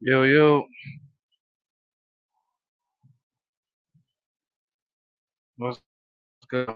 Yo, yo, what's good?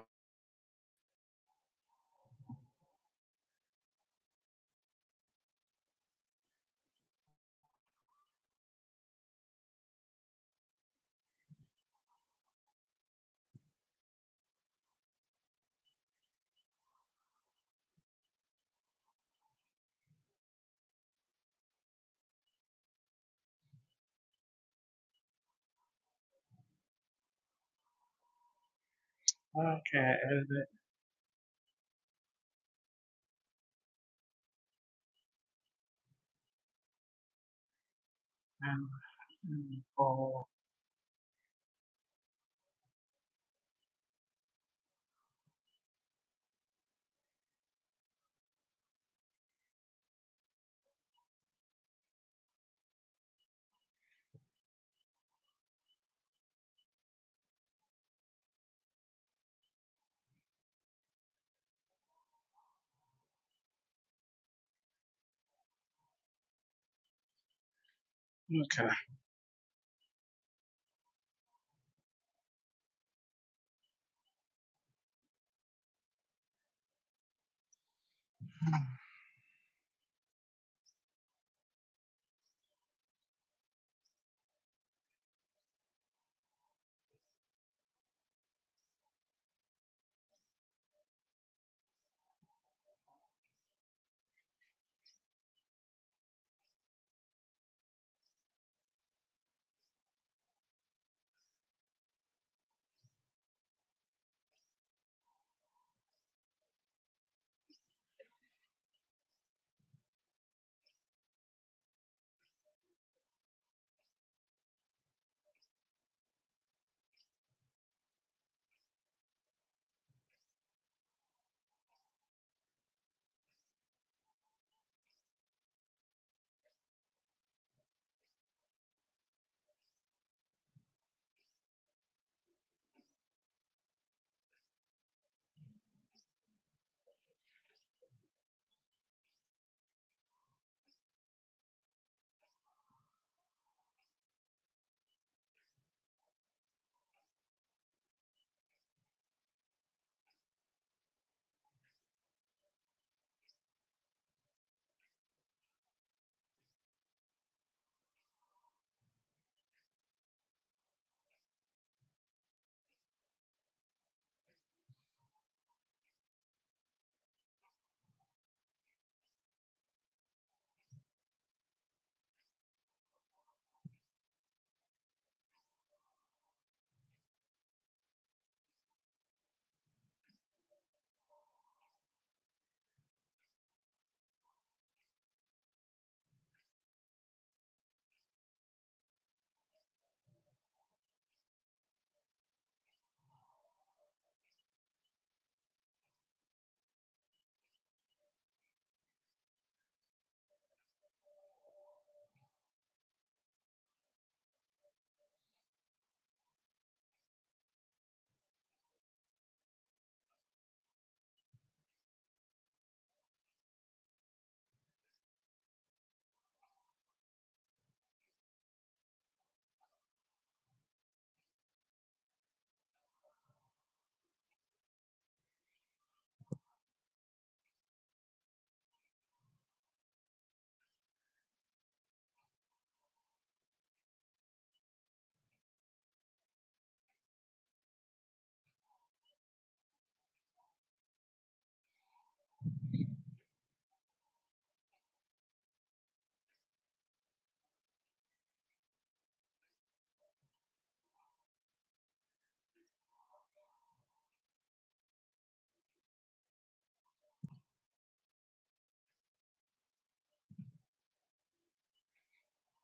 Okay, mm, oh, okay,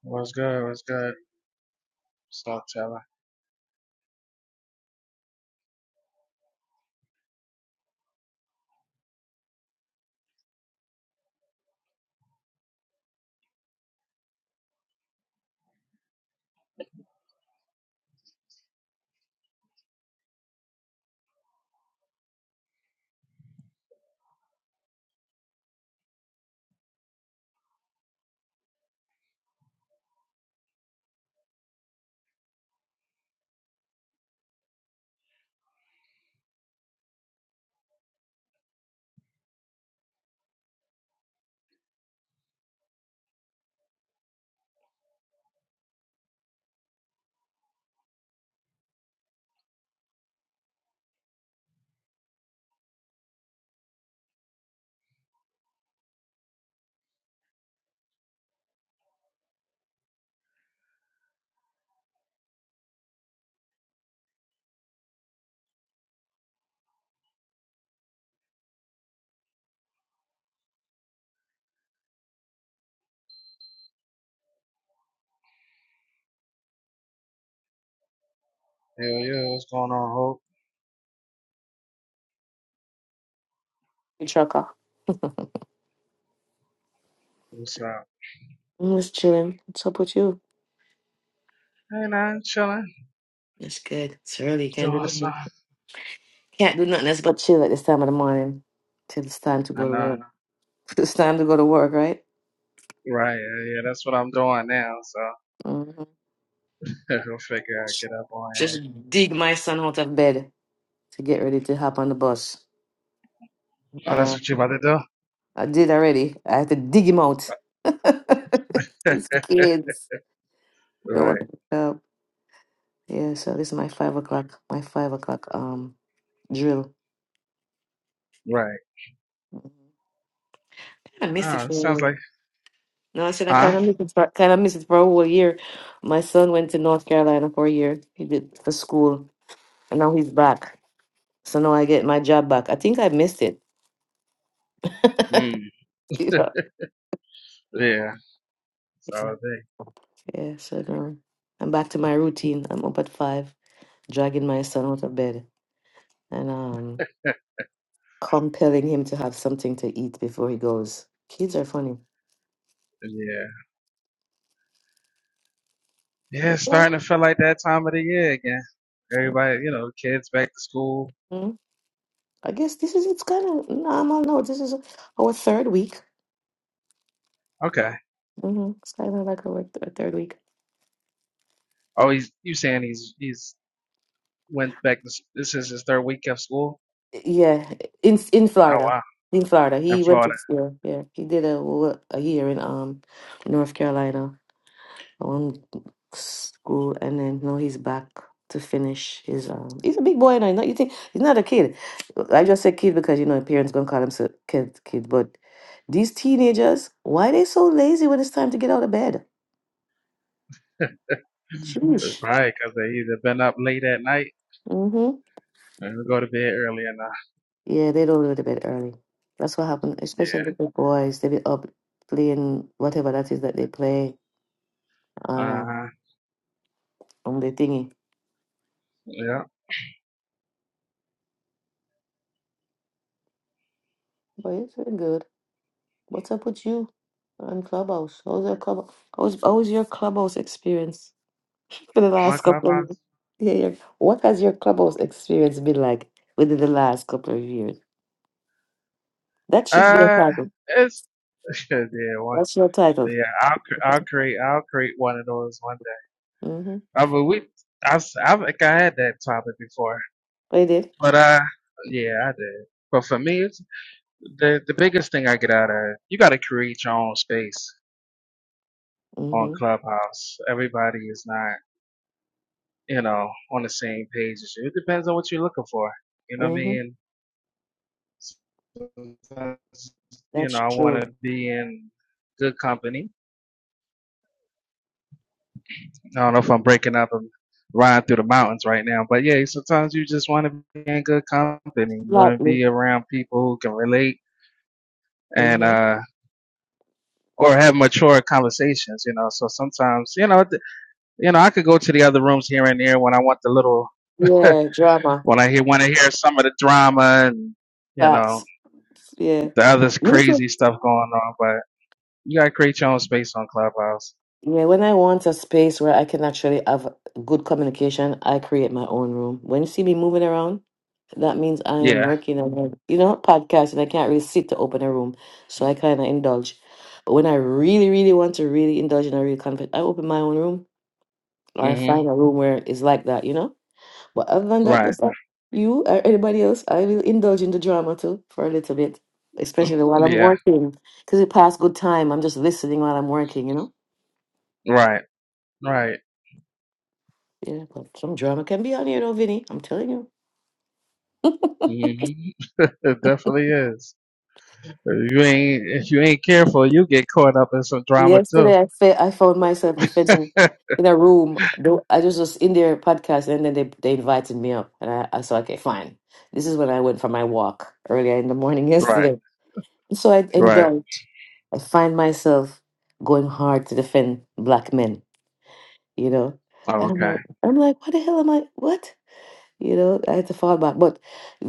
what's good? What's good? Stop telling. Yo, yo, what's going on, Hope? Hey, Chaka. What's up? I'm just chilling. What's up with you? Hey, nah, I'm chilling, It's good. It's early. Can't do doing nothing. something. Can't do nothing else but chill at this time of the morning till it's time to I go to know, work. It's time to go to work, right? right? Yeah, yeah, that's what I'm doing now. So hmm we'll figure out, get up on Just here. dig my son out of bed to get ready to hop on the bus. Oh, And that's uh, what you about to I did already. I have to dig him out. do? These kids. You know right, what? Uh, yeah. So this is my five o'clock. My five o'clock um drill. right. I missed it Oh, it for a sounds like, while. No, I said I huh? kind of miss it. for- Kind of miss it for a whole year. My son went to North Carolina for a year. He did for school, and now he's back. So now I get my job back. I think I missed it. Mm, yeah, yeah, It's all day. yeah. So now I'm back to my routine. I'm up at five, dragging my son out of bed, and um, compelling him to have something to eat before he goes. Kids are funny. Yeah, yeah, But, it's yeah. starting to feel like that time of the year again. Everybody, you know, kids back to school Mhm. I guess this is it's kind of normal. No, this is our third week. Okay. hmm It's kind of like our, th- our third week. Oh, he's you saying he's he's went back to s- this is his third week of school? Yeah, in in Oh Florida, wow, in Florida, in he went to Florida, school. Yeah, he did a wo- a year in um North Carolina, one school, and then now he's back to finish his um. He's a big boy now. You know, you think he's not a kid. I just say kid because you know parents gonna call him so- kid kid, but these teenagers, why they so lazy when it's time to get out of bed? It's Sheesh. probably because they either been up late at night Mm-hmm. and we go to bed early enough. Yeah, they don't go to bed early. That's what happened, especially Yeah. with the boys. They be up playing whatever that is that they play on Uh um, huh. on the thingy. Yeah. But it's very good. What's up with you on Clubhouse? How's your club? How's how's your Clubhouse experience for the My last couple of years? clubhouse. Yeah, yeah. What has your Clubhouse experience been like within the last couple of years? That should be a Uh, title. it's yeah one. That's your title. Yeah, I'll cre- I'll create I'll create one of those one Mm-hmm. day. I mean we I s- I think I had that topic before, I did. but uh yeah I did. But for me, it's the the biggest thing I get out of it, you got to create your own space on Mm-hmm. Clubhouse. Everybody is not, you know, on the same page as you. It depends on what you're looking for. You know what I Mm-hmm. mean? Sometimes, you know, That's I want true. to be in good company. I don't know if I'm breaking up and riding through the mountains right now, but yeah, sometimes you just want to be in good company. You want to Slightly. be around people who can relate and, Mm-hmm. uh, or have mature conversations, you know. So sometimes, you know, th- you know, I could go to the other rooms here and there when I want the little Yeah, drama. when I hear want to hear some of the drama and you know Facts. Yeah. the other Me too. crazy stuff going on. But you gotta create your own space on Clubhouse. Yeah, when I want a space where I can actually have good communication, I create my own room. When you see me moving around, that means I am Yeah. working on, you know, podcasting. I can't really sit to open a room. So I kind of indulge. But when I really, really want to really indulge in a real conflict, I open my own room or hmm find a room where it's like that, you know? But other than that, Right. that's all. you or anybody else, I will indulge in the drama too for a little bit, especially while I'm Yeah. working, because it pass good time. I'm just listening while I'm working, you know. Right. Right. Yeah, but some drama can be on here, though, Vinny. I'm telling you. hmm it definitely is. If you ain't if you ain't careful, you get caught up in some drama too. Yesterday, I fe- I found myself defending in a room. Though I was just in their podcast, and then they they invited me up, and I, I said, okay, fine. This is when I went for my walk earlier in the morning right. yesterday. So I Right. indulged. I find myself going hard to defend black men you know. Oh, And I'm okay. like, I'm like, what the hell am I? What? You know, I had to fall back. But,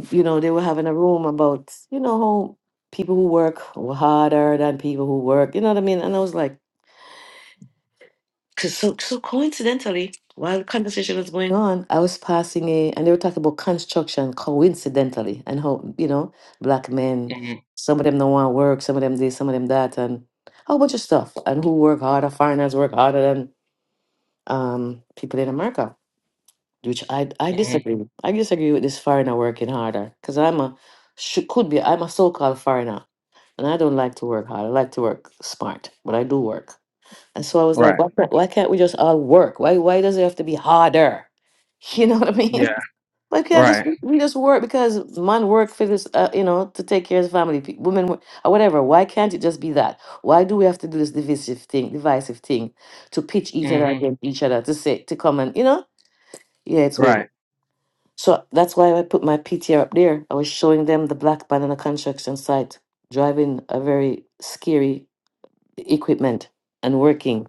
you know, they were having a room about, you know, how people who work harder than people who work, you know what I mean? And I was like, cause so, so coincidentally, while the conversation was going on, I was passing a, and they were talking about construction coincidentally and how, you know, black men, hmm some of them don't want to work, some of them this, some of them that, and a whole bunch of stuff. And who work harder, foreigners work harder than um, people in America. which I I hmm disagree. I disagree with this foreigner working harder because I'm a should, could be I'm a so-called foreigner, and I don't like to work hard. I like to work smart, but I do work. And so I was like, Right. why, can't- why can't we just all work? Why why does it have to be harder? You know what I mean? Yeah. Why can't just Right. we just work because man work for this, uh, you know, to take care of the family, pe- women work, or whatever. Why can't it just be that? Why do we have to do this divisive thing, divisive thing, to pitch each other hmm against each other to say to come and you know? Yeah, it's weird. Right. So that's why I put my PTR up there. I was showing them the black man on a construction site driving a very scary equipment and working.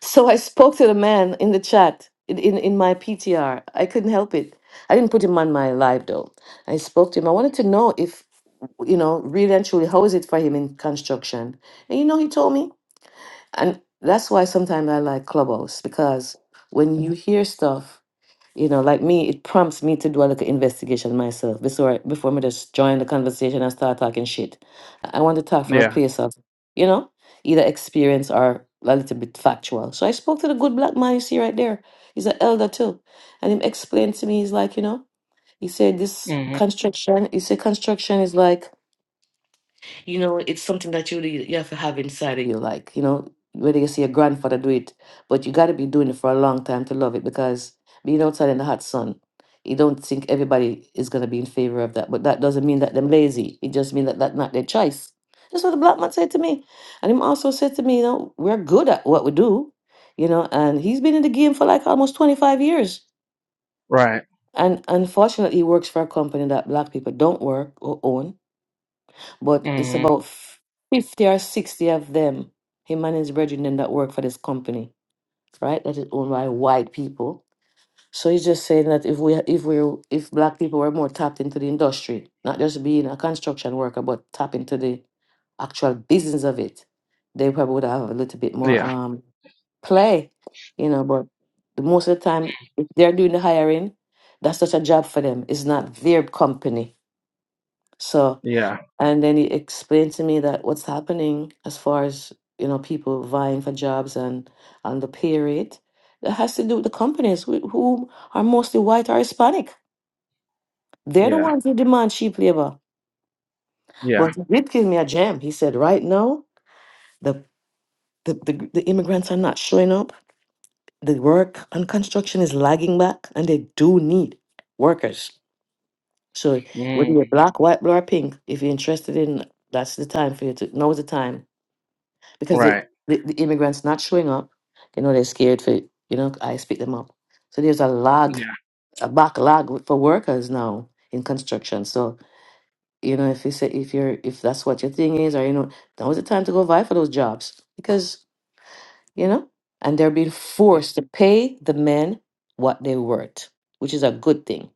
So I spoke to the man in the chat in, in, in my PTR. I couldn't help it. I didn't put him on my live though. I spoke to him. I wanted to know if, you know, really and truly, how is it for him in construction? And you know, he told me. And that's why sometimes I like Clubhouse because when you hear stuff you know, like me, it prompts me to do a little investigation myself before I, before me just join the conversation and start talking shit. I I want to talk from a Yeah. place of, you know, either experience or a little bit factual. So I spoke to the good black man you see right there. He's an elder too, and him explained to me. He's like, you know, he said this hmm construction. He said construction is like you know, it's something that you really you have to have inside of you, like, you know, whether you see your grandfather do it, but you gotta be doing it for a long time to love it because being outside in the hot sun, you don't think everybody is gonna be in favor of that. But that doesn't mean that they're lazy. It just means that that's not their choice. That's what the black man said to me. And him also said to me, you know, we're good at what we do, you know, and he's been in the game for like almost 25 years. Right. And unfortunately, he works for a company that black people don't work or own but it's hmm about f- 50 or 60 of them, him and his brethren them that work for this company, right? That is owned by white people. So he's just saying that if we if we if black people were more tapped into the industry, not just being a construction worker, but tap into the actual business of it, they probably would have a little bit more Yeah. um play, you know. But the most of the time, if they're doing the hiring, that's such a job for them. It's not their company, so Yeah. and then he explained to me that what's happening as far as you know people vying for jobs and and the pay rate that has to do with the companies who, who are mostly white or Hispanic. They're the Yeah. ones who demand cheap labor. Yeah. But he did give me a gem. He said, right now the the, the, the immigrants are not showing up. The work and construction is lagging back, and they do need workers. So whether Mm, you're black, white, blue, or pink, if you're interested in, that's the time for you to. Now's the time because it, right. the, the immigrants not showing up. You know, they're scared for, you know, I speak them up. So there's a lag, Yeah. a backlog for workers now in construction. So, you know, if you say, if you're, if that's what your thing is, or, you know, now is the time to go vie for those jobs because, you know, and they're being forced to pay the men what they're worth, which is a good thing.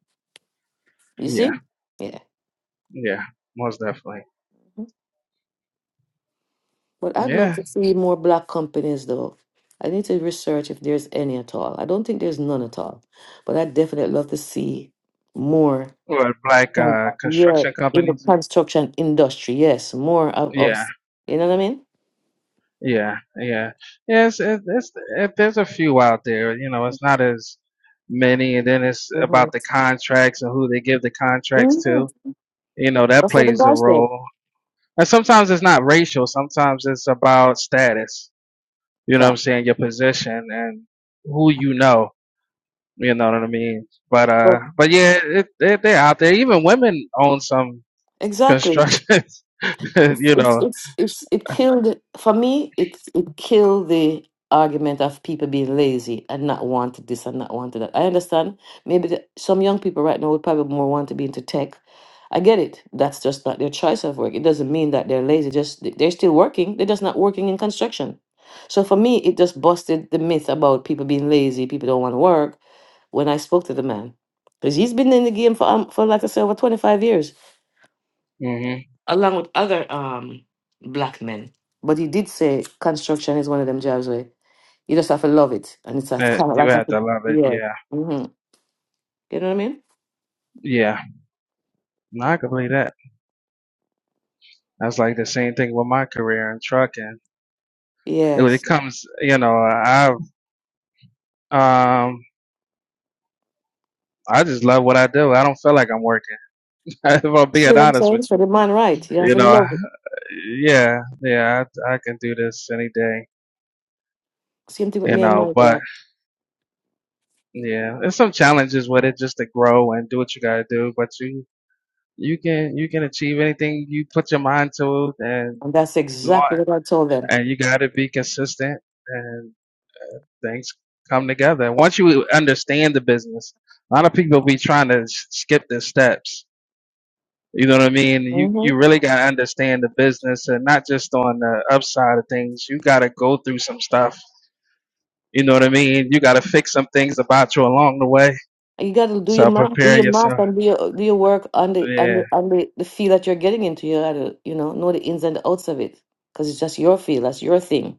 You see? Yeah. Yeah. Yeah. Most definitely. But I'd love Yeah. to see more black companies though. I need to research if there's any at all. I don't think there's none at all. But I'd definitely love to see more Or like um, uh, yeah, construction in the companies. construction industry. Yes, more of Yeah. us. You know what I mean? Yeah. Yeah. Yes. It, it's it, there's a few out there. You know, it's not as many, and then it's about the contracts and who they give the contracts hmm to. You know, that That's what the plays a guy said. role. And sometimes it's not racial. Sometimes it's about status. You know what I'm Fact. saying? Your position and who you know. You know what I mean? But uh, But but yeah, it, it, they're out there. Even women own some exactly. constructions. it's you it's know, it's, it's it killed for me it it killed the argument of people being lazy and not wanted this and not wanted that i understand maybe the, some young people right now would probably more want to be into tech i get it that's just not their choice of work it doesn't mean that they're lazy just th- they're still working they're just not working in construction so for me it just busted the myth about people being lazy people don't want to work when i spoke to the man because he's been in the game for um, for like i said over 25 years hmm along with other um black men. But he did say construction is one of them jobs where you just have to love it, and it's, kind of you like a have to love it. yeah, Yeah, hmm you know what I mean? yeah. No, I can believe that. That's like the same thing with my career in trucking. It, when it Yes. comes, you know, I um, I just love what I do. I don't feel like I'm working. if I'm See being what I'm honest saying? with So you, the man, right? You have you to know, love I- it. yeah, yeah, I, I can do this any day. Same thing with You me and know, my but job, Yeah, there's some challenges with it just to grow and do what you gotta do, but you you can you can achieve anything you put your mind to and and that's go on. exactly what I told them. And you gotta be consistent and things come together. Once you understand the business, a lot of people be trying to s- skip the steps. You know what I mean? You hmm you really gotta understand the business and not just on the upside of things. You gotta go through some stuff. You know what I mean? You gotta fix some things about you along the way. You got to do your So math, do prepare your math, yourself. and do your do your work on the on Yeah. the on the, the field that you're getting into. You got to you know know the ins and the outs of it because it's just your field, that's your thing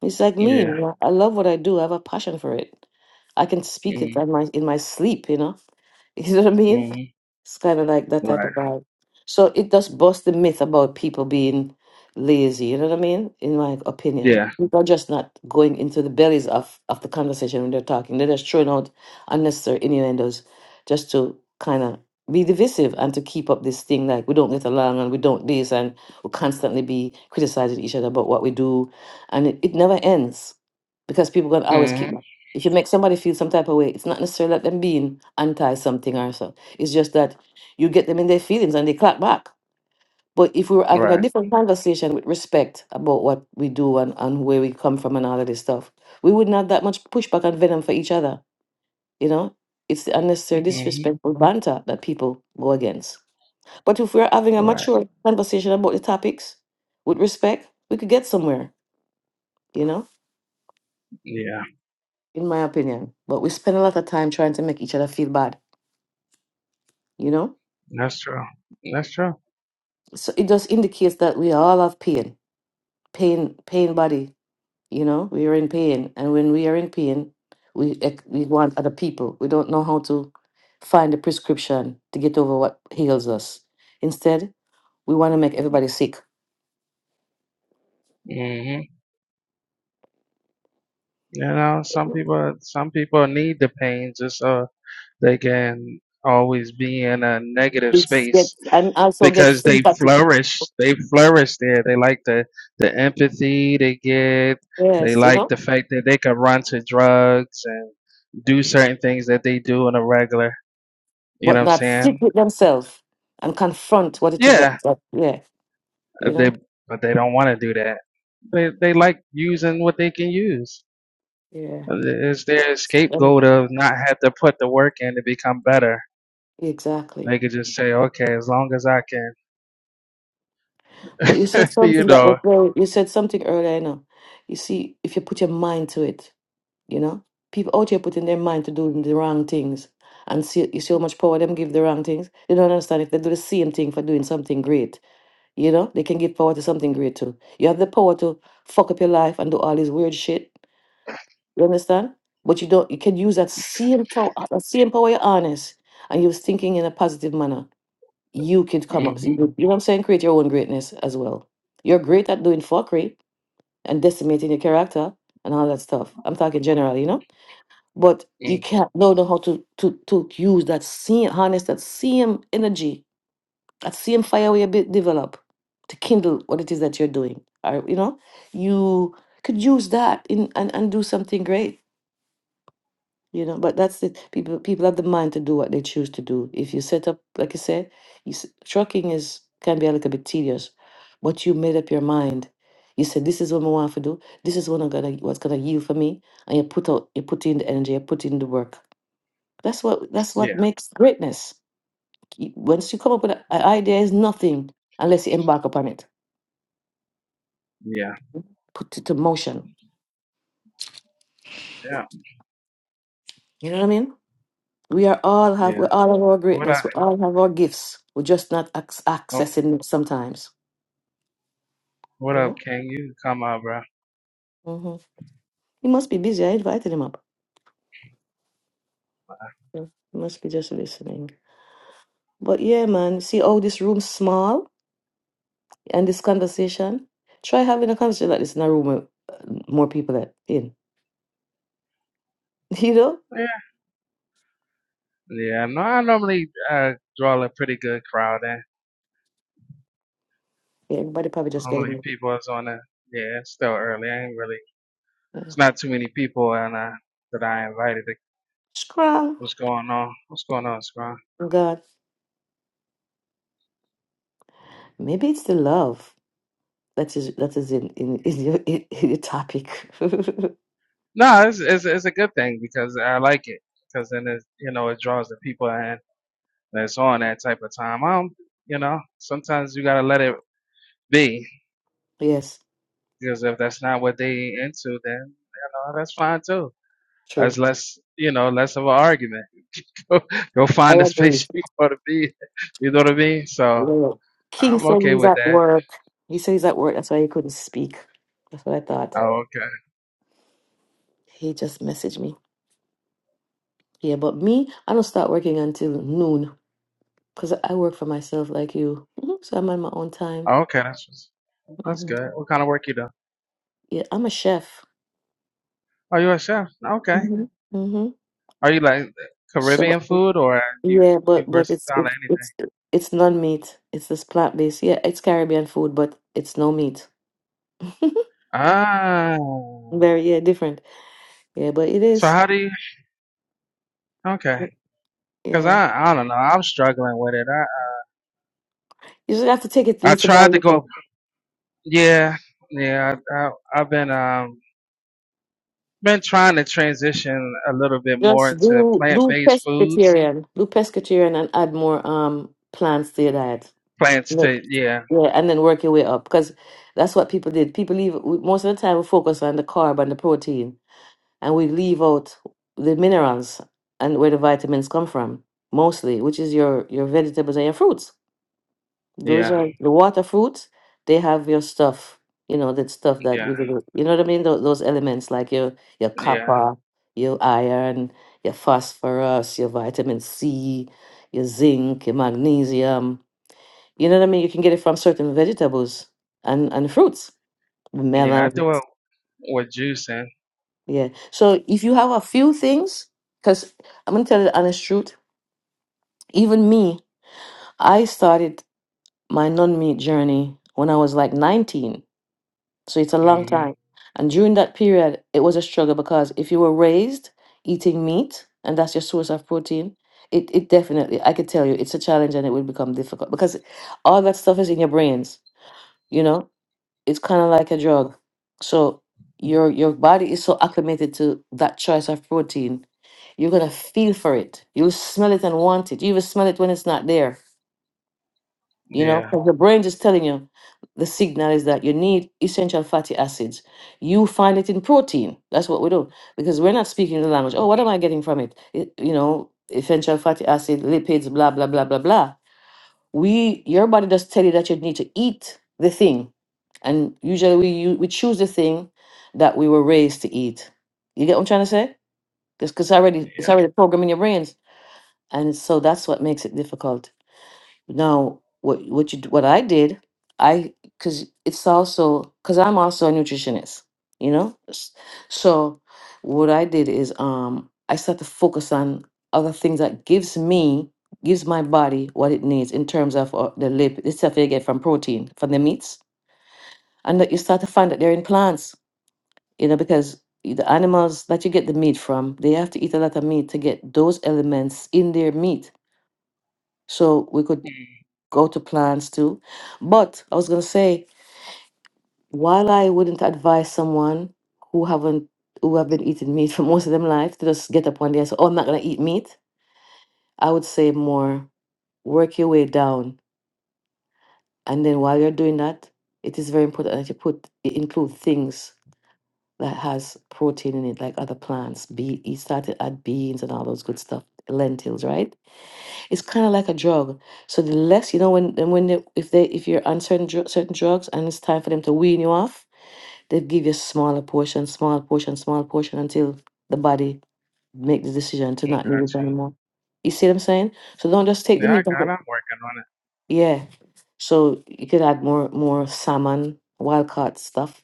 It's like me. you Yeah. know, I love what I do. I have a passion for it. I can speak it in my in my sleep, you know. You know what I mean? Mm-hmm. It's kind of like that type Right. of vibe. So it does bust the myth about people being lazy. You know what I mean? In my opinion, Yeah. people are just not going into the bellies of, of the conversation when they're talking. They're just throwing out unnecessary innuendos just to kind of be divisive and to keep up this thing like we don't get along and we don't this and we constantly be criticizing each other about what we do. And it, it never ends because people going to always Mm-hmm. keep if you make somebody feel some type of way, it's not necessarily that them being anti something or so. It's just that you get them in their feelings and they clap back. But if we were having a Right. different conversation with respect about what we do and, and where we come from and all of this stuff, we wouldn't have that much pushback and venom for each other. You know, it's the unnecessary Mm-hmm. disrespectful banter that people go against. But if we're having a Right. mature conversation about the topics with respect, we could get somewhere, you know, Yeah. in my opinion. But we spend a lot of time trying to make each other feel bad, you know? That's true. That's true. so it just indicates that we all have pain pain pain body you know we are in pain and when we are in pain we ex- we want other people we don't know how to find a prescription to get over what heals us instead we want to make everybody sick hmm You know, some people, some people need the pain just so they can always be in a negative It's get, space and also get because they sympathy flourish. They flourish there. They like the the empathy they get. They yes you like know the fact that they can run to drugs and do certain things that they do on a regular. You know but what I'm not sick saying? with themselves and confront what it is that, Yeah, that yeah Uh, you They know but they don't want to do that. They they like using what they can use. yeah Uh, It's their um, scapegoat of not have to put the work in to become better. exactly They could just say, okay, as long as I can, But you said you something that know. was very, you said something earlier, you know. You see, if you put your mind to it, you know, people out here putting their mind to doing the wrong things and see, you see how much power them give the wrong things. They don't understand if they do the same thing for doing something great, you know, they can give power to something great too. You have the power to fuck up your life and do all this weird shit. You understand? But you don't, you can use that same power, that same power you're honest and you was thinking in a positive manner you can come up. Mhm, You know what I'm saying? Create your own greatness as well. You're great at doing fuckery and decimating your character and all that stuff. I'm talking general, you know? But you mm can't don't know how to to to use that same harness that same energy, that same fire we a bit develop to kindle what it is that you're doing. Or, you know, you could use that in and, and do something great you know but that's it people people have the mind to do what they choose to do if you set up like i said you, s- trucking is can be a little bit tedious but you made up your mind you said this is what i want to do this is what i'm gonna what's gonna yield for me and you put out you put in the energy you put in the work that's what that's what Yeah, makes greatness You- once you come up with an idea is nothing unless you embark upon it yeah, put it to motion yeah, you know what i mean we are all have we yeah. all have our What greatness up? we all have our gifts we're just not ac- Oh, accessing it sometimes what you up, know? King? You can come out, bro. hmm He must be busy. I invited him up. Yeah. He must be just listening. But yeah, man, see how this room's small and this conversation? Try having a conversation like this in a room with uh, more people that in, you know? Yeah, yeah. No, I normally uh, draw a pretty good crowd in. Yeah, everybody probably just getting Normally, it. people is on a. Yeah, it's still early. I ain't really. yeah. It's not too many people and uh, that I invited. strong. What's going on? What's going on, Scrum? God, maybe it's the love that is that is in in, in your in, in your topic. No, it's, it's it's a good thing because I like it because then it you know it draws the people in that's on that type of time. Um, you know, sometimes you gotta let it be yes, because if that's not what they into, then you know that's fine too. That's true. less you know less of an argument. Go, go I find the agree. space you want to be. You know what I mean? So Yeah. King I'm said okay he's with at that. work. He said he's at work. That's why he couldn't speak. That's what I thought. Oh, okay. He just messaged me. Yeah, but me, I don't start working until noon because I work for myself like you. Mhm. So I'm on my own time. Oh, okay, that's that's hmm good. What kind of work you do? Yeah, I'm a chef. Oh, you a chef. Okay. hmm hmm Are you like So Caribbean food or you yeah, you but but it's versatile at it's anything? it's it's non meat. It's this plant based. Yeah, it's Caribbean food, but it's no meat. Ah, Very yeah, different. Yeah, but it so is. how do you? Okay, because Yeah, I I don't know. I'm struggling with it. you just have to take it I I little by tried to little. go. Yeah, yeah. I, I I've been um been trying to transition a little bit more Just into do plant do based foods. pescatarian, do pescatarian, and add more um plants to your diet. Plants to yeah Yeah, and then work your way up because that's what people did. People leave we- most of the time. We focus on the carb and the protein, and we leave out the minerals and where the vitamins come from mostly, which is your your vegetables and your fruits. Those yeah are the water fruits. They have your stuff, you know, that stuff that yeah give you, the- you know what I mean. Those, those elements like your your yeah copper, your iron, your phosphorus, your vitamin C, your zinc, your magnesium you know what I mean? You can get it from certain vegetables and, and fruits, yeah. I melon. do it with juicing. Yeah. So if you have a few things, because I'm going to tell you the honest truth, even me, I started my non meat journey when I was like 19. So it's a long hmm time. And during that period, it was a struggle because if you were raised eating meat and that's your source of protein, it, it definitely, I could tell you, it's a challenge and it will become difficult because all that stuff is in your brains, you know? it's kind of like a drug. So your your body is so acclimated to that choice of protein, you're gonna feel for it. You'll smell it and want it. You even smell it when it's not there. You know, Yeah 'cause the brain just telling you the signal is that you need essential fatty acids. You find it in protein. That's what we do because we're not speaking the language. Oh, what am I getting from it? it you know, essential fatty acid, lipids, blah blah blah blah blah we your body just tell you that you need to eat the thing and usually we u- we choose the thing that we were raised to eat you get what i'm trying to say because already it's yeah. already programmed in your brains and so that's what makes it difficult now, what what you d- what I did, I because it's also because I'm also a nutritionist, you know. S- So what I did is um I start to focus on other things that gives me gives my body what it needs in terms of uh, the lip the stuff you get from protein from the meats, and that you start to find that they're in plants, you know, because i- the animals that you get the meat from, they have to eat a lot of meat to get those elements in their meat. So we could go to plans too. But I was gonna say, while I wouldn't advise someone who haven't who have been eating meat for most of their life to just get up one day and say, "Oh, I'm not gonna eat meat," I would say more work your way down, and then while you're doing that, it is very important that you put include things that has protein in it, like other plants. Be you started at beans and all those good stuff, lentils, right? It's kind of like a drug. So the less you know when and when they, if they if you're on certain dru- certain drugs and it's time for them to wean you off, they give you smaller portion, small portion, small portion until the body make the decision to not need it Gotcha. anymore. You see what I'm saying? So don't just take the Yeah, I meat of got. it. I'm working on it. Yeah. So you could add more more salmon, wild caught stuff,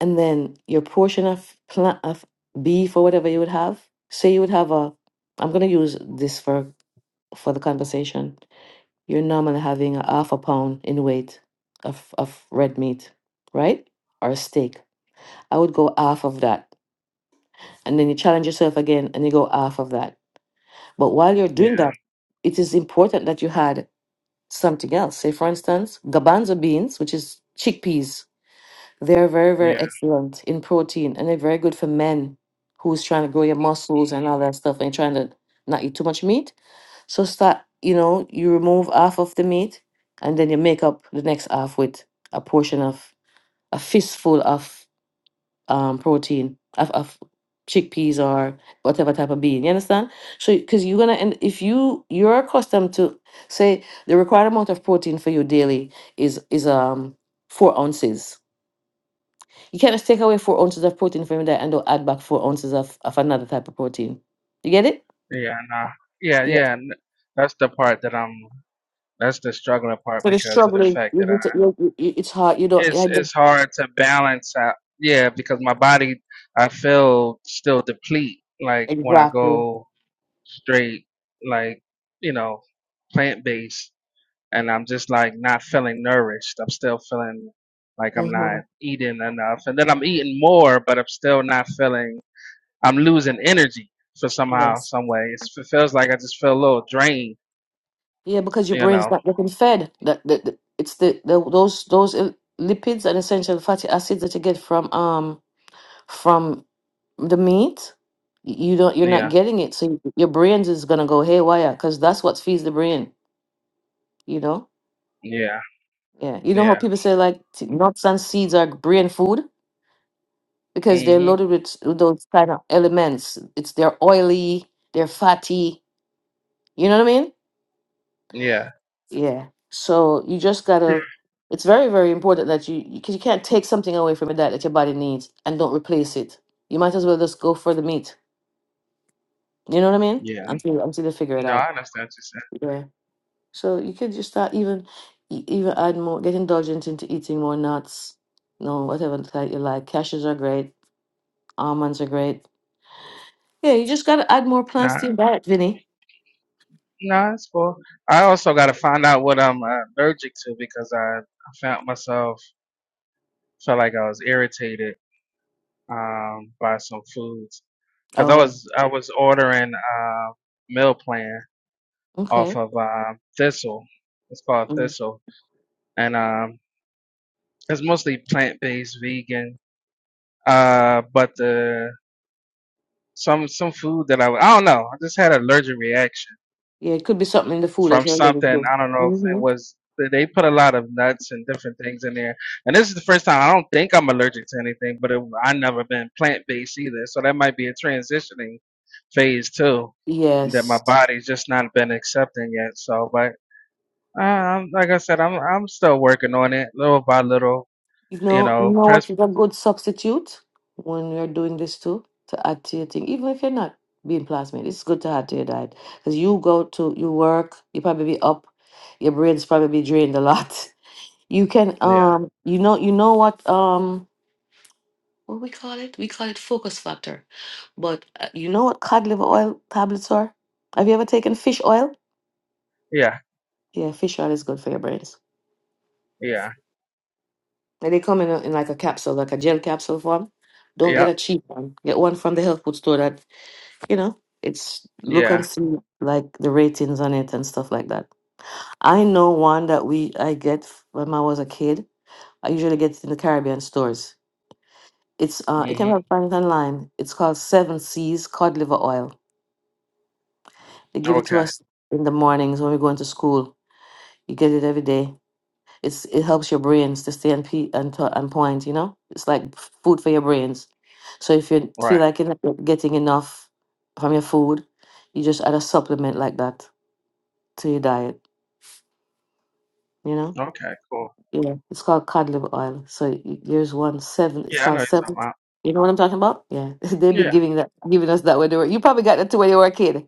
and then your portion of plant of beef or whatever you would have. Say you would have a. I'm gonna use this for for the conversation you're normally having a half a pound in weight of, of red meat, right? Or a steak. I would go half of that. And then you challenge yourself again and you go half of that. But while you're Yeah. doing that, it is important that you had something else. Say, for instance, garbanzo beans, which is chickpeas. They're very, yeah. very excellent in protein and they're very good for men who's trying to grow your muscles and all that stuff and trying to not eat too much meat So start, you know, you remove half of the meat and then you make up the next half with a portion of a fistful of um protein of, of chickpeas or whatever type of bean. You understand? So because you're gonna and if you you're accustomed to say the required amount of protein for you daily is is um four ounces. You can't just take away four ounces of protein from your diet and don't add back four ounces of, of another type of protein. You get it? Yeah, nah. Yeah, Yeah. yeah. n- That's the part that I'm. That's the struggling part So the because of the struggling, fact you that I. need to, you, you, you- it's hard. You don't. It's I, it's hard to balance out. Yeah, because my body, I feel still deplete. Like when I Exactly. go straight, like you know, plant based, and I'm just like not feeling nourished. I'm still feeling like I'm hmm not eating enough, and then I'm eating more, but I'm still not feeling. I'm losing energy for somehow, Yes. some way. It's, it feels like I just feel a little drained Yeah, because your You brain's know. not getting fed. That, the that- it's the, the those those uh, lipids and essential fatty acids that you get from um from the meat. y- You don't. You're not Yeah. getting it, so your brains is gonna go haywire because that's what feeds the brain. You know. Yeah. Yeah, you know how Yeah. people say like t- nuts and seeds are brain food because they're Mhm. loaded with, s- with those kind of elements. It's they're oily, they're fatty. You know what I mean? Yeah. Yeah. So you just gotta. It's very very important that you because you, can't take something away from your diet that your body needs and don't replace it. You might as well just go for the meat. You know what I mean? Yeah. Until until they figure it No, out. I understand what you said. Yeah. So you could just start even e- even add more, get indulgent into eating more nuts. No, whatever type you like. Cashews are great Almonds are great. Yeah, you just gotta add more plants Nah, to your diet, Vinny. nah, it's cool. I also got to find out what I'm uh, allergic to because I I found myself felt like I was irritated um by some foods because I Oh, was I was ordering uh meal plan off okay. of um Thistle. It's called Mm. Thistle, and um it's mostly plant based vegan. Uh, but the some some food that I I don't know. I just had an allergic reaction Yeah, it could be something in the food that from you're allergic something. to. I don't know if it Mm-hmm. was they put a lot of nuts and different things in there. And this is the first time I don't think I'm allergic to anything, but it, I never been plant based either. So that might be a transitioning phase too that my Yes. body's just not been accepting yet. So, but uh, I'm, like I said, I'm I'm still working on it little by little. You You know, you know, know press. what is a good substitute when you're doing this too to add to your thing, even if you're not being plasmid. It's good to add to your diet because you go to you work, you probably be up, your brain's probably be drained a lot. You can Yeah, um, you know, you know what um. what we call it? We call it focus factor. But uh, you know what cod liver oil tablets are? Have you ever taken fish oil? yeah, Yeah, fish oil is good for your brains. yeah, And they come in, a, in like a capsule, like a gel capsule form. Don't get yeah, a cheap one. Get one from the health food store that, you know, it's look yeah. and see like the ratings on it and stuff like that. I know one that we I get f- when I was a kid. I usually get it in the Caribbean stores. It's uh, you can hmm find it online. It's called Seven Seas Cod Liver Oil They give it to Okay, us in the mornings when we go into school. You get it every day. It's it helps your brains to stay on pe- on, to- on point. You know, it's like f- food for your brains. So if you right. feel like you're not getting enough from your food, you just add a supplement like that to your diet. You know, Okay, cool. yeah. It's called cod liver oil. So y- there's one seven. It's Yeah, I know called what you're talking seven. about. You know what I'm talking about? Yeah, they've been giving that, giving us that when they were. You probably got that too when you were a kid.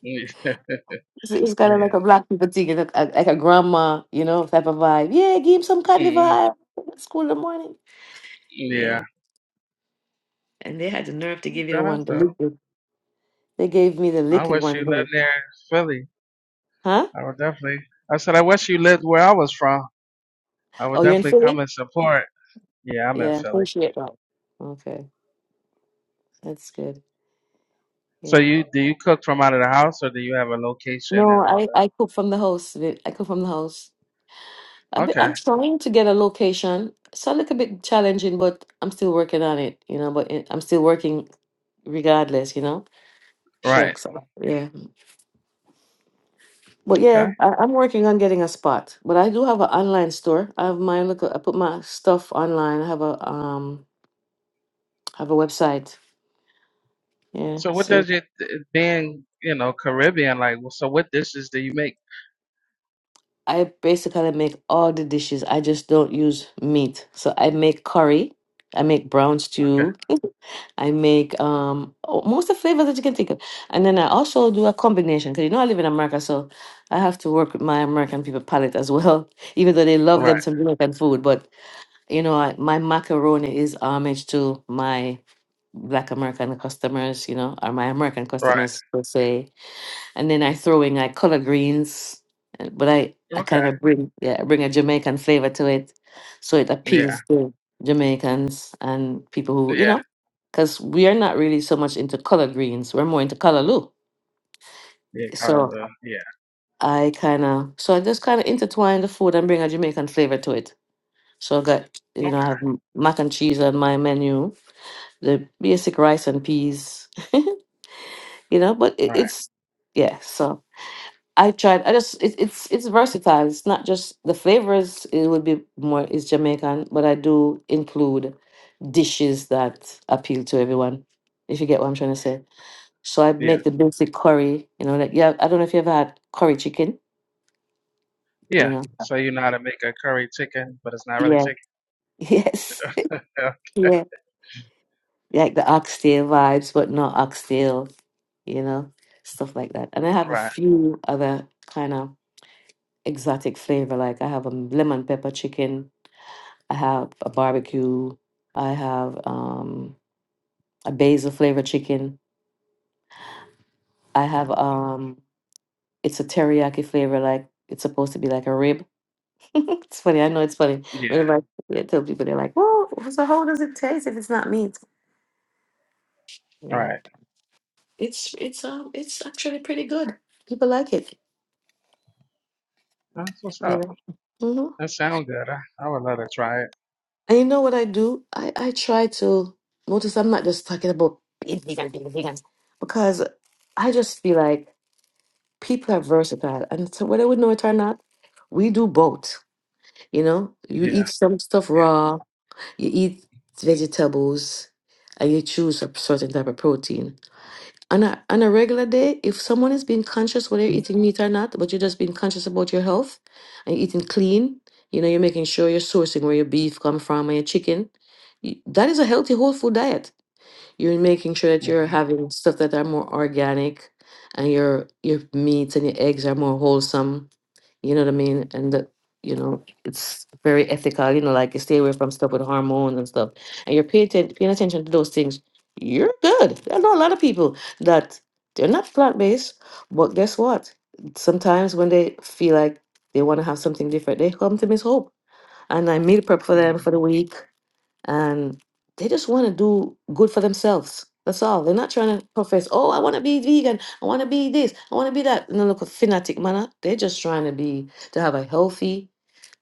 Yeah. Yeah. So it's kind of like a Yeah. black people thing, like a, like a grandma, you know, type of vibe. Yeah, give him some cuddly Mm, vibe. It's School in the morning. yeah. Yeah, and they had the nerve to Okay, give you the one, that's the dope. liquid. They gave me the I liquid wish you one. lived Vinny. near Philly. Huh? I would definitely. I said, I wish you lived where I was from. I Oh, would you're in definitely come Philly? and support. Yeah, I'm in Yeah, Philly. appreciate that. Okay, that's good. So Yeah. you do you cook from out of the house, or do you have a location No, and all I I cook from the house. Vic. I cook from the house. I that? be, Okay, I'm trying to get a location. It's a little bit challenging, but I'm still working on it. You know, but it, I'm still working regardless. You know. right. Shucks. Yeah. But yeah, Okay. I, I'm working on getting a spot. But I do have an online store. I have my look. I put my stuff online. I have a um, have a website. Yeah, So what see, does it being you know Caribbean like? So what dishes do you make? I basically make all the dishes. I just don't use meat. So I make curry. I make brown Okay, stew. I make um oh, most of the flavors that you can think of. And then I also do a combination because you know I live in America, so I have to work with my American people palate as well. Even though they love right, them some Jamaican food, but You know, I, my macaroni is homage to my Black American customers, you know, or my American right. customers per se. And then I throw in like color greens, uh, but I, I Okay, kind of bring yeah I bring a Jamaican flavor to it, so it yeah, appeals to Jamaicans and people who you yeah, know, because we are not really so much into color greens. We're more into color look. yeah. Kind of, So uh, yeah. I kind of so I just kind of intertwine the food and bring a Jamaican flavor to it. So I got you Okay, know I have m- mac and cheese on my menu the basic rice and peas, you know. But it, right. it's yeah. So I tried. I just it, it's it's versatile. It's not just the flavors. It would be more is Jamaican, but I do include dishes that appeal to everyone. If you get what I'm trying to say. So I Yeah. make the basic curry. You know, like yeah. I don't know if you ever had curry chicken. You Yeah. know. So you know how to make a curry chicken, but it's not really Yeah. chicken. Yes. Yeah. Yeah. Like the oxtail vibes, but not oxtail. You know, stuff like that. And I have a Right. few other kind of exotic flavor. Like I have a lemon pepper chicken, I have a barbecue, I have um, a basil flavored chicken. I have um, it's a teriyaki flavor. Like it's supposed to be like a rib. it's funny. I know it's funny. Yeah. Whenever I I tell people, they're like, "Whoa, so how does it taste if it's not meat?" You right. know, it's it's um it's actually pretty good. People like it. That's what's You up. know. hmm That sound good. I, I would love to try it. And you know what I do? I, I try to notice I'm not just talking about being vegan, being vegan, because I just feel like people are versatile. And so whether we know it or not, we do both. You know, you Yeah. eat some stuff raw, you eat vegetables, and you choose a certain type of protein on a on a regular day, if someone is being conscious whether you're eating meat or not, but you're just being conscious about your health and you're eating clean, you know, you're making sure you're sourcing where your beef come from and your chicken. y- That is a healthy whole food diet. You're making sure that Yeah. you're having stuff that are more organic, and your your meats and your eggs are more wholesome you know what I mean? And the, you know, it's very ethical. You know, like you stay away from stuff with hormones and stuff, and you're paying atten- paying attention to those things. You're good. I know a lot of people that they're not plant based, but guess what? Sometimes when they feel like they want to have something different, they come to Miss Hope, and I meal prep for them for Mm-hmm. the week and they just want to do good for themselves. That's all. They're not trying to profess, oh, I want to be vegan. I want to be this. I want to be that. No, look, a fanatic manner. They're just trying to be to have a healthy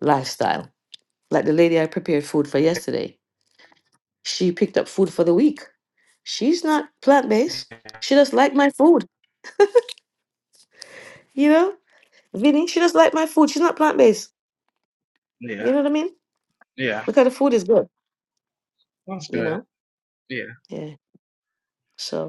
lifestyle. Like the lady I prepared food for yesterday. She picked up food for the week. She's not plant Yeah. based. She just liked my food. You know, Vinny. She just liked my food. She's not plant based. Yeah. You know what I mean? Yeah. Because the food is good. That's You good. know. Yeah. Yeah. So.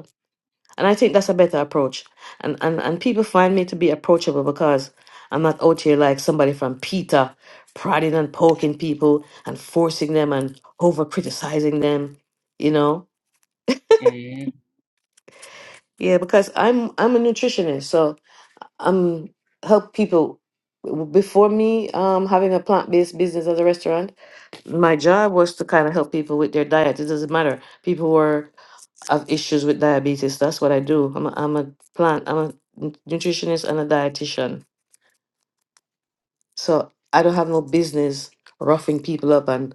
And I think that's a better approach. And, and and people find me to be approachable because I'm not out here like somebody from Peter, prodding and poking people and forcing them and over criticizing them, you know? hmm Yeah, because I'm I'm a nutritionist, so I'm help people before me um having a plant-based business as a restaurant my job was to kind of help people with their diet it doesn't matter people were have issues with diabetes. That's what I do. I'm a, I'm a plant, I'm a n- nutritionist and a dietitian. So I don't have no business roughing people up and,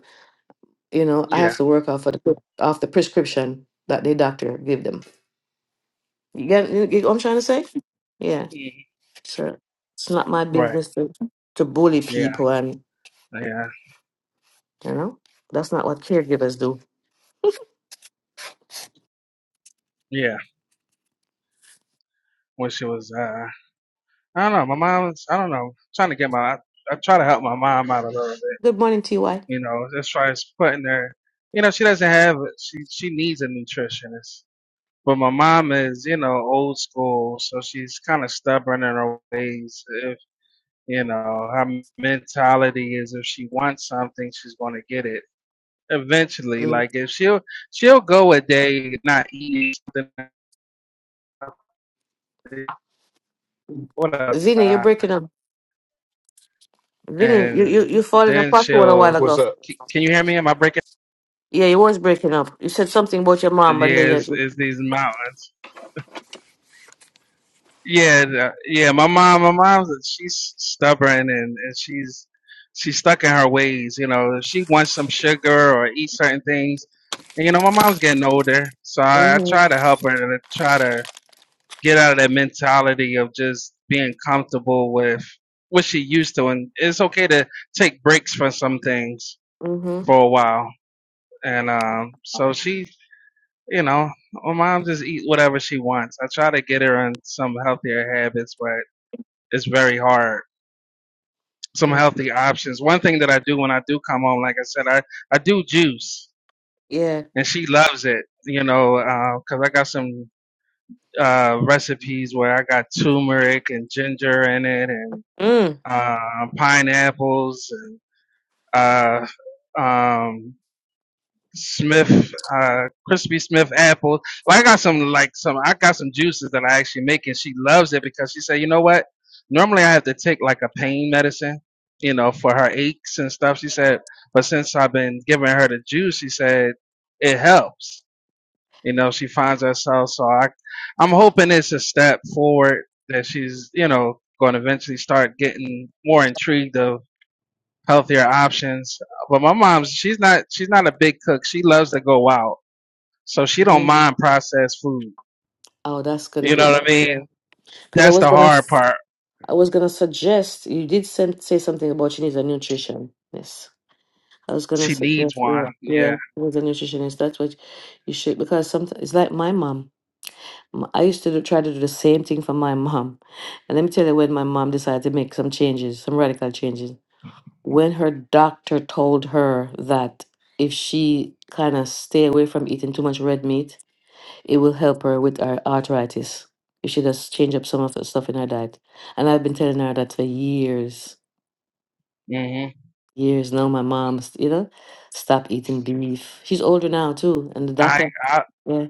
you know, I Yeah. have to work off of the, off the prescription that the doctor give them. You get, you get what I'm trying to say? Yeah, Mhm. So It's not my Right. business to, to bully Yeah. people and, Yeah. you know, that's not what caregivers do. Yeah. When she was, uh, I don't know. My mom was, I don't know. trying to get my, I, I try to help my mom out a little bit. Good morning, TY. You know, just try putting her. You know, she doesn't have. She she needs a nutritionist But my mom is, you know, old school, so she's kind of stubborn in her ways. If you know, her mentality is if she wants something, she's going to get it eventually. Mm. Like if she'll she'll go a day not eating something what up, Vinny, you're Ty? breaking up. Vinny, you, and you, you fall in a then pothole a while she'll. ago. was a c- Can you hear me? Am I breaking? Yeah, you was breaking up. You said something about your mom, and then Yeah, it's, you. it's these mountains. Yeah, the- yeah. My mom, my mom's she's stubborn and, and she's she's stuck in her ways. You know, If she wants some sugar or eat certain things. And you know, my mom's getting older, so I, I Mhm. try to help her and I try to get out of that mentality of just being comfortable with what she used to. And it's okay to take breaks from some things Mhm. for a while. And um, so she, you know, my mom just eat whatever she wants. I try to get her on some healthier habits, but it's very hard. Some Mm. healthy options. One thing that I do when I do come home, like I said, I, I do juice Yeah. and she loves it, you know, uh, 'cause I got some, uh, recipes where I got turmeric and ginger in it and, Mm. uh, pineapples and, uh, um, Smith, uh, crispy Smith apple. Well, I got some like some. I got some juices that I actually make, and she loves it because she said, you know what? Normally, I have to take like a pain medicine, you know, for her aches and stuff. She said, but since I've been giving her the juice, she said it helps. You know, she finds herself. So I, I'm hoping it's a step forward that she's, you know, going to eventually start getting more intrigued of healthier options. But my mom's she's not she's not a big cook. She loves to go out, so she don't Mm. mind processed food. Oh, that's gonna You be know what I mean? yeah. Because I That's was the gonna, hard s- part. I was gonna suggest you did send, say something about she needs a nutrition. Yes, I was gonna She needs suggest yeah, one. yeah, Yeah. she needs a nutritionist. That's what you should because sometimes it's like my mom. M- I used to do, try to do the same thing for my mom, and let me tell you when my mom decided to make some changes, some radical changes. when her doctor told her that if she kind of stay away from eating too much red meat, it will help her with her arthritis. If she just change up some of the stuff in her diet. And I've been telling her that for years, hmm years now. My mom's, you know, stop eating beef. She's older now too, and the I doctor, I yeah,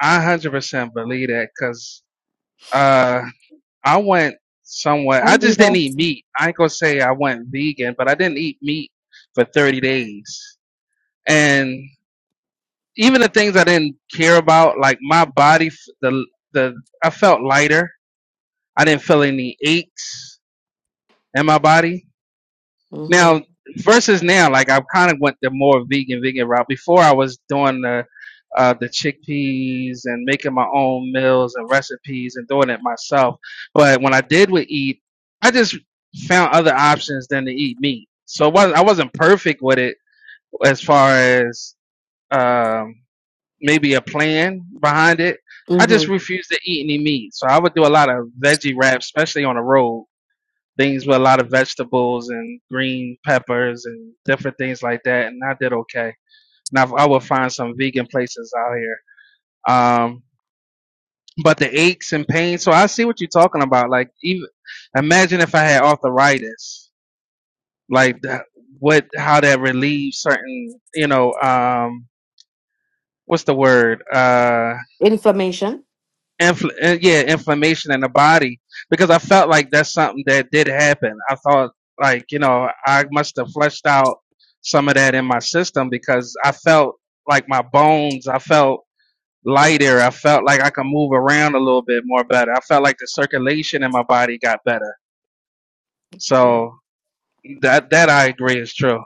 I hundred percent believe that because uh I went somewhere. I just didn't eat mm-hmm, meat. I ain't gonna say I went vegan, but I didn't eat meat for thirty days. And even the things I didn't care about, like my body, f- the the I felt lighter I didn't feel any aches in my body. Now mm-hmm, versus now, like I kind of went the more vegan vegan route. Before I was doing the uh, the chickpeas and making my own meals and recipes and doing it myself. But when I did with eat, I just found other options than to eat meat. So it wasn't, I wasn't perfect with it as far as um, maybe a plan behind it. I just refused to eat any meat. So I would do a lot of veggie wraps, especially on the road things with a lot of vegetables and green peppers and different things like that, and I did okay. Now I would find some vegan places out here. Um, but the aches and pains. So I see what you're talking about. Like even imagine if I had arthritis, like that, what how that relieves certain, you know, um, what's the word? Uh inflammation. infl- uh, yeah, inflammation in the body because I felt like that's something that did happen. I thought like, you know, I must have flushed out some of that in my system because I felt like my bones, I felt lighter. I felt like I could move around a little bit more better. I felt like the circulation in my body got better. Yeah, So that that I agree is true.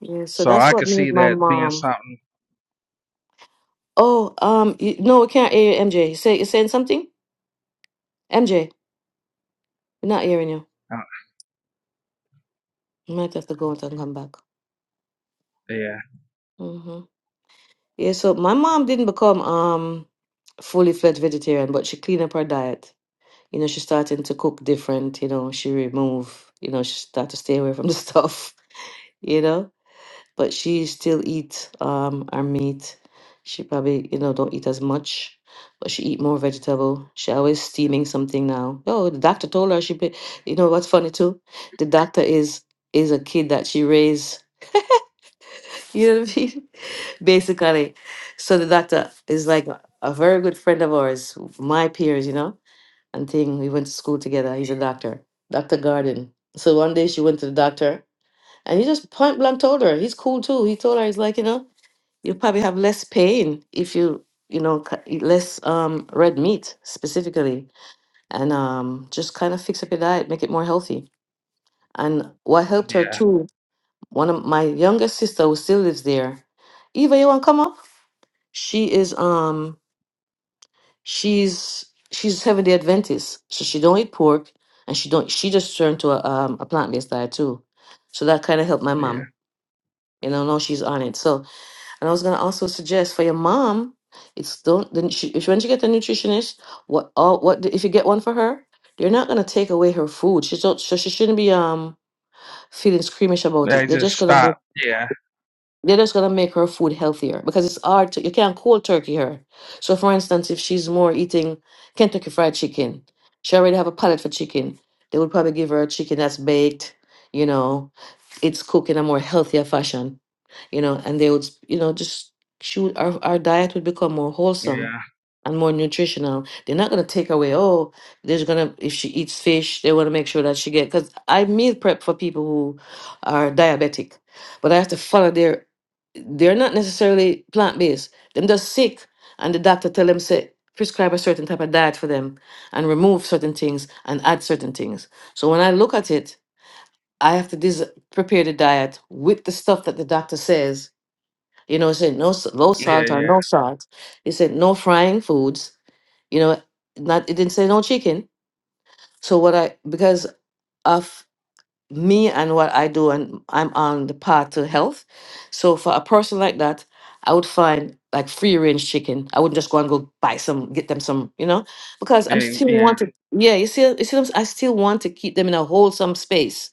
yeah. So So that's I what could made see my that being mom. something. Oh, um, you, no, we can't hear you, MJ. Say, you saying something, MJ? We're not hearing you. Uh, might have to go out and come back. yeah, hmm Yeah, so my mom didn't become um fully fledged vegetarian, but she cleaned up her diet. You know, she started to cook different, you know, she remove, you know, she started to stay away from the stuff, you know. But she still eat um her meat. She probably, you know, don't eat as much, but she eat more vegetable. She always steaming something now. Oh, the doctor told her she, be- you know, what's funny too? The doctor is is a kid that she raised You know what I mean? Basically. So the doctor is like a a very good friend of ours, my peers, you know, and thing. We went to school together. He's a doctor, Dr. Garden. So one day she went to the doctor and he just point blank told her, he's cool too. He told her, he's like, you know, you probably have less pain if you, you know, cu- eat less um, red meat specifically and um, just kind of fix up your diet, make it more healthy. And what helped her yeah, too, one of my younger sister who still lives there, Eva, you want to come up? She is um she's she's Seventh Day Adventist, so she don't eat pork, and she don't she just turned to a um a plant based diet too. So that kind of helped my yeah. mom. You know, now she's on it. So and I was gonna also suggest for your mom, it's don't then she, if when you get a nutritionist, what all what if you get one for her, they're not gonna take away her food. She's not, so she shouldn't be um feeling squeamish about They it. They're just just gonna make stopped. Yeah, They're just gonna make her food healthier because it's hard to you can't cold turkey her. So for instance, if she's more eating Kentucky fried chicken, she already have a palate for chicken. They would probably give her a chicken that's baked, you know, it's cooked in a more healthier fashion you know, and they would, you know, just shoot our, our diet would become more wholesome yeah, and more nutritional. They're not gonna take away, oh, there's gonna if she eats fish, they wanna make sure that she get because I meal prep for people who are diabetic, but I have to follow their they're not necessarily plant based. Them just sick and the doctor tell them say prescribe a certain type of diet for them and remove certain things and add certain things. So when I look at it, I have to dis- prepare the diet with the stuff that the doctor says you know, it said no s- low yeah, salt or yeah, no salt. It said no frying foods. You know, not it didn't say no chicken. So what I because of me and what I do, and I'm on the path to health. So for a person like that, I would find like free range chicken. I wouldn't just go and go buy some, get them some, you know, because I'm and, still yeah, want to. Yeah, you see, you see, what I'm s- I still want to keep them in a wholesome space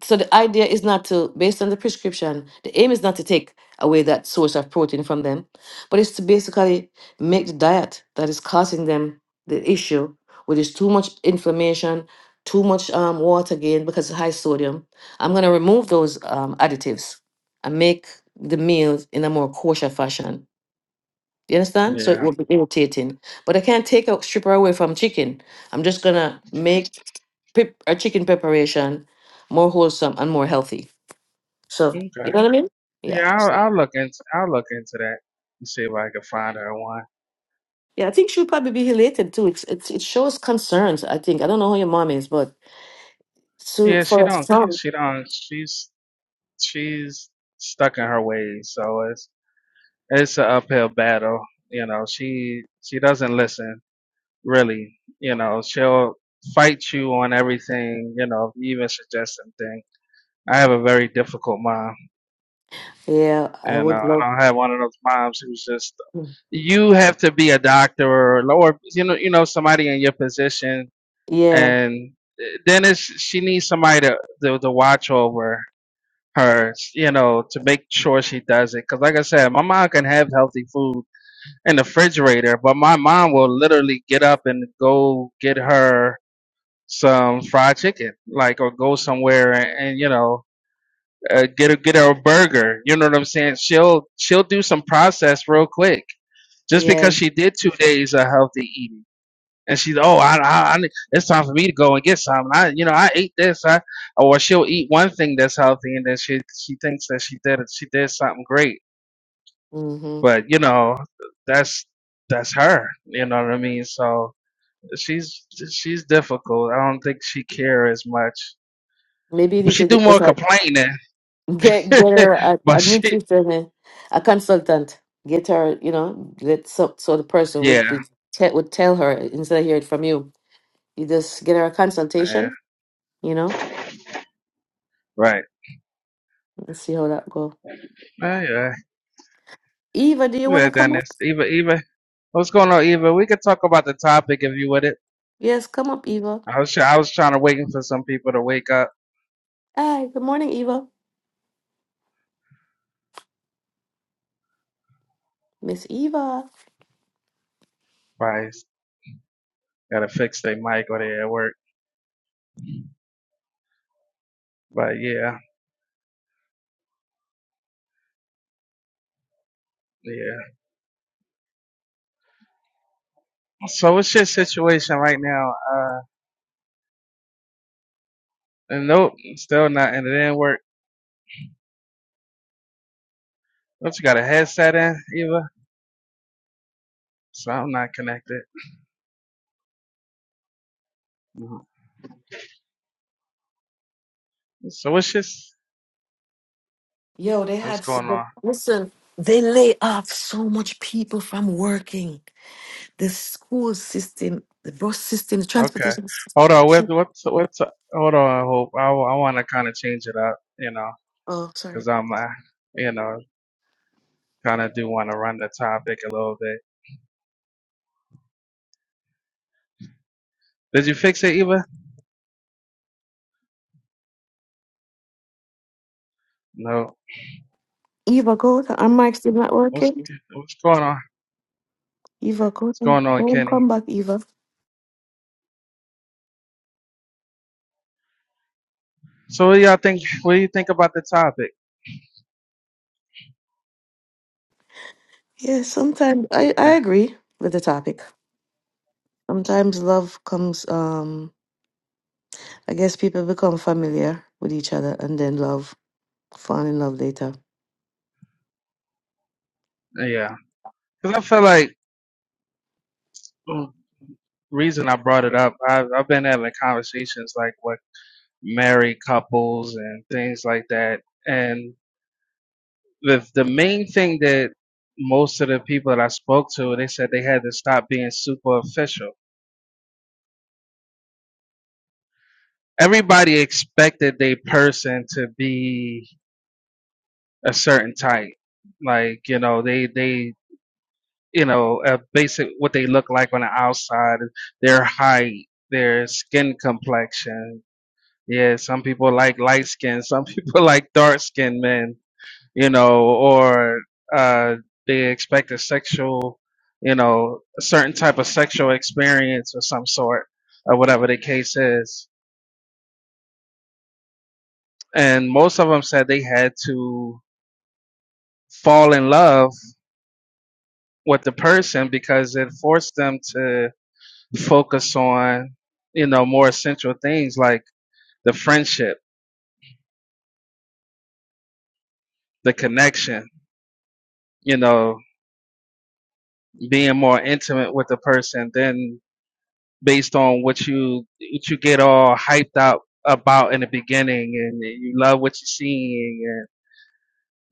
so the idea is not to based on the prescription the aim is not to take away that source of protein from them but it's to basically make the diet that is causing them the issue which is too much inflammation too much um, water gain because it's high sodium i'm going to remove those um, additives and make the meals in a more kosher fashion you understand? So yeah. it will be irritating. But I can't take a stripper away from chicken. I'm just gonna make pep- a chicken preparation more wholesome and more healthy. So Okay. you know what I mean? Yeah. Yeah, I'll, So, I'll look into I'll look into that and see if I can find her one. yeah, I think she'll probably be elated too. It's, it's it shows concerns. I think I don't know who your mom is, but so Yeah, she for a don't ca- son, she don't she's she's stuck in her ways, so it's it's an uphill battle. You know, she she doesn't listen really. You know, she'll fight you on everything. You know, if you even suggest something. I have a very difficult mom, yeah, I and uh, would I love. don't have one of those moms who's just you have to be a doctor or or you know you know somebody in your position Yeah, and then it's, she needs somebody to, to to watch over her, you know, to make sure she does it. Because like I said, my mom can have healthy food in the refrigerator, but my mom will literally get up and go get her some fried chicken, like or go somewhere and, and you know. Uh, get her, get her a burger. You know what I'm saying? She'll, she'll do some process real quick, just yeah. because she did two days of healthy eating and she's oh I, I, I it's time for me to go and get something I you know I ate this I or she'll eat one thing that's healthy and then she she thinks that she did she did something great hmm but you know that's that's her you know what I mean so she's she's difficult I don't think she care as much Maybe but it she do more is complaining Get get her a, but a she nutrition, eh, a consultant. Get her, you know, let so so the person yeah would be, te- would tell her instead of hearing it from you. You just get her a yeah consultation, you know. right Let's see how that go. yeah yeah Eva, do you we want to had come done up? this Eva Eva what's going on Eva we could talk about the topic if you would Yes, come up, Eva. I was try- I was trying to waiting for some people to wake up. Hi, good morning, Eva. Miss Eva. Probably gotta fix their mic or they at work. But yeah, yeah. So what's your situation right now? Uh, and nope, still not, and it didn't work. Don't you got a headset in either? So I'm not connected. Mhm. So what's just Yo, they what's had going so on? listen. They lay off so much people from working. The school system, the bus system, the Okay, transportation. hold on. What system. what's what's hold on? Hope I I want to kind of change it up, you know, Oh, sorry. because I'm uh, you know kind of do want to run the topic a little bit. Did you fix it, Eva? No. Eva, go. with- I'm actually not What's working. what's going on? Eva, go. What's and- going on, Go and Kenny? come back, Eva. So what do y'all think? What do you think about the topic? Yeah, sometimes I, I Eh, agree with the topic. Sometimes love comes, um, I guess people become familiar with each other and then love, fall in love later. Yeah, because I feel like the reason I brought it up, I've I've been having conversations like with married couples and things like that, and the the main thing that most of the people that I spoke to, they said they had to stop being superficial. Everybody expected their person to be a certain type, like you know they they you know, uh, basic what they look like on the outside, their height, their skin complexion. Yeah, some people like light skin, some people like dark skinned men, you know, or uh, they expect a sexual, you know, a certain type of sexual experience or some sort, or whatever the case is. And most of them said they had to fall in love with the person because it forced them to focus on you know more essential things like the friendship the connection you know being more intimate with the person than based on what you what you get all hyped up about in the beginning and you love what you're seeing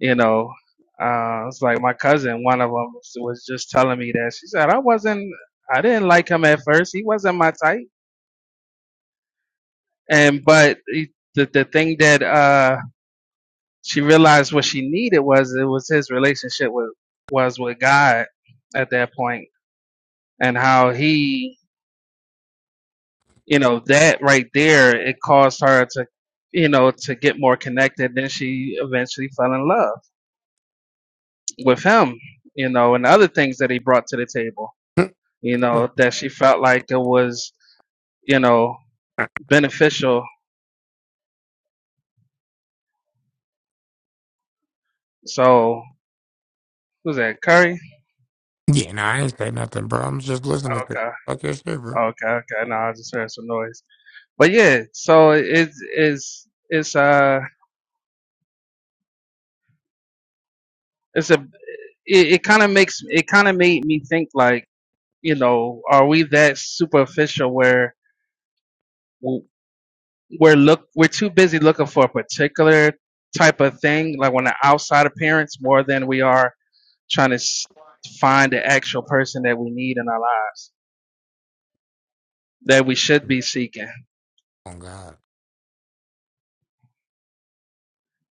and you know uh it's like my cousin one of them was just telling me that she said i wasn't i didn't like him at first he wasn't my type and but he- the the thing that uh she realized what she needed was it was his relationship with was with God at that point and how he you know that right there it caused her to you know to get more connected then she eventually fell in love with him you know and other things that he brought to the table yeah, you know that she felt like it was you know beneficial so who's that curry no, I ain't say nothing, bro. I'm just listening to you. okay fuck your shit, bro. okay okay no i just heard some noise but yeah so it's it's it's uh it's a it, it kind of makes it kind of made me think like you know are we that superficial where w- we're look we're too busy looking for a particular type of thing like on the outside appearance more than we are trying to s- find the actual person that we need in our lives that we should be seeking Oh God,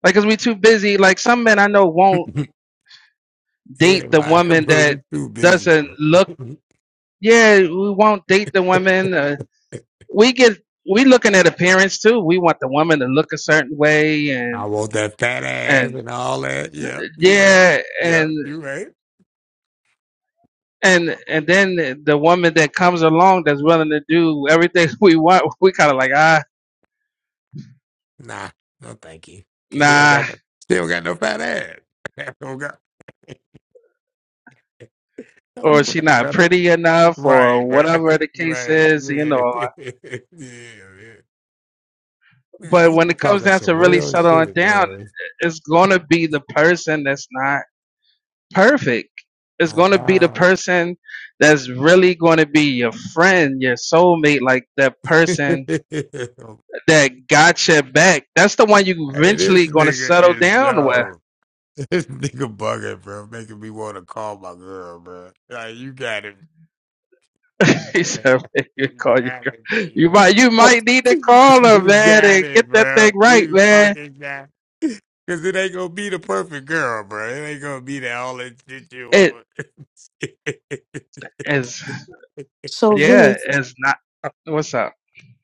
like because we too busy like some men i know won't you date ain't the lying, woman bro. that We too busy, doesn't bro. look yeah we won't date the woman uh, we get we looking at appearance too. We want the woman to look a certain way I and want that fat ass and and all that. Yeah, you right. yeah Yeah, and you right. and and then the woman that comes along that's willing to do everything we want, we kind of like ah Nah, no, thank you. Cause you don't nah got no, you don't got no fat ass. oh God, no, or you she right, not brother. pretty enough Right, or right, whatever the case right. is, you Yeah, know. yeah, yeah. Man, But you when be it comes talking down some to really real settling shit, down, man. it's gonna be the person that's not. perfect. It's Oh going to be the God. person that's really going to be your friend, your soulmate, like that hey, person that got your back. That's the one you this eventually going to nigga settle is down with. yo. This nigga bugging, bro. Making me want to call my girl, bro. Like you got it. he said, "Man, you You call your got it, girl. You nigga. might, you But might need to call her, You man, got and get it, that bro. thing right, You man. fucking got. it. Cause it ain't gonna be the perfect girl, bro. It ain't gonna be that all that shit you It want. is, so, yeah, Vinny, it's not. What's up?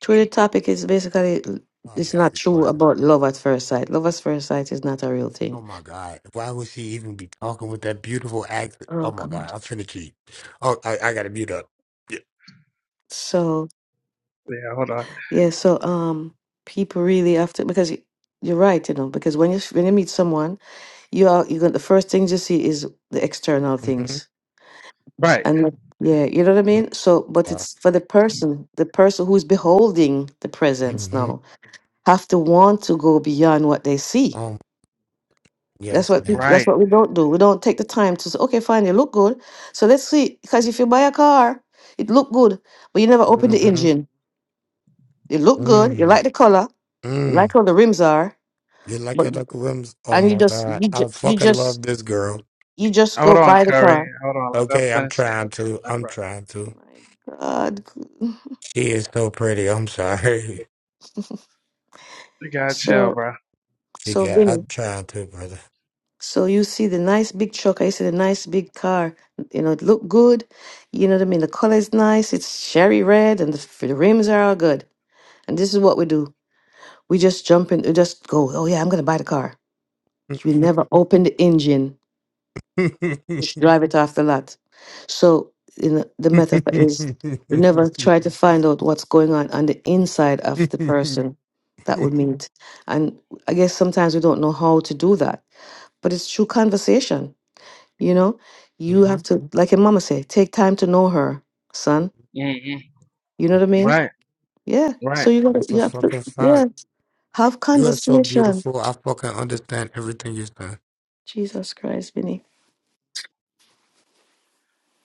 through the topic is basically oh, I it's gotta not be true quiet. about love at first sight. Love at first sight is not a real Oh thing. my God! Why would she even be talking with that beautiful accent? Oh Oh my God! God. I'm finna cheat. Oh, I, I gotta mute up. Yeah. Yeah, hold on. Yeah, so um, people really have to because y- you're right, you know, because when you s- when you meet someone, you are you going the first things you see is the external Mm-hmm. things, Right, and Right. yeah, you know what I mean. So, but Okay. it's for the person, the person who's beholding the presence Mm-hmm. now, have to want to go beyond what they see. Um. That's Yes, what ma'am. Mm. right. that's what we don't do. We don't take the time to say, okay, fine, it look good, so let's see. Because if you buy a car, it look good, but you never open the Mm-hmm. engine. It look good. You Mm-hmm. like the color. You Mm. like how the rims are. You like her, Uncle rims? Oh and you my just God! you I just you fucking just love this girl. you just Hold go on, buy the Curry. car. Hold on. Let us Okay, I'm finish trying this. to. Nah, I'm bro. trying to. Oh My God. She is so pretty. I'm sorry. You gotta chill, So bro. She so got. I'm Vinny, trying to, brother. so you see the nice big truck, I see the nice big car. You know, it look good. You know what I mean? The color is nice. It's cherry red, and the, f- the rims are all good. And this is what we do: we just jump in, we just go. Oh yeah, I'm gonna buy the car. We never open the engine. just drive it off the lot. So you know, the metaphor is you never try to find out what's going on on the inside of the person that we meet. And I guess sometimes we don't know how to do that, but it's through conversation. You know, you mm-hmm. have to, Mhm. like your mama say, take time to know her, son. hmm You know what I mean? Right. Yeah. Right. So you gotta, That's a you have to, fucking yeah, fact. have You are so conversation. beautiful. I fucking understand everything you said. Jesus Christ, Vinny.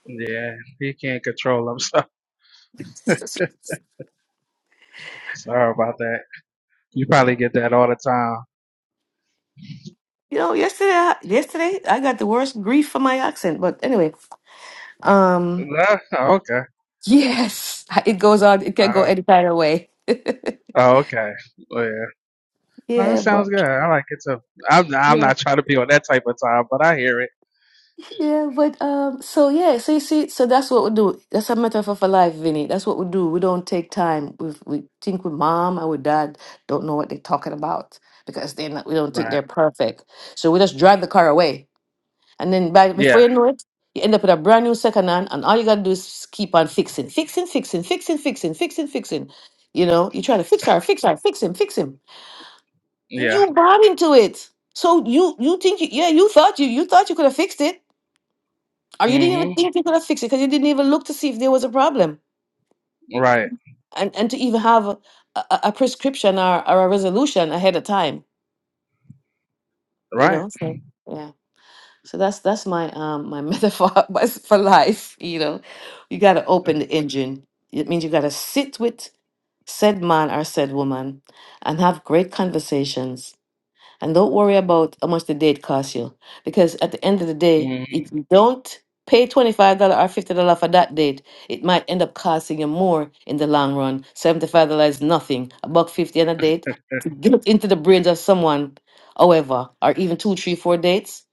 Yeah, he can't control himself. Sorry about that. You probably Yeah. get that all the time. You know, yesterday, I, yesterday I got the worst grief for my accent. But anyway, Um, No? Oh, okay. yes, it goes on. It can go Oh, any kind of way. oh, okay. Well, yeah. No, it Yeah, but sounds good. I like it too. I'm I'm yeah, not trying to be on that type of time, but I hear it. yeah, but um, so yeah, so you see, so that's what we do. That's a metaphor for life, Vinny. That's what we do. We don't take time. We we think with mom and with dad don't know what they're talking about because they're not. We don't think Right. they're perfect, so we just drive the car away, and then by before Yeah. you know it, you end up with a brand new second hand, and all you gotta do is keep on fixing, fixing, fixing, fixing, fixing, fixing, fixing. You know, you try to fix her, fix her, fix him, fix him. Yeah. You bought into it. So you you think you, yeah you thought you you thought you could have fixed it, or you didn't even Mm-hmm. think you could have fixed it because you didn't even look to see if there was a problem Right. and and to even have a, a, a prescription or, or a resolution ahead of time. You Right. know. So yeah. So that's that's my um my metaphor my- for life. You know, you got to open the engine. It means you got to sit with said man or said woman and have great conversations And don't worry about how much the date costs you. Because at the end of the day, Mm-hmm. if you don't pay $25 or $50 for that date, it might end up costing you more in the long run. $75 is nothing. A buck fifty on a date. To get into the brains of someone, however, or even two, three, four dates,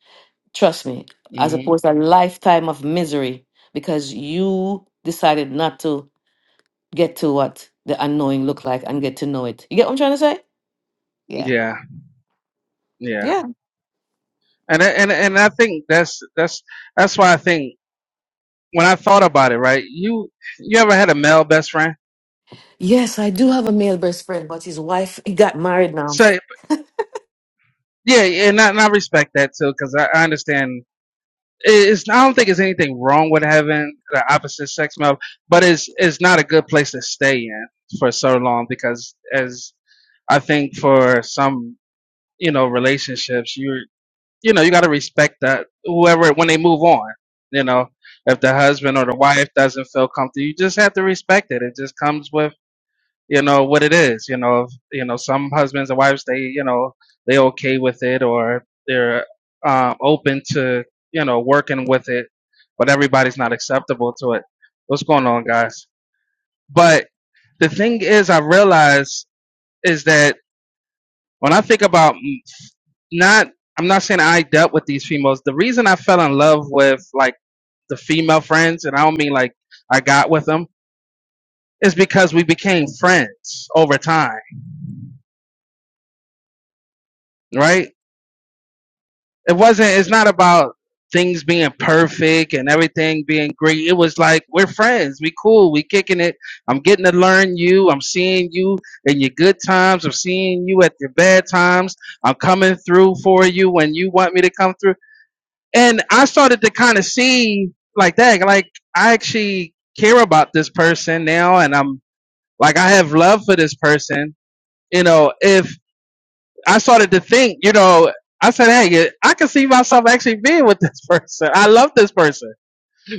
trust me, as hmm opposed to a lifetime of misery because you decided not to get to what the unknowing looked like and get to know it. You get what I'm trying to say? Yeah. Yeah. Yeah. Yeah. And I- and and I think that's that's that's why I think when I thought about it, right? You you ever had a male best friend? Yes, I do have a male best friend, but his wife he got married now. So Yeah, yeah, and I, and I respect that too, because I, I understand. It's I don't think there's anything wrong with having the opposite sex male, but it's it's not a good place to stay in for so long because as I think for some you know relationships you you know you got to respect that whoever when they move on you know if the husband or the wife doesn't feel comfortable you just have to respect it it just comes with you know what it is you know if, you know some husbands and wives they you know they okay with it or they're um, open to you know working with it but everybody's not acceptable to it what's going on guys but the thing is i realize is that when i think about m- not i'm not saying i dealt with these females the reason i fell in love with like the female friends and i don't mean like i got with them is because we became friends over time right it wasn't it's not about things being perfect and everything being great it was like we're friends we cool we kicking it i'm getting to learn you i'm seeing you in your good times i'm seeing you at your bad times i'm coming through for you when you want me to come through and i started to kind of see like that like i actually care about this person now and i'm like i have love for this person you know if I started to think, you know, I said, hey, yeah, I can see myself actually being with this person. I love this person.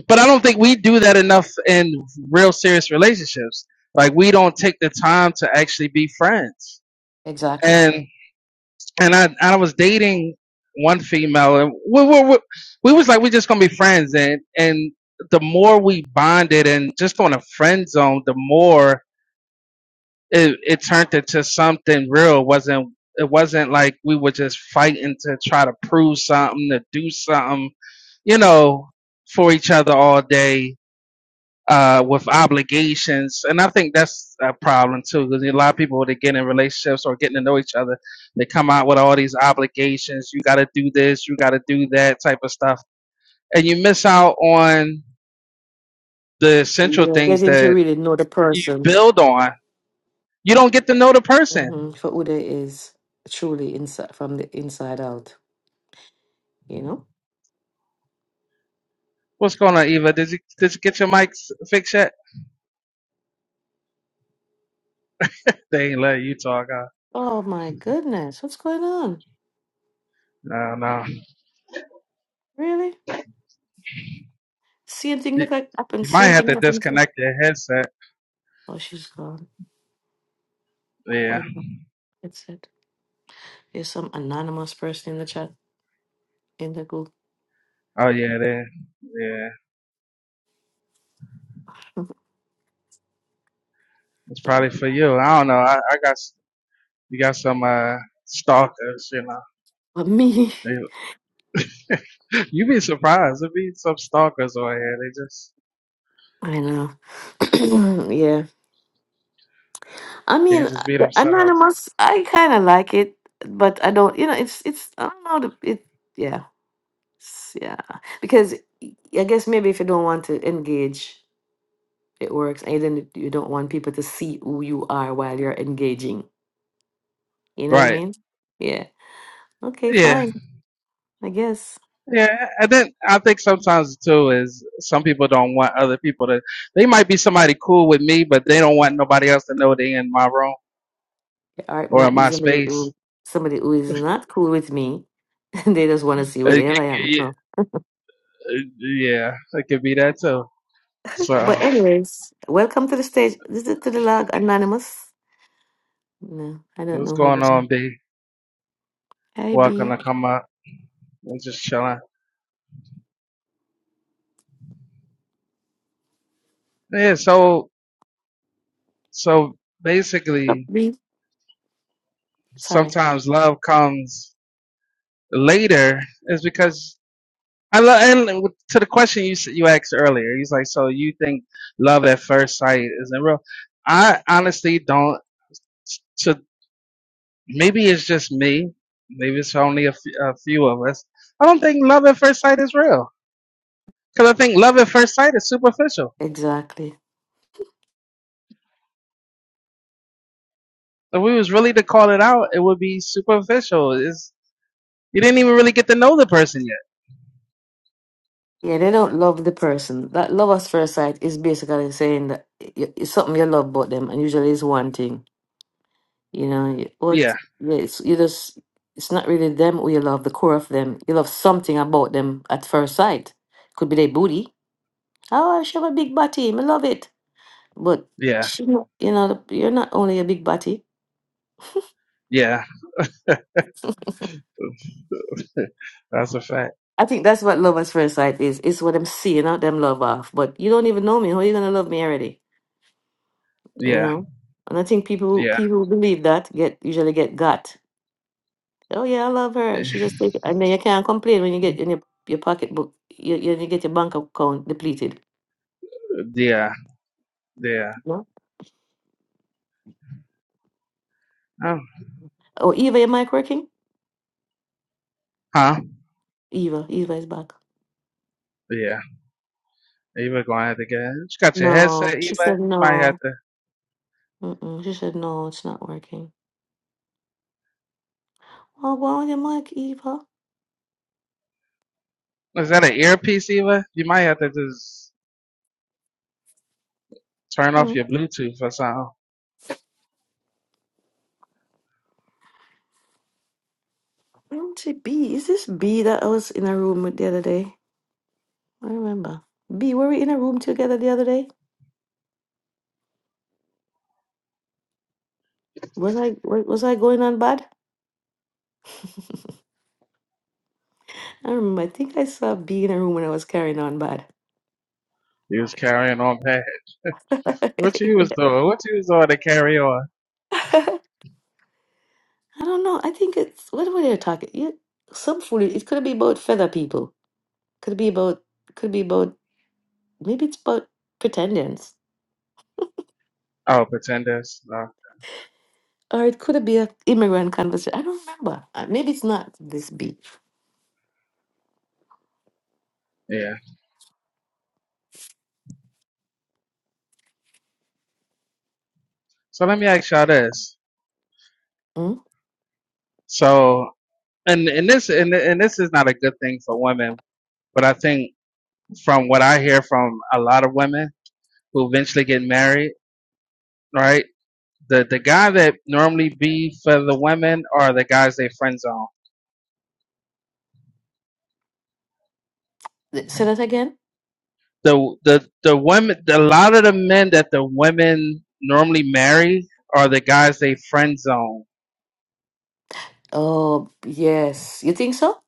But I don't think we do that enough in real serious relationships. Like we don't take the time to actually be friends. Exactly. And and I I was dating one female and we we, we, we was like we just gonna be friends and and the more we bonded and just on a friend zone, the more it, it turned into something real. It wasn't it wasn't like we were just fighting to try to prove something, to do something, you know, for each other all day uh, with obligations. And I think that's a problem too, because a lot of people that get in relationships or getting to know each other, they come out with all these obligations. You got to do this, you got to do that type of stuff, and you miss out on the essential Yeah. things Getting to that really know the you person build on. You don't get to know the person hmm for who they is truly inside from the inside out. You know. What's going on, Eva? Did you did you get your mic s- fixed yet? They ain't letting you talk. Uh, Oh my goodness, what's going on? no, no. Really? Same thing. You, Look like happened. you might Same have thing to happened. To... disconnect your headset. Oh, she's gone. Oh Yeah. no, that's it. There's some anonymous person in the chat in the group. Oh yeah. They, yeah. It's Sorry. probably for you. I don't know. I, I got s- you got some uh stalkers. You But me, know. They, you be surprised. There be some stalkers over here. They just I know. yeah. I mean, can't just be uh, themselves. Anonymous, I kind of like it, but I don't, you know, it's, it's, I don't know, the, it, yeah, it's- yeah. Because I guess maybe if you don't want to engage, it works. And then you don't want people to see who you are while you're engaging. You know what I Right. mean? Yeah. Okay, Yeah. fine. I guess Yeah, and then I think sometimes too is some people don't want other people to. They might be somebody cool with me, but they don't want nobody else to know they in my room the art or in might be my somebody space. who, somebody who is not cool with me. And they just want to see where the It- hell it- I am. you it- yeah, yeah, it could be that too. So But anyways, welcome to the stage. This is to the log, Anonymous. No, I don't what's know who going this is. on, B? Hey, Welcome B. to come up. We're just chilling. Yeah. So so basically, B. Sorry. sometimes love comes later. Is because I love and with- to the question you s- you asked earlier. He's like, so you think love at first sight isn't real? I honestly don't. So maybe it's just me. Maybe it's only a, f- a few of us. I don't think love at first sight is real because I think love at first sight is superficial. Exactly. If we was really to call it out, it would be superficial. Is you didn't even really get to know the person yet. Yeah, they don't love the person. That love at first sight is basically saying that i- it's something you love about them, and usually it's one thing. You know, you- what? Yeah, yeah, It's, you just, it's not really them who you love, the core of them. You love something about them at first sight. Could be their booty. Oh, she have a big body. I love it. But yeah, she, not- you know, the- you're not only a big body. yeah. That's a fact. I think that's what love at first sight is. It's what I'm seeing out them love off. But you don't even know me. How you gonna love me already? You Yeah, know? And I think people who- yeah, people who believe that get usually get got. Oh yeah, I love her. She just take it. and then you can't complain when you get in your, your pocketbook you, you you get your bank account depleted. yeah, yeah. No? Oh, Oh Eva, your mic working? huh? Eva, Eva is back. Yeah. Eva gonna have to get. You got your headset, No. She Eva. said You might have no. to. Mm-mm. She said no, it's not working. Oh wow your mic, Eva. Is that an earpiece, Eva? You might have to just turn off Hmm. your Bluetooth or something. Where would she be? Is this B that I was in a room with the other day? I remember. B, were we in a room together the other day? Was I wa- was I going on bad? I remember. I think I saw B in a room when I was carrying on bad. You was carrying on past. I What you was doing? What you was doing to carry on? don't know. I think it's what were they talking? Yeah, some fool. It could be about feather people. Could be about. Could be about. Maybe it's about pretenders, Oh, pretenders. No. or it could be a immigrant conversation. I don't remember. Uh, Maybe it's not this B. Yeah. So let me ask y'all this. Hmm? So, and and this and and this is not a good thing for women, but I think from what I hear from a lot of women who eventually get married, right? The the guy that normally be for the women are the guys they friend zone Th- Say that again. the the the women the, a lot of the men that the women normally marry are the guys they friend zone Oh yes, you think so?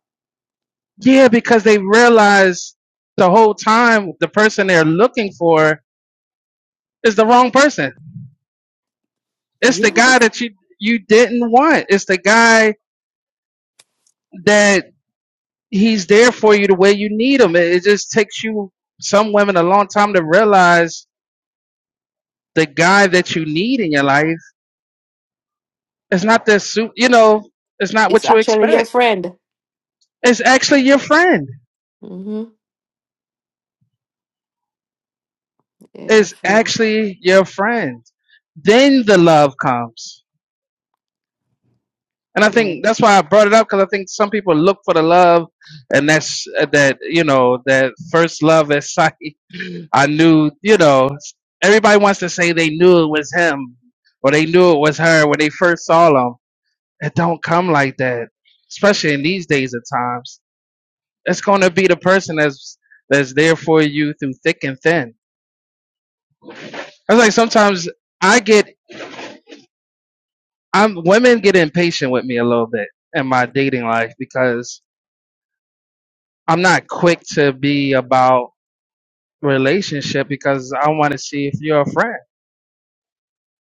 yeah because they realize the whole time the person they're looking for is the wrong person it's You the know, guy that you you didn't want it's the guy that he's there for you the way you need him it, it just takes you some women a long time to realize the guy that you need in your life is not the suit you know it's not it's what you actually your expect friend. it's actually your friend Mm-hmm. Yeah, your is friend. actually your friend. Then the love comes. And I Yeah, think that's why I brought it up because I think some people look for the love, and that's uh, that you know that first love at sight. I knew you know everybody wants to say they knew it was him or they knew it was her when they first saw them. It don't come like that, especially in these days of times. It's going to be the person that's that's there for you through thick and thin. It's like sometimes I get I'm women get impatient with me a little bit in my dating life because I'm not quick to be about relationship because I want to see if you're a friend.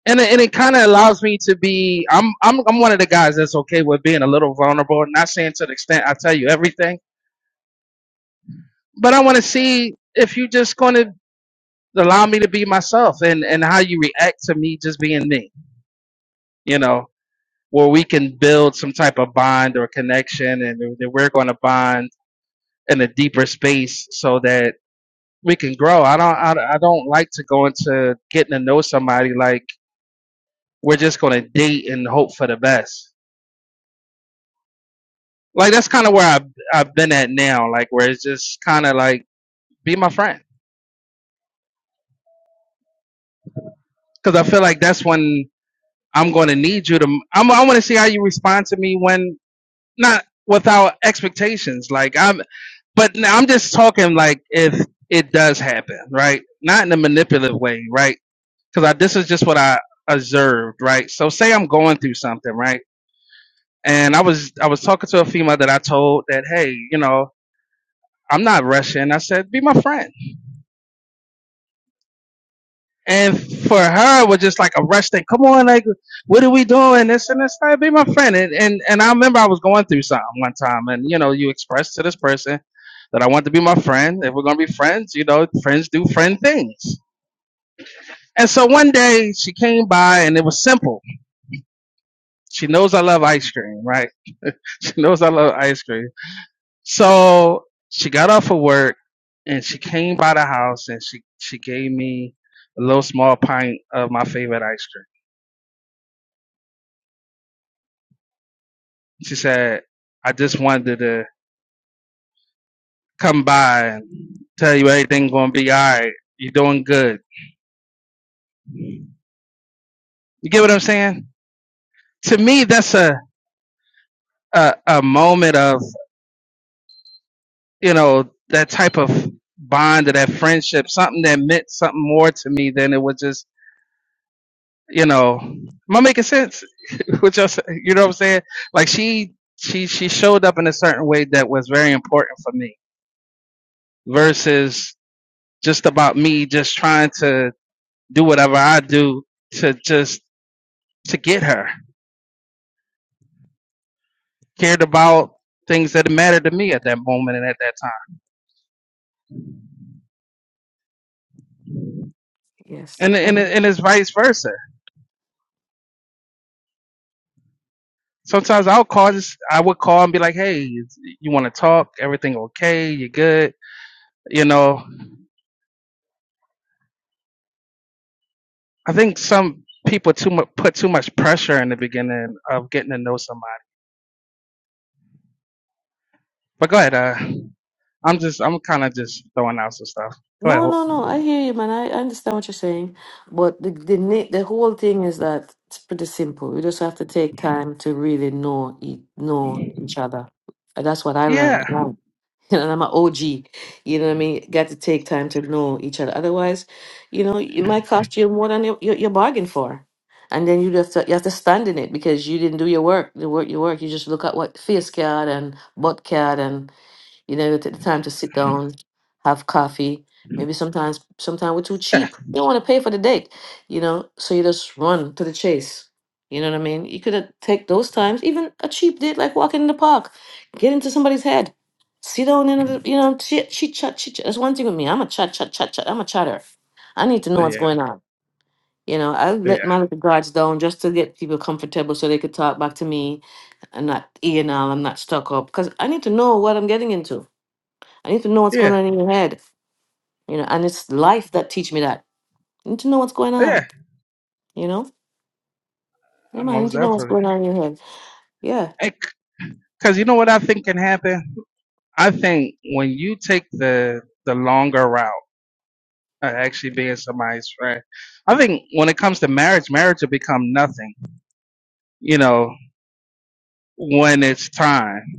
And it, and it kind of allows me to be I'm I'm I'm one of the guys that's okay with being a little vulnerable, not saying to the extent I tell you everything, but I want to see if you are just going to allow me to be myself and and how you react to me just being me, you know, where we can build some type of bond or connection and that we're going to bond in a deeper space so that we can grow. I don't I, I don't like to go into getting to know somebody like we're just going to date and hope for the best. Like that's kind of where I have I've been at now, like where it's just kind of like be my friend cuz I feel like that's when I'm going to need you to I'm I want to see how you respond to me when not without expectations. Like I'm but now I'm just talking like if it does happen, right? Not in a manipulative way, right? because I this is just what I observed, right? So say I'm going through something, right? And I was I was talking to a female that I told that, hey, you know, I'm not rushing. I said, be my friend. And for her, it was just like a rush thing. Come on, like, what are we doing? This and this. Like, be my friend. And, and and I remember I was going through something one time, and you know, you expressed to this person that I want to be my friend. If we're gonna be friends, you know, friends do friend things. And so one day she came by, and it was simple She knows I love ice cream, right? she knows I love ice cream. So she got off of work and she came by the house and she, she gave me a little small pint of my favorite ice cream. She said, I just wanted to come by and tell you everything's going to be all right. You're doing good. You get what I'm saying? To me, that's a, a, a moment of, you know, that type of bond or that friendship, something that meant something more to me than it was just you know, am I making sense? Which you you know what I'm saying? Like she she she showed up in a certain way that was very important for me versus just about me just trying to do whatever I do to just to get her cared about things that mattered to me at that moment and at that time. yes. And I and know. and it's vice versa. Sometimes I'll call just I would call and be like, "Hey, you want to talk? Everything okay? You good?" You know, I think some people too much put too much pressure in the beginning of getting to know somebody. But go ahead. Uh, I'm just I'm kind of just throwing out some stuff. Go ahead. No, Ho- no, no. I hear you, man. I, I understand what you're saying, but the the na- the whole thing is that it's pretty simple. We just have to take time to really know each, know each other. And that's what I Yeah, learned. And I'm, and I'm an OG. You know what I mean? Got to take time to know each other. Otherwise, you know, it might cost you more than you, you, you bargained for. And then you have to you have to stand in it because you didn't do your work. The work you work. You just look at what face card and butt card and You know, take the time to sit down, have coffee. Maybe sometimes, sometimes we're too yeah, cheap. You don't want to pay for the date, you know. So you just run to the chase. You know what I mean? You could uh, take those times, even a cheap date, like walking in the park, get into somebody's head, sit down in, a, you know, chit chit chat, chit chat. That's one thing with me. I'm a chat, chat, chat, chat. I'm a chatter. I need to know what's yeah, going on. You know, I yeah, let my little guards down just to get people comfortable so they could talk back to me. I'm not eating all. I'm not stuck up because I need to know what I'm getting into I need to know what's going yeah, on in your head, you know. And it's life that teach me that. I need to know what's going yeah. on, you know. Yeah, man, I need Most to know what's definitely. going on in your head. Yeah, Because you know what I think can happen. I think when you take the the longer route of actually being somebody's friend, I think when it comes to marriage, marriage will become nothing. You know, when it's time,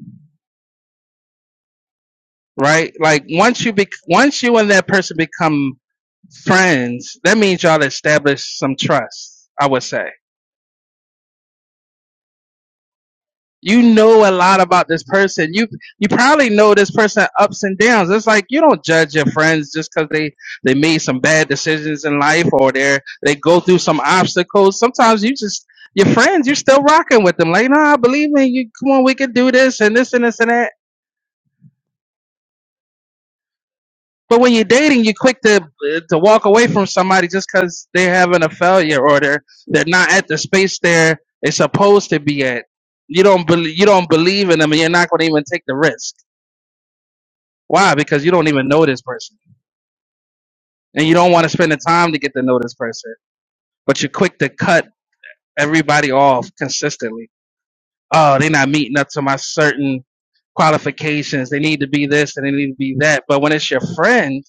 right? Like once you be once you and that person become friends, that means y'all established some trust, I would say. You know a lot about this person. You you probably know this person ups and downs. It's like you don't judge your friends just because they they made some bad decisions in life or they they go through some obstacles. Sometimes you just your friends, you're still rocking with them. Like, no, I believe in you. Come on, we could do this and this and this and that But when you're dating, you're quick to to walk away from somebody just because they're having a failure or they're they're not at the space they're they're supposed to be at. You don't believe you don't believe in them, and you're not going to even take the risk. Why? Because you don't even know this person, and you don't want to spend the time to get to know this person. But you're quick to cut everybody off consistently. Oh, they're not meeting up to my certain qualifications. They need to be this and they need to be that. But when it's your friend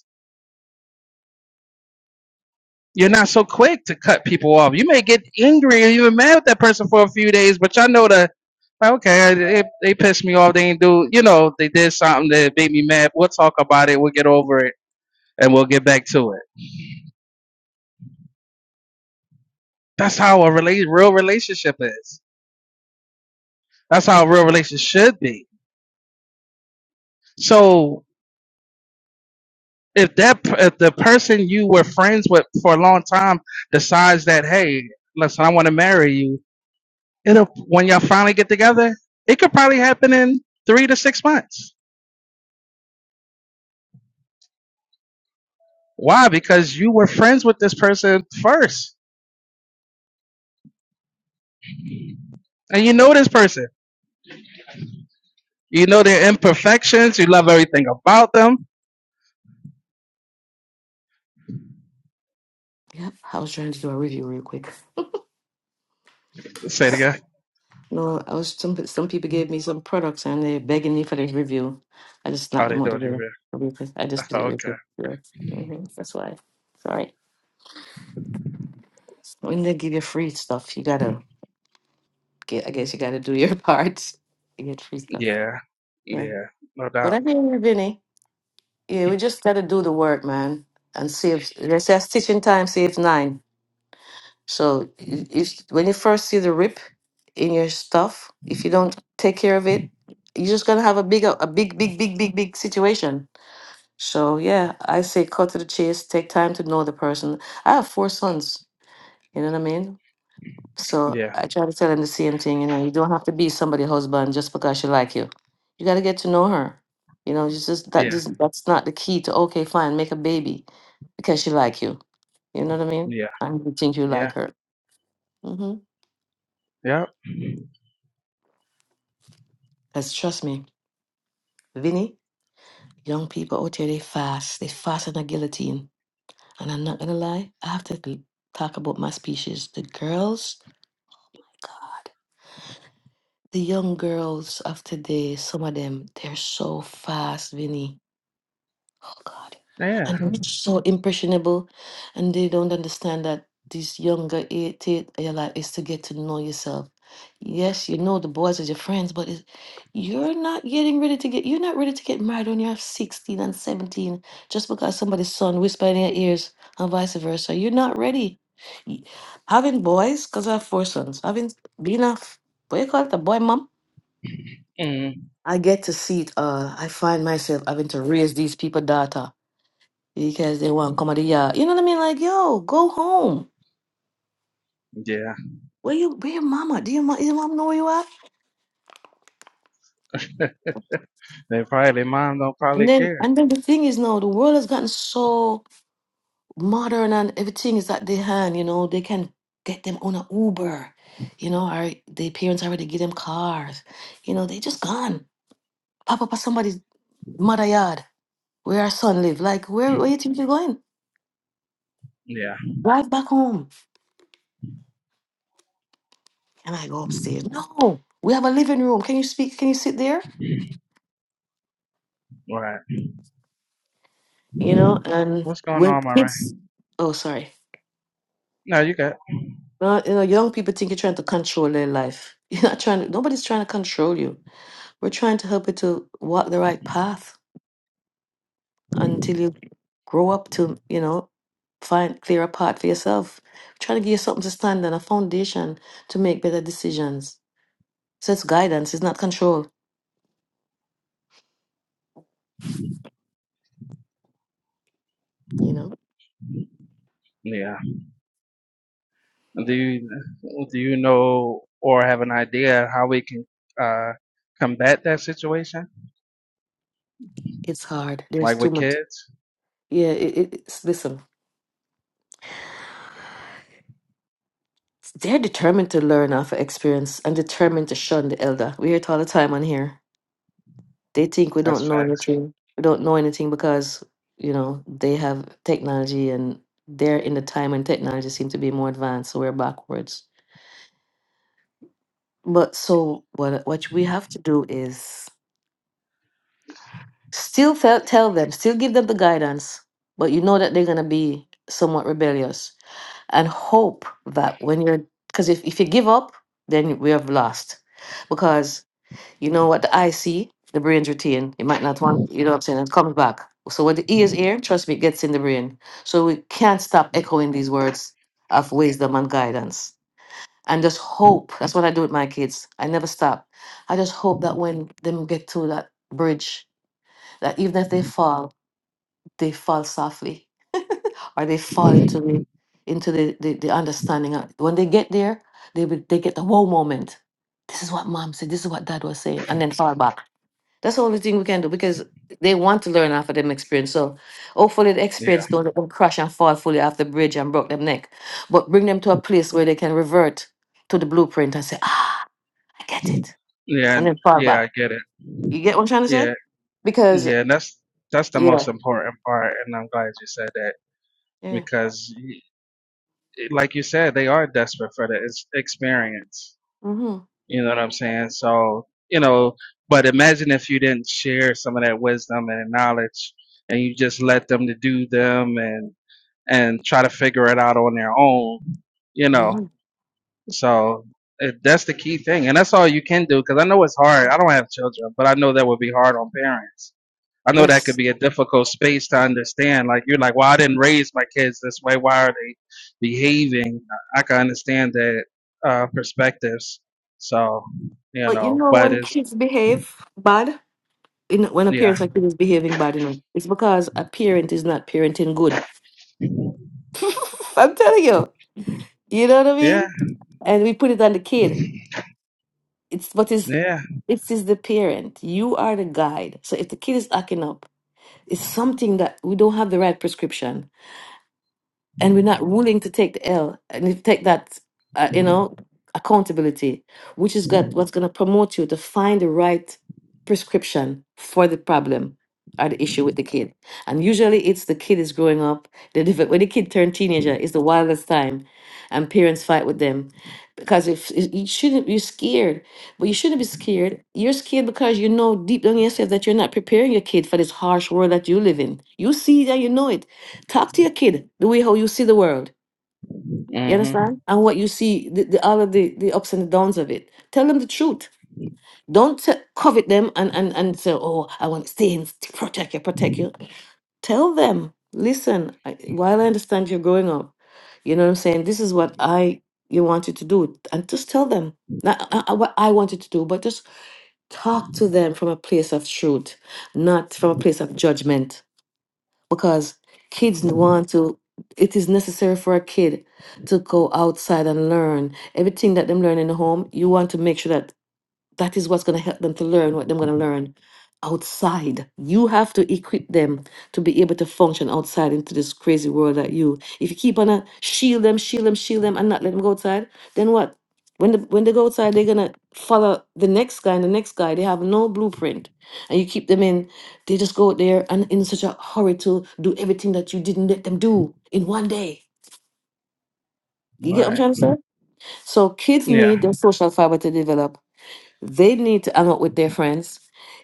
You're not so quick to cut people off. You may get angry or even mad with that person for a few days, but y'all know that like, okay, they, they pissed me off. They ain't do, you know, they did something that made me mad. We'll talk about it. We'll get over it, and we'll get back to it. That's how a rela- real relationship is. That's how a real relationship should be. So if that if the person you were friends with for a long time decides that hey, listen, I want to marry you, it'll when y'all finally get together, it could probably happen in three to six months Why? Because you were friends with this person first, and you know this person. You know their imperfections. You love everything about them. yeah. I was trying to do a review real quick. Say it again. No, I was some some people gave me some products and they begging me for the review. I just Oh, knocked they them out the don't door. even. real quick. I just did it real Okay. quick. Yeah. hmm That's why. Sorry. When they give you free stuff, you gotta get. I guess you gotta do your part. to get free stuff. Yeah. Yeah. Yeah. No But doubt. I hear you, Vinny. Yeah, we just gotta do the work, man, and see if they say stitching time saves nine. So i- if when you first see the rip in your stuff, if you don't take care of it, you're just gonna have a big, a big, big, big, big, big situation. So yeah, I say cut to the chase. Take time to know the person. I have four sons. You know what I mean? So Yeah. I try to tell him the same thing, you know, you don't have to be somebody's husband just because she like you. You gotta get to know her. You know, it's just that Yeah. this that's not the key to okay, fine, make a baby because she like you. You know what I mean? Yeah. I really think you Yeah. like her. Mm-hmm. Yep. Cause trust me, Vinny, young people out here they fast. They fast in a guillotine. And I'm not gonna lie, I have to be- talk about my species. The girls, God, the young girls of today, some of them, they're so fast, Vinny Oh God. Yeah. And they're Mhm. so impressionable and they don't understand that this younger age like is to get to know yourself. Yes, you know the boys is your friends, but it's, you're not getting ready to get you're not ready to get married when you're 16 and 17 just because somebody's son whisper in your ears and vice versa. You're not ready. Y- Having boys, because I have four sons, having being a f- what you call it, a boy mom, Mm. I get to see it all. I find myself having to raise these people daughter because they want to come out of yard. You know what I mean? Like, yo, go home. Yeah. Where you? Where your mama? Do your mom? Your mom know where you are? They probably their mom don't probably And then, care. and then the thing is now, the world has gotten so modern, and everything is at their hand. You know, they can get them on a Uber. You know, or their parents already give them cars. You know, they just gone. Pop up at somebody's mother yard where our son live. Like, where where you think you're going? Yeah. Drive back home. And I go upstairs. No, we have a living room. Can you speak? Can you sit there? Right. you know and What's going when on, my right? kids oh sorry No, you got. well you know young people think you're trying to control their life you're not trying to, nobody's trying to control you we're trying to help you to walk the right path until you grow up to you know find clear a path for yourself trying to give you something to stand on a foundation to make better decisions so it's guidance it's not control you know Yeah. Do you do you know or have an idea how we can uh combat that situation? it's hard there's like too with much kids. yeah it, it, it's listen they're determined to learn off of experience and determined to shun the elder. We hear it all the time on here. They think we That's don't know facts. anything. We don't know anything because, you know, they have technology and they're in the time when technology seems to be more advanced, so we're backwards. But so what what we have to do is still tell, tell them, still give them the guidance, but you know that they're gonna be somewhat rebellious and hope that when you're because if, if you give up, then we have lost. because. You know what the eye see, the brain's retain. You might not want, you know what I'm saying? It comes back. So when the ears hear, trust me, it gets in the brain. So we can't stop echoing these words of wisdom and guidance. And just hope. That's what I do with my kids. I never stop. I just hope that when them get to that bridge, that even if they fall, they fall softly or they fall into the into the, the, the understanding. of- When they get there, they will- they get the whole moment. This is what mom said. This is what dad was saying, and then fall back that's the only thing we can do because they want to learn after them experience. So hopefully the Yeah, experience don't let them crash and fall fully off the bridge and broke them neck. But bring them to a place where they can revert to the blueprint and say, ah, I get it. yeah, And and then fall yeah. back. I get it. You get what I'm trying to say? Yeah, Because yeah. And that's that's the most yeah. important part, and I'm glad you said that Yeah. because, y- like you said, they are desperate for the ex- experience. Mm-hmm. You know what I'm saying? So you know, but imagine if you didn't share some of that wisdom and knowledge, and you just let them to do them and and try to figure it out on their own. You know. Mm-hmm. So it, that's the key thing, and that's all you can do. Because I know it's hard. I don't have children, but I know that would be hard on parents. I know that could Yes. be a difficult space to understand. Like you're like, well, I didn't raise my kids this way. Why are they behaving? I I can understand that uh, perspectives. So you But you know, know but when it's kids behave bad, you know, when a yeah, parent's like kid is behaving bad, you know, it's because a parent is not parenting good. I'm telling you. You know what I yeah, mean? And we put it on the kid. It's what is yeah. it is the parent. You are the guide. So if the kid is acting up, it's something that we don't have the right prescription and we're not willing to take the L and if take that, uh, you know, accountability, which is got what's going to promote you to find the right prescription for the problem or the issue with the kid. And usually, it's the kid is growing up. They develop, when the kid turn teenager, is the wildest time, and parents fight with them because if if you shouldn't be scared, but you shouldn't be scared. You're scared because you know deep down in yourself that you're not preparing your kid for this harsh world that you live in. You see that you know it Talk to your kid the way how you see the world. You Mm-hmm. understand? And what you see, the, the all of the, the ups and the downs of it. Tell them the truth. Don't t- covet them and, and, and say, oh, I want to stay in, to protect you, protect you. Tell them, listen, I, while I understand you're growing up, you know what I'm saying? This is what I you wanted to do. And just tell them. Not uh, uh, what I wanted to do, but just talk to them from a place of truth, not from a place of judgment because kids want to it is necessary for a kid to go outside and learn everything that them learn in the home you want to make sure that that is what's going to help them to learn what they're going to learn outside. You have to equip them to be able to function outside into this crazy world that you. If you keep on a shield them, shield them, shield them, and not let them go outside, then what? When the, when they go outside, they're gonna follow the next guy and the next guy. They have no blueprint, and you keep them in. They just go out there and in such a hurry to do everything that you didn't let them do in one day. You get what I'm Right. trying to say? So kids Yeah. need their social fiber to develop they need to hang out with their friends.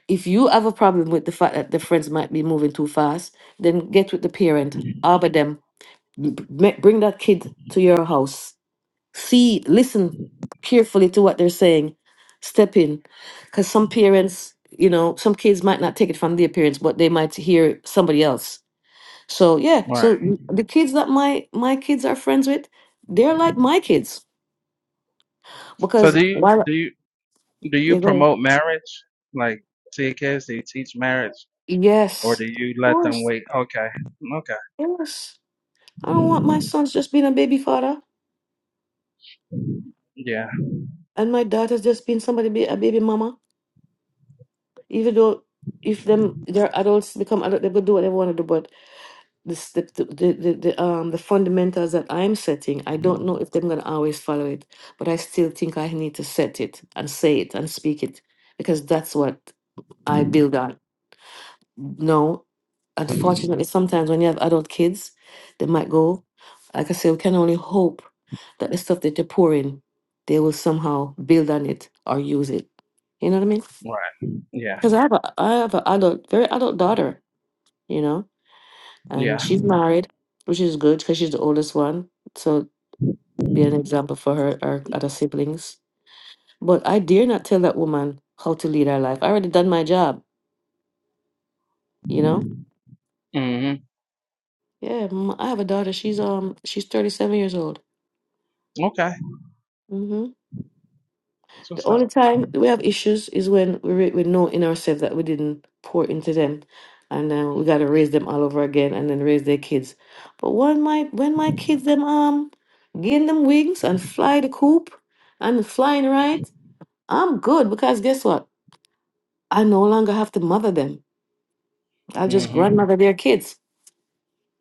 If you have a problem with the fact that the friends might be moving too fast, then get with the parent, arbor them, b- b- bring that kid to your house. See, listen carefully to what they're saying. Step in. Because some parents, you know, some kids might not take it from their parents, but they might hear somebody else. So, yeah, Right. so mm, the kids that my my kids are friends with, they're like my kids. So Because do you while, do you do you yeah, go ahead. promote marriage? Like to your kids? Do you teach marriage? or Yes, do of you let them course. wait? Okay, okay, Yes. I don't want my sons just being a baby father yeah, and my daughters just being somebody be a baby mama. Even though if them they're adults become adult, they could do whatever they want to do. But this, the, the the the the, um the fundamentals that I'm setting, I don't know if they're gonna always follow it. But I still think I need to set it and say it and speak it because that's what I build on. No, unfortunately, sometimes when you have adult kids, they might go. Like I say, we can only hope that the stuff that they pour in, they will somehow build on it or use it. You know what I mean? right, yeah, Because I have a I have an adult, very adult daughter, you know, and yeah, she's married, which is good because she's the oldest one. So be an example for her or other siblings. But I dare not tell that woman how to lead her life. I already done my job, you know. hmm Yeah, m- I have a daughter. She's um she's thirty seven years old. okay, Mm-hmm. that's what's only up. time we have issues is when we re- we know in ourselves that we didn't pour into them, and uh, we got to raise them all over again, and then raise their kids. But when my when my kids them um gain them wings and fly the coop and flying right, I'm good because guess what? I no longer have to mother them. I just hmm grandmother their kids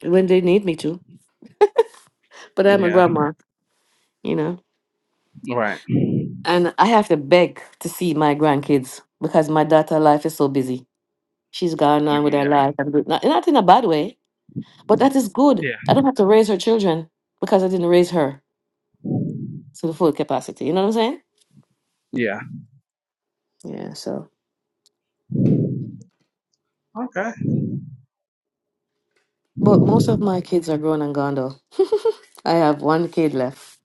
when they need me to. But I'm a Yeah, grandma, you know, right, and I have to beg to see my grandkids because my daughter life is so busy She's gone on with her yeah, life and do- not, not in a bad way, but that is good. yeah, I don't have to raise her children because I didn't raise her to the full capacity. You know what I'm saying? yeah, Yeah, so. okay, But most of my kids are grown and gone though. I have one kid left.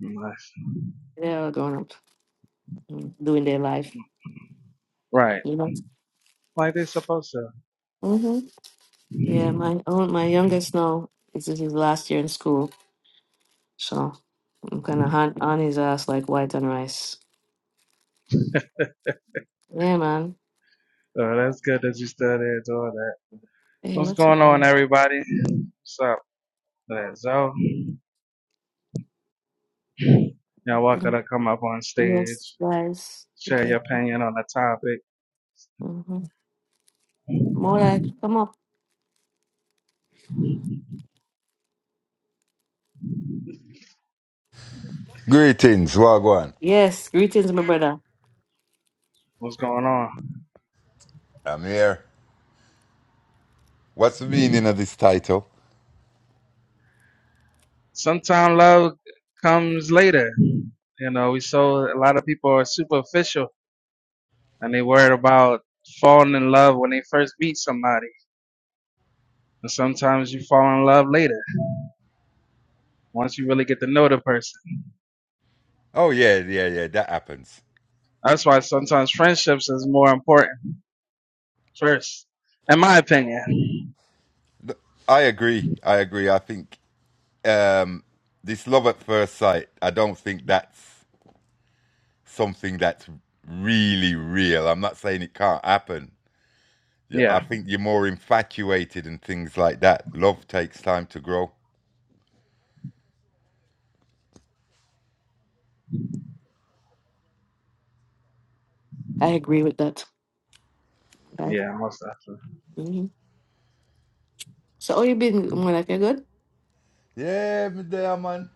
nice, They're all grown up, mm, doing their life, right, you know? like they're supposed to. hmm Yeah, my own, my youngest now, this is his last year in school. So I'm kind of on, on his ass like white on rice. Yeah, man. So that's good that you still there doing that. Hey, What's what's up, going on, man? everybody? What's up? let Y'all welcome to come up on Yes, stage, guys. share your Okay. opinion on the topic. More like, come up. Greetings, Wagwan. Yes, greetings, my brother. What's going on? I'm here. What's the meaning of this title? Sometimes love comes later. You know, we so a lot of people are superficial and they worried about falling in love when they first meet somebody. And sometimes you fall in love later once you really get to know the person. Oh yeah, yeah, yeah. That happens. That's why sometimes friendships is more important first, in my opinion. I agree. I agree. I think um, this love at first sight. I don't think that's something that's really real. I'm not saying it can't happen. You- I Yeah, think you're more infatuated and things like that. Love takes time to grow. I agree with that. Life. yeah, most hmm So, how you been, more life? You good? Yeah, me there, man.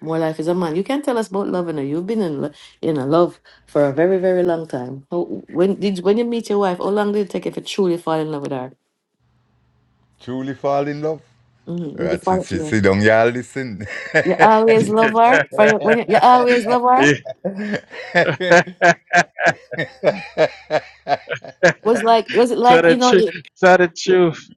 More life is a man. You can tell us about love, and you've been in lo- in a love for a very, very long time. How, when did when you meet your wife? How long did it take you to truly fall in love with her? Truly fall in love. Mm-hmm. Did you Right, sit, fall? sit, Yeah. sit down, y'all. Listen. You always love her. For your, definitely. when you, you always love her. Was like was it tell like the you know truth. you, Tell the truth.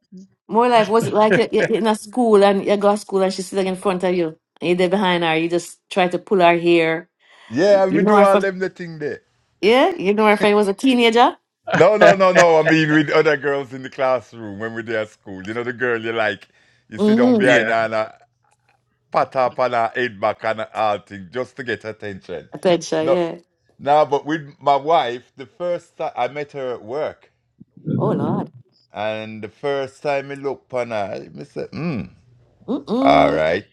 more life? Was it like you, you, you in a school and you go to school and she's sitting in front of you and you're there behind her? You just try to pull her hair Yeah, You me know do her all from them the thing there. yeah. You know her from was a teenager. No, no, no, no. I mean, with other girls in the classroom when we there at school. You know, the girl you like, you sit down Mm-hmm. behind her yeah, and uh, pat her up on her head back and all thing just to get attention. Attention, No, yeah. no, but with my wife, the first time I met her at work, Oh Lord. and the first time I looked upon her, I said, hmm, all Mm-mm. right.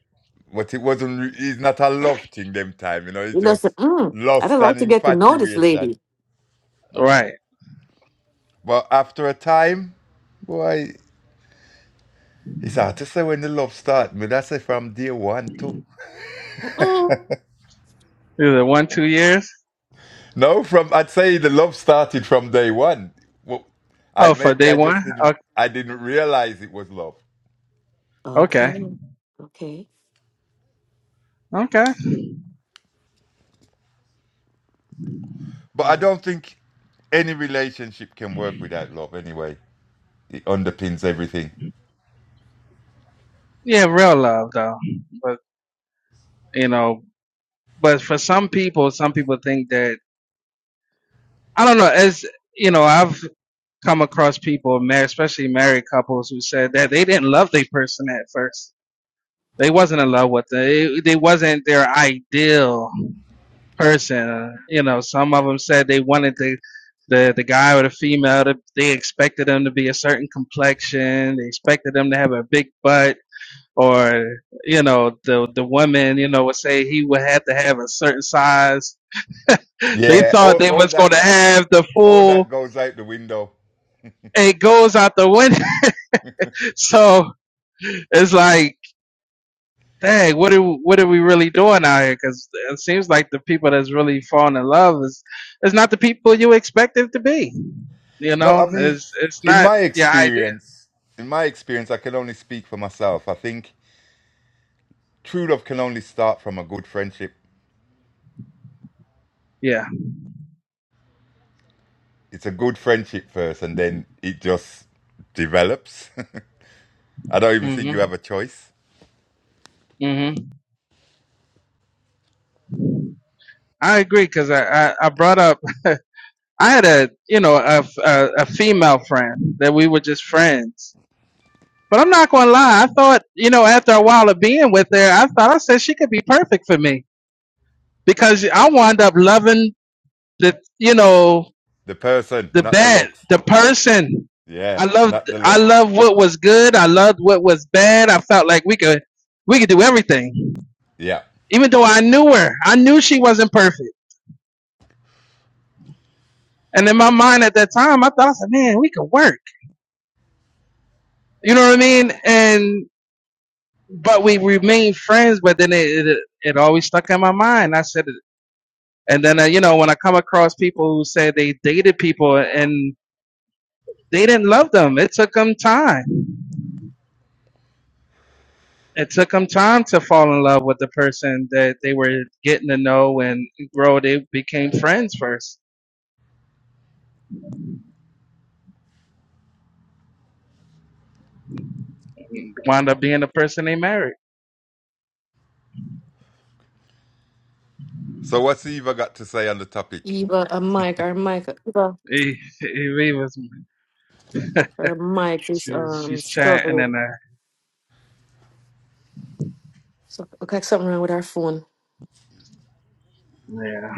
But it wasn't, re- it's not a love thing them time, you know, it's You know, say, just mm, I'd lust like and to get to know this infatuation. lady. right. But after a time, boy, it's hard to say when the love started. But I say from day one too. Mm-mm. Is it one, two years? No, from I'd say the love started from day one. Well, I Oh, for maybe day I just one. didn't Okay, I didn't realize it was love. okay. Okay. Okay. okay. But I Mm. don't think any relationship can work without love. Anyway, it underpins everything. Yeah, real love though, but you know. but for some people, some people think that I don't know. As you know, I've come across people, ma- especially married couples, who said that they didn't love their person at first. They wasn't in love with them. They, they wasn't their ideal person. You know, some of them said they wanted the the, the guy or the female. To, they expected them to be a certain complexion. They expected them to have a big butt. Or you know the the woman you know would say he would have to have a certain size They Yeah, all, thought they all was that going to have the all that full. goes out the window. and It goes out the window. So it's like, dang, what are what are we really doing out here? Because it seems like the people that's really falling in love is is not the people you expect it to be. You No, I know, mean, it's it's in not my your idea. experience, in my experience, I can only speak for myself. I think true love can only start from a good friendship. Yeah. It's a good friendship first, and then it just develops. I don't even mm think you Mhm. have a choice. mm Mhm. I agree because I, I I brought up I had a you know a, a a female friend that we were just friends But I'm not gonna lie. I thought, you know, after a while of being with her, I thought I said she could be perfect for me because I wound up loving the, you know, The person, the not the bad, looks. the person. Yeah, I loved, not the I looks. loved what was good. I loved what was bad. I felt like we could, we could do everything. Yeah. Even though I knew her, I knew she wasn't perfect. And in my mind at that time, I thought, I said, man, we could work. You know what I mean? And but we remained friends. But then it, it, it always stuck in my mind. I said. And then, uh, you know, when I come across people who say they dated people and they didn't love them, it took them time. It took them time to fall in love with the person that they were getting to know and grow. They became friends first, wound up being the person they married. So, what's Eva got to say on the topic? Eva, a mic, our mic, Eva, He, he he was, her mic is she's, um she's chatting and, struggling. uh, So okay, something wrong with our phone. yeah,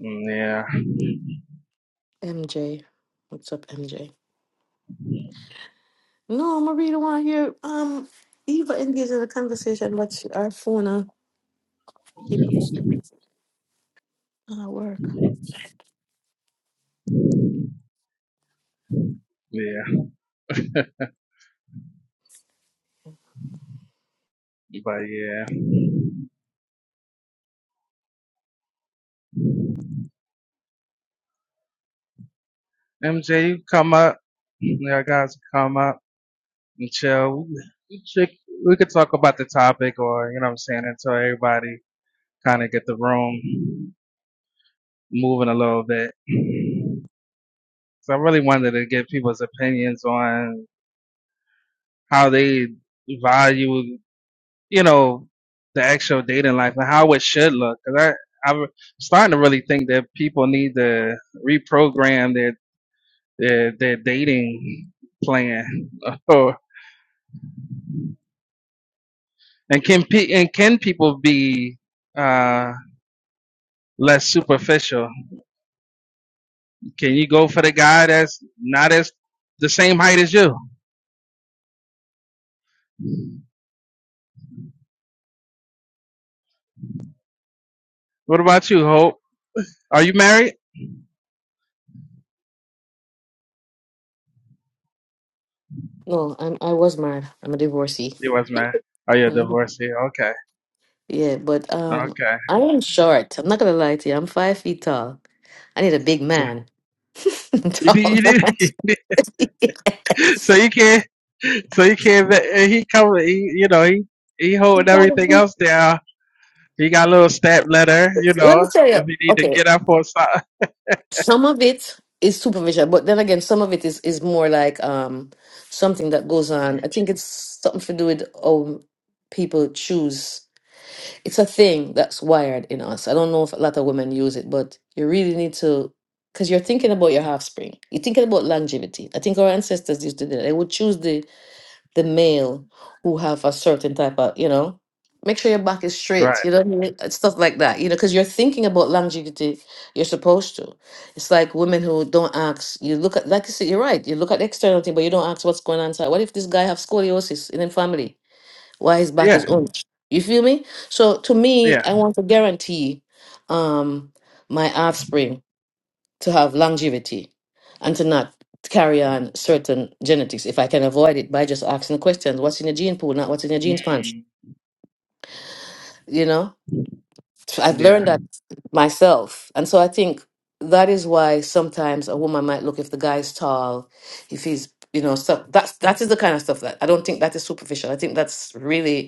mm, yeah, MJ, what's up, MJ? No, Marie don't want to hear. Um, Eva engaged in a conversation, but she- our phone uh, keep up. Ah, work. yeah, but yeah. MJ, you come up. Yeah, guys, come up. and chill. We could, we could talk about the topic or, you know what I'm saying, until everybody kind of get the room moving a little bit. So I really wanted to get people's opinions on how they value, you know, the actual dating life and how it should look. Cause I, I'm starting to really think that people need to reprogram their, their, their dating plan or, and can, pe- and can people be, uh? less superficial. Can you go for the guy that's not as the same height as you? What about you, Hope? Are you married? No, I'm, I was married. I'm a divorcee. You was married. Oh, you're Mhm. divorced. Yeah, Okay, Yeah, but um, okay. I am short. I'm not gonna lie to you. I'm five feet tall. I need a big man. You did, Tall you man. did. So yes. you can't. So you can't. and He cover. He, you know, he he holding everything Incredible. else down. He got a little stab letter. You Let me know, tell you. if he need to Okay, get up or something. some of it is superficial, but then again, some of it is is more like um something that goes on. I think it's something to do with how people choose. it's a thing that's wired in us. I don't know if a lot of women use it, but you really need to, because you're thinking about your offspring. You're thinking about longevity. I think our ancestors used to do that. They would choose the the male who have a certain type of, you know, make sure your back is straight. Right. You know, what I mean? Uh, stuff like that. You know, because you're thinking about longevity. You're supposed to. It's like women who don't ask. You look at, like you said, you're right. You look at the external thing, but you don't ask what's going on inside. What if this guy have scoliosis in the family? while his back Yeah. is on. You feel me? So to me, Yeah. I want to guarantee um my offspring to have longevity and to not carry on certain genetics if I can avoid it by just asking questions. What's in your gene pool, not what's in your genes punch. Mm, You know? I've yeah. learned that myself. And so I think that is why sometimes a woman might look if the guy's tall, if he's you know, stuff that's that is the kind of stuff that I don't think that is superficial. I think that's really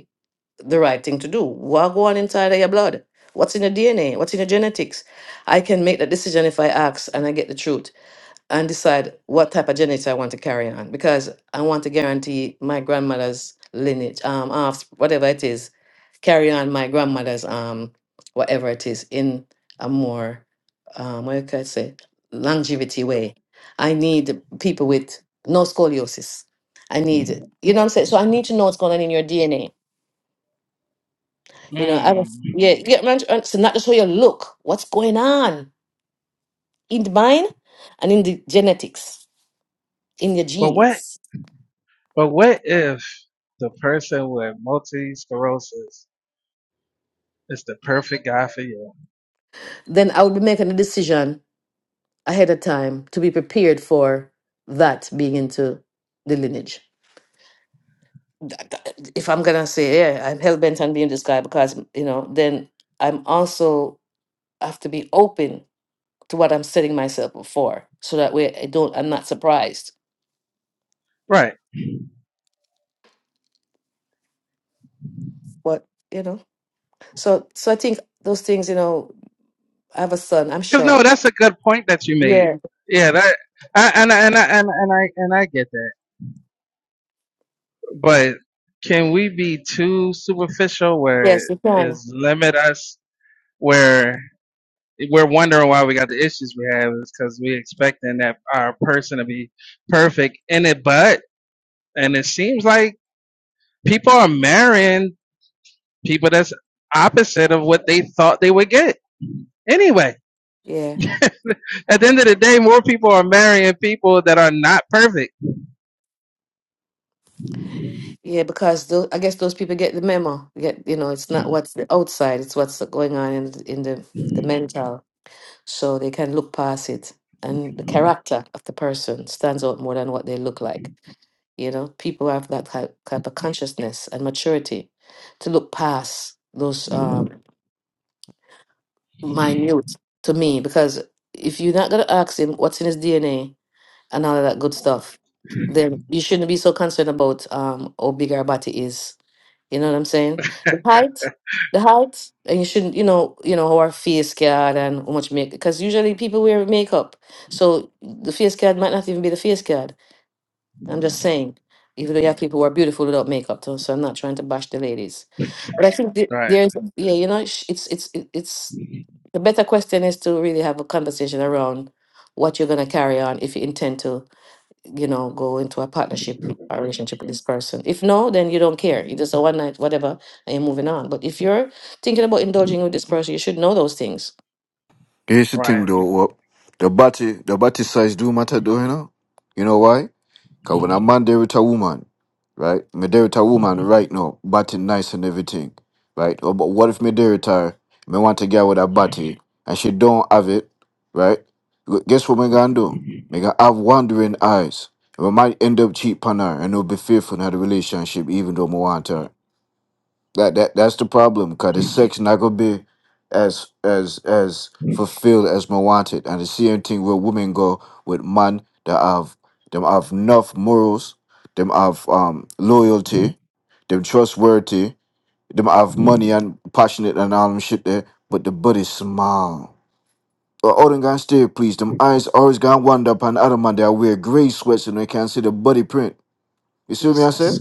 the right thing to do. What go on inside of your blood? What's in your DNA? What's in your genetics? I can make that decision if I ask and I get the truth and decide what type of genetics I want to carry on because I want to guarantee my grandmother's lineage, um, off whatever it is, carry on my grandmother's um, whatever it is in a more, um, what can I say, longevity way. I need people with no scoliosis. I need, you know what I'm saying? So I need to know what's going on in your DNA you know, I was, Mm. yeah, you get my and so not just how you look, what's going on in the mind and in the genetics, in your But what genes. But what if the person with multiple sclerosis is the perfect guy for you? Then I would be making a decision ahead of time to be prepared for that being into the lineage. If I'm gonna say, yeah, I'm hell bent on being this guy because you know, then I'm also have to be open to what I'm setting myself up for, so that way I don't, I'm not surprised. Right. What you know, so so I think those things, you know. I have a son. I'm Because no, short. that's a good point that you made. Yeah. Yeah, that I, and I- and I, and I- and I and I get that. But can we be too superficial where it Yes, you can. is limit us where we're wondering why we got the issues we have is because we expecting that our person to be perfect in it, but and it seems like people are marrying people that's opposite of what they thought they would get. Anyway, Yeah. at the end of the day, more people are marrying people that are not perfect. Yeah, because tho- I guess those people get the memo. Get you know, it's not what's the outside; it's what's going on in th- in the the mental. So they can look past it, and the character of the person stands out more than what they look like. You know, people have that type, type of consciousness and maturity to look past those um, minute to me. Because if you're not gonna ask him what's in his DNA, and all of that good stuff. There, you shouldn't be so concerned about um how big our body is. You know what I'm saying? The height, the height, and you shouldn't, you know, you know how our face card and how much make because usually people wear makeup, so the face card might not even be the face card. I'm just saying, even though you have people who are beautiful without makeup, too, so I'm not trying to bash the ladies, but I think the- Right, there's yeah, you know, sh- it's it's it- it's the better question is to really have a conversation around what you're gonna carry on if you intend to you know, go into a partnership or relationship with this person. If no, then you don't care. You just a one night, whatever, and you're moving on. But if you're thinking about indulging with this person, you should know those things. Here's the right. thing though, well, the body the body size do matter though, you know? You know why? Cause when a man there with a woman, right? Me there with a woman right now, body nice and everything. Right? Oh, But what if me there with her, me want a get with a body and she don't have it, right? Gu- Guess what me gonna do? Me gonna have wandering eyes. We might end up cheap on her and it'll be fearful in the relationship even though me want her. That that that's the problem, cause the sex not gonna be as as as fulfilled as my wanted. And the same thing where women go with man that have them have enough morals, them have um loyalty, them trustworthy, them have money and passionate and all them shit there, but the body small. But all them gonna stay please, them eyes always gonna wander upon other man that wear grey sweats and they can't see the body print. You see what me I say? Jesus.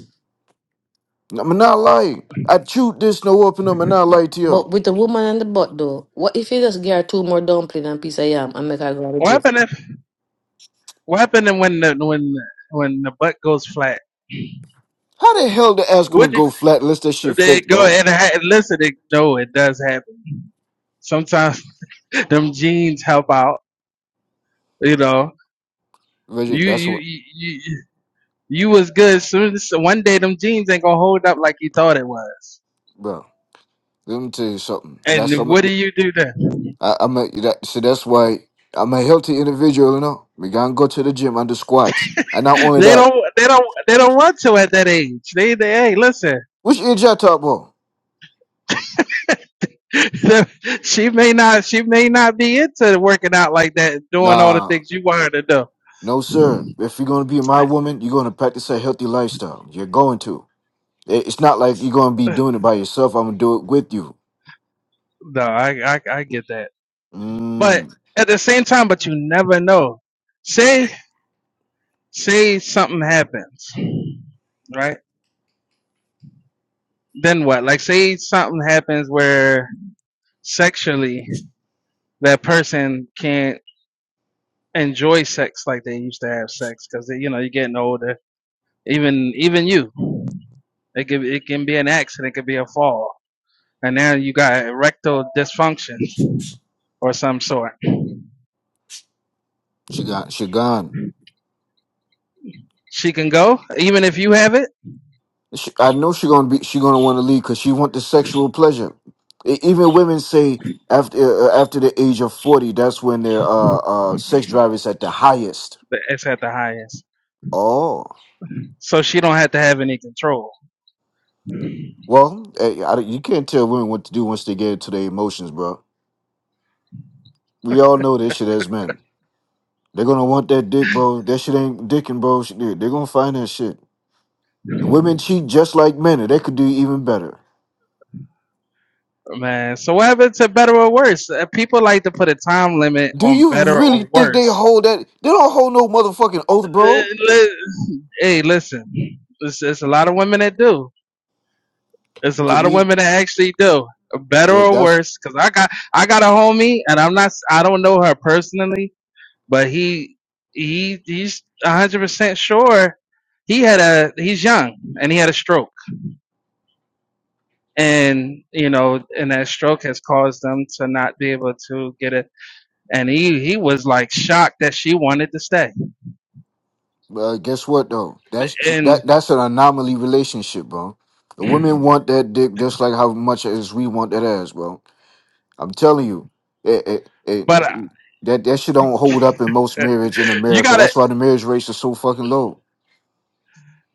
Nah, I'm not lying. I chewed this no open up, I'm not lying to you. But with the woman and the butt though, what if you just get her two more dumpling and piece of yam and make her go to the What gym? happened if? What happened when the when when the butt goes flat? How the hell the ass gonna Would go flat unless that shit they fake, go bro? and ha- listen? It, no, it does happen. Sometimes them jeans help out. You know, Vision, you that's you what, you you, you was good. Soon as- one day, them jeans ain't gonna hold up like you thought it was. bro. Let me tell you something. That's And so much. what do you do then? I, I'm a, that, so that's why I'm a healthy individual, you know. We gotta go to the gym and do squats. And not only They that, don't. They don't. They don't want to at that age. They. they hey, listen. which age I talk about? she may not. She may not be into working out like that, and doing all the Nah, things you want her to do. no sir. If you're gonna be my woman, you're gonna practice a healthy lifestyle. You're going to. It- It's not like you're gonna be doing it by yourself. I'm gonna do it with you. No, I, I. I get that. But Mmm. at the same time, but you never know. Say. Say something happens, right? Then what? Like, say something happens where sexually that person can't enjoy sex like they used to have sex because you know you're getting older. Even even you. It can, it can be an accident, it could be a fall. And now you got erectile dysfunction or some sort. She got. She gone. She can go, even if you have it, She, I know she gonna be. She gonna want to leave because she want the sexual pleasure. E- Even women say after uh, after the age of forty, that's when their uh, uh, sex drive is at the highest. but it's at the highest. Oh, So she don't have to have any control. well, eh, I don't- you can't tell women what to do once they get into their emotions, bro. We all know this shit as men. They're gonna want that dick, bro. That shit ain't dicking, bro. Shit, They're they're gonna find that shit. Women cheat just like men, and they could do even better. Man, so what happened to better or worse? Uh, People like to put a time limit Do on you better really or think they worse. hold that? They don't hold no motherfucking oath, Eh, bro. Hey, listen, there's, there's a lot of women that do. There's a To lot of me, women that actually do better yeah, or that's worse. Cause I got, I got a homie, and I'm not, I don't know her personally, but he he he's a hundred percent sure he had a he's young and he had a stroke and you know and that stroke has caused them to not be able to get it and he he was like shocked that she wanted to stay Well, guess what though? That's she- and that that's an anomaly relationship, bro. The women want that dick just like how much as we want that ass, bro. I'm telling you, it, it, it, but uh, it- that that shit don't hold up in most marriage in you America. got to That's why the marriage rates are so fucking low.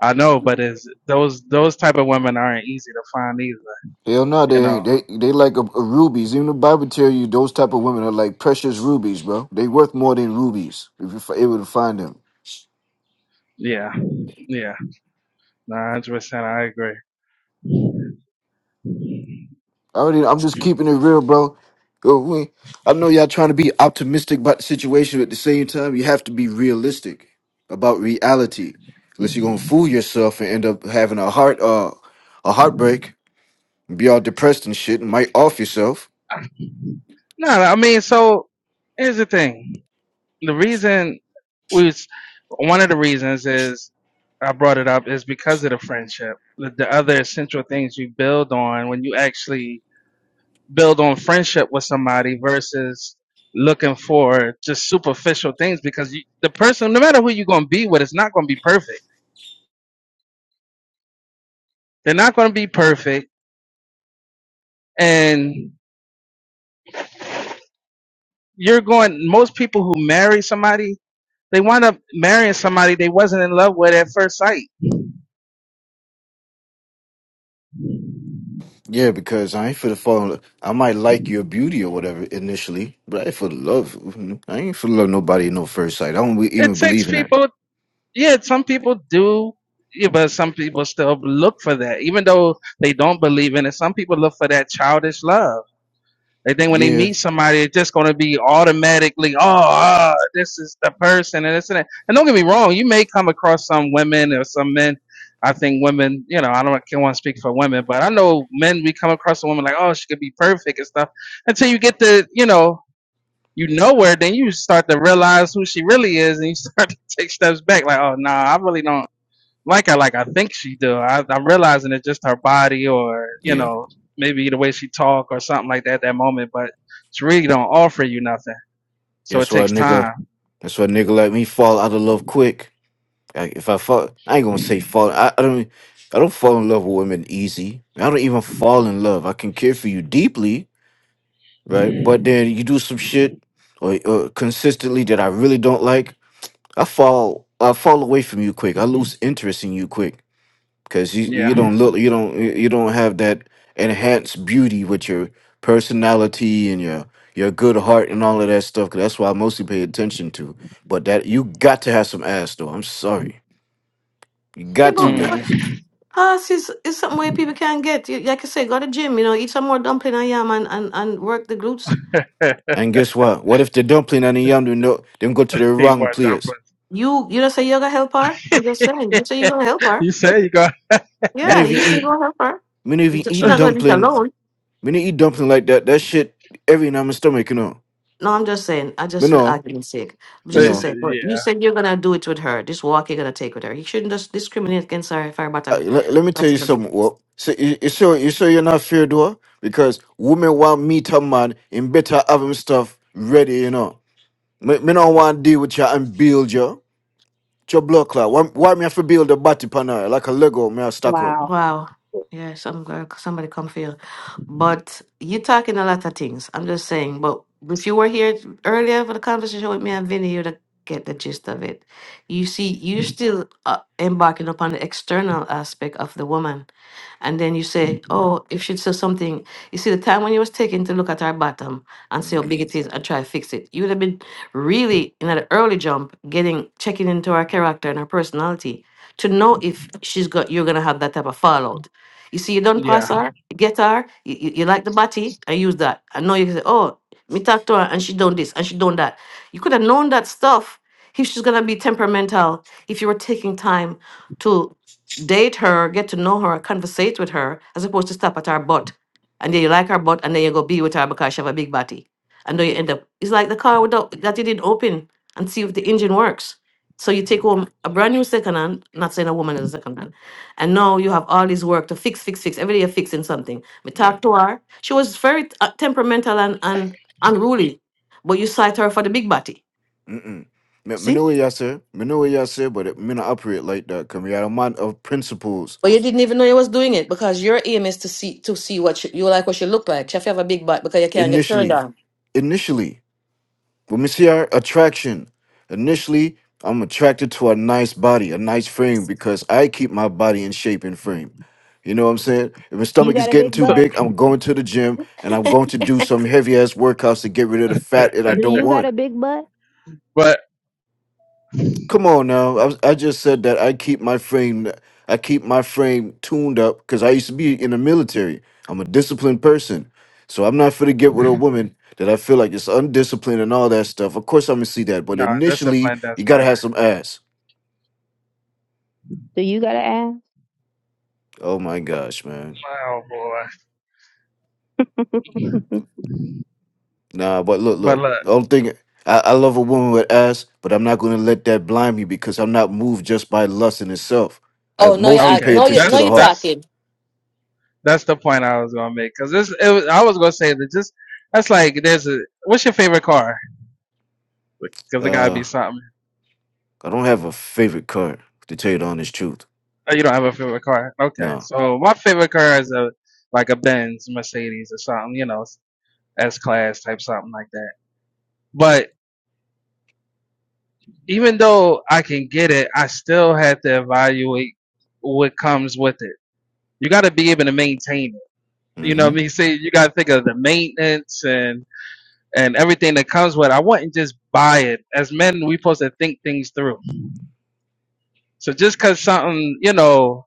I know but is those those type of women aren't easy to find either Hell no, you they know ain't. They they like a, a rubies. Even the Bible tell you those type of women are like precious rubies, bro. They worth more than rubies if you're able to find them. yeah yeah no, hundred percent I agree I already, I'm just keeping it real, bro. Yo, we- I know y'all trying to be optimistic about the situation, but at the same time, you have to be realistic about reality. Unless you're gonna fool yourself and end up having a heart, uh, a heartbreak, be all depressed and shit, and might off yourself. no I mean so here's the thing the reason we was one of the reasons is I brought it up is because of the friendship. The, the other essential things you build on when you actually build on friendship with somebody versus looking for just superficial things because you, the person, no matter who you're going to be with, it's not going to be perfect. They're not going to be perfect. And you're going, most people who marry somebody, they wind up marrying somebody they wasn't in love with at first sight. Yeah, because I ain't for the fall. I might like your beauty or whatever initially, but I ain't for the love. I ain't for the love nobody in no first sight. I don't It even takes believe in that. people yeah, some people do, yeah, but some people still look for that, even though they don't believe in it. Some people look for that childish love. They think when they Yeah, meet somebody, it's just going to be automatically, oh, ah, this is the person, and this and that. And don't get me wrong, you may come across some women or some men. I think women, you know, I don't I can't want to speak for women, but I know men. We come across a woman like, oh, she could be perfect and stuff. Until you get to, you know, you know her, then you start to realize who she really is, and you start to take steps back. Like, oh, nah, I really don't like I like I think she do. I, I'm realizing it's just her body or you yeah. know maybe the way she talk or something like that at that moment, but she really don't offer you nothing. So it That's why, takes nigga. time. That's why, nigga, like me fall out of love quick. Like if I fall, I ain't gonna say fall. I, I don't. I don't fall in love with women easy. I don't even fall in love. I can care for you deeply, right? But then you do some shit or, or consistently that I really don't like. I fall. I fall away from you quick. I lose interest in you quick because you Yeah. you don't look. You don't. You you don't have that enhanced beauty with your personality and your your good heart and all of that stuff. 'cause that's why I mostly pay attention to. But that you got to have some ass though. I'm sorry. You Yeah, got to, but but Mm. ladies. pass is, is something where people can get. You, like I say, go to gym, you know, eat some more dumpling and yam and, and, and work the glutes. And guess what? What if the dumpling and the yam do not them go to the he wrong was dumping. place? You you don't say you're gonna help her? I'm just saying. You say you're gonna help her. you say you got. Many Yeah, of you you say you're eat gonna help her. many of You you say she's eat not gonna do it alone. dumpling many eat dumpling like that, that shit every now in my stomach, you know. No, I'm just saying, I Me just for the know, argument's sake, me just yeah. to know. say, but you said you're gonna do it with her. This walk you're gonna take with her. You shouldn't just discriminate against her if her Uh, bottom. le- let me tell you something. Well, so you, you sure you sure you're not feared though? Because women want me to man and better have him stuff ready, you know. Me, me don't want to deal with you and build you. It's your blood clot. Why, why me have to build a body panel like a Lego me I stack up? Wow. Wow. Yes, some am somebody come for you. But you talking a lot of things. I'm just saying. But if you were here earlier for the conversation with me and Vinny, you'd have get the gist of it. You see, you're still uh, embarking upon the external aspect of the woman. And then you say, oh, if she'd say something, you see the time when you was taking to look at her bottom and see how Mhm. big it is and try to fix it, you would have been really in an early jump getting checking into her character and her personality to know if she's got you're gonna have that type of fallout. You see, you don't Yeah. pass her, you get her, you, you, you like the body, I use that. I know you can say, Oh, me talk to her and she done this and she done that. You could have known that stuff if she's gonna be temperamental, if you were taking time to date her, get to know her, conversate with her, as opposed to stop at her butt. And then you like her butt and then you go be with her because she have a big body. And then you end up it's like the car without that you didn't open and see if the engine works so you take home a brand new second hand, not saying a woman is a second hand, and now you have all this work to fix, fix, fix. Every day you're fixing something. Me Yeah. talk to her. She was very uh, temperamental and, and unruly, but you cite her for the big body. Mm-mm. Me me See? know what y'all say. but it may not operate like that. Cause we are a man of principles. But you didn't even know you was doing it because your aim is to see to see what she, you like what she look like. She have to have a big butt because you can't get turned Initially, on. initially, when we see our attraction, initially, I'm attracted to a nice body, a nice frame, because I keep my body in shape and frame. You know what I'm saying? If my You stomach got is a getting big too So, butt? big, I'm going to the gym and I'm going to do some heavy ass workouts to get rid of the fat that I Do don't you got want. a big butt? but Come on now. I, was- I just said that I keep my frame I keep my frame tuned up because I used to be in the military. I'm a disciplined person. So I'm not for to get with a woman that I feel like is undisciplined and all that stuff. Of course I'm gonna see that, but no, initially discipline does you gotta matter. have some ass. Do you got an Oh my gosh, man. Oh boy. ass? Nah, but look, But look. look, I don't think I, I love a woman with ass, but I'm not gonna let that blind me because I'm not moved just by lust in itself. I Oh no, you mostly act. pay okay, No, you attention to no, the that's you heart. that's talking. that's the point I was gonna make because this it was, I was gonna say that just that's like there's a what's your favorite car? because it gotta Uh, be something. I don't have a favorite card, to tell you the honest truth. Oh, You don't have a favorite car, okay? No. So my favorite car is a like a Benz, Mercedes, or something, you know, S class type something like that. But even though I can get it, I still have to evaluate what comes with it. You got to be able to maintain it. You know what hmm I mean? See, you got to think of the maintenance and and everything that comes with it. I wouldn't just buy it. As men, we supposed to think things through. So just because something, you know,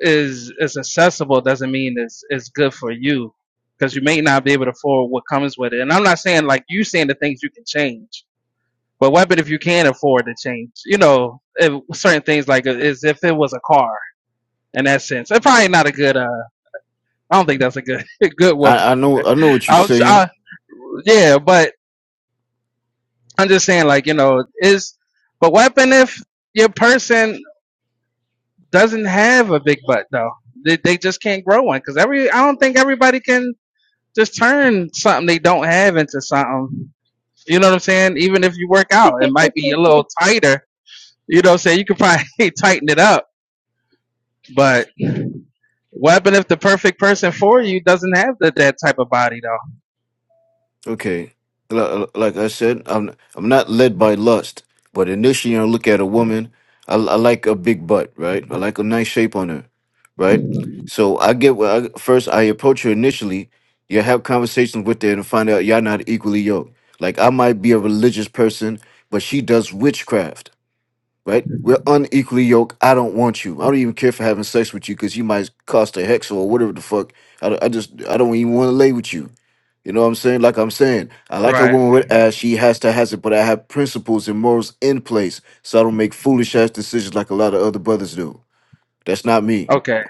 is is accessible doesn't mean it's it's good for you because you may not be able to afford what comes with it. And I'm not saying like you saying the things you can change, but what but if you can afford to change? You know, if, certain things like uh, is if it was a car in that sense. It's probably not a good. Uh, I don't think that's a good good one. I, I know I know what you're I, was, saying. I yeah, but I'm just saying like you know is but what happen if your person doesn't have a big butt though? They, they just can't grow one because every I don't think everybody can Just turn something they don't have into something. You know what I'm saying? Even if you work out, it might be a little tighter. You know what I'm saying? You could probably tighten it up. But what happened if the perfect person for you doesn't have the, that type of body though? Okay. L- Like I said, I'm I'm not led by lust, but initially I look at a woman. I, I like a big butt, right? I like a nice shape on her, right? So I get what I, first I approach her initially. You have conversations with her and find out y'all not equally yoked. Like I might be a religious person, but she does witchcraft. right? We're unequally yoked. I don't want you. I don't even care for having sex with you because you might cost a hex or whatever the fuck. I, don't- I just I don't even want to lay with you. You know what I'm saying? Like I'm saying, I like a Right. woman with ass. She has to has it, but I have principles and morals in place, so I don't make foolish ass decisions like a lot of other brothers do. That's not me. Okay.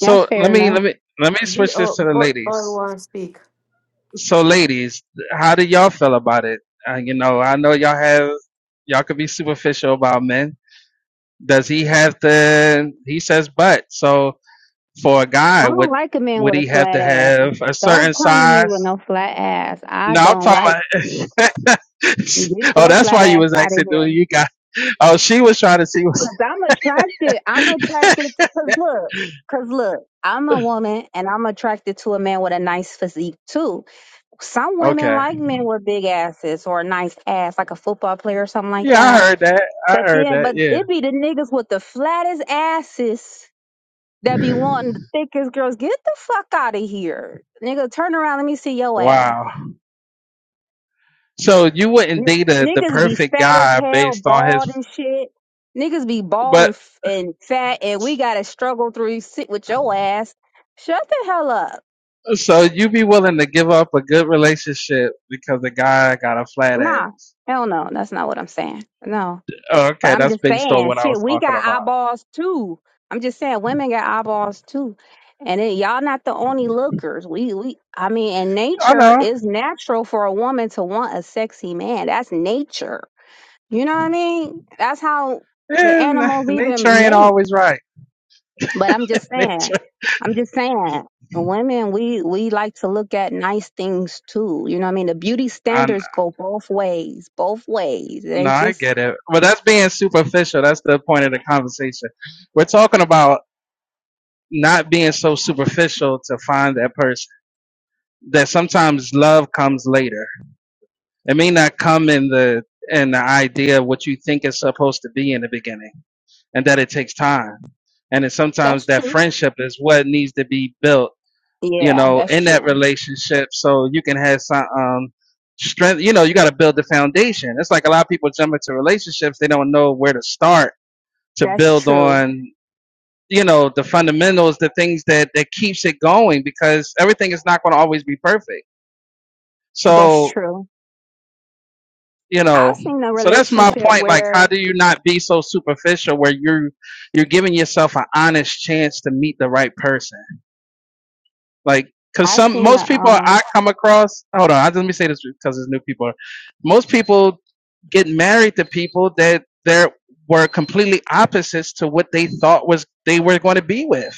That's let fair me enough. let me let me B switch this O to the but but ladies. want speak. So ladies, how do y'all feel about it? Uh, you know, I know y'all have y'all could be superficial about men. Does he have the he says but. So for a I guy don't would like a man would with a he have to flat ass. have a certain Don't come to me with size no flat ass. I no i'm don't like. talking about Get oh your that's flat why you ass was out asking of do here. you got oh she was trying to see Cause I'm attracted. I'm what attracted. Cause look. Cause look. I'm a woman and I'm attracted to a man with a nice physique too. Some women okay like men with big asses or a nice ass, like a football player or something like yeah i that. heard that i But heard then, that but yeah it be the niggas with the flattest asses that be wanting the thickest girls. Get the fuck out of here. Nigga, turn around. Let me see your ass. wow so you wouldn't N- date a, the Niggas be perfect fat as guy hell, based on bald his and shit. Niggas be bald and, but f- and fat, and we gotta struggle through sit with your ass. Shut the hell up. so you be willing to give up a good relationship because the guy got a flat ass Nah, hell no. That's not what I'm saying. No. Oh, But okay I'm that's just based on saying, what i shit, was we talking got about eyeballs too. I'm just saying, women got eyeballs too, and it, y'all not the only lookers. We, we, I mean, and i nature know is natural for a woman to want a sexy man. That's nature. You know what I mean? That's how the and animals nature even ain't mate. always right But I'm just saying, nature. I'm just saying, women, we we like to look at nice things too. You know what I mean? The beauty Um, standards go both ways, both ways. no, They I just get it, but that's being superficial. That's the point of the conversation. We're talking about not being so superficial to find that person. That sometimes love comes later. It may not come in the in the idea of what you think it's supposed to be in the beginning, and that it takes time. And then sometimes that's that true. friendship is what needs to be built you Yeah, know, that's in that true. relationship so you can have some um, strength. You know, you got to build the foundation. It's like a lot of people jump into relationships, they don't know where to start to That's build true. on, you know, the fundamentals, the things that, that keeps it going because everything is not going to always be perfect. That's So, true. you know, I've seen a so that's my relationship point. Like, how where do you not be so superficial where you're, you're giving yourself an honest chance to meet the right person? Like, cause I've some seen most a people I um come across. Hold on, I, let me say this because it's new people. Most people get married to people that they were completely opposites to what they thought was they were going to be with.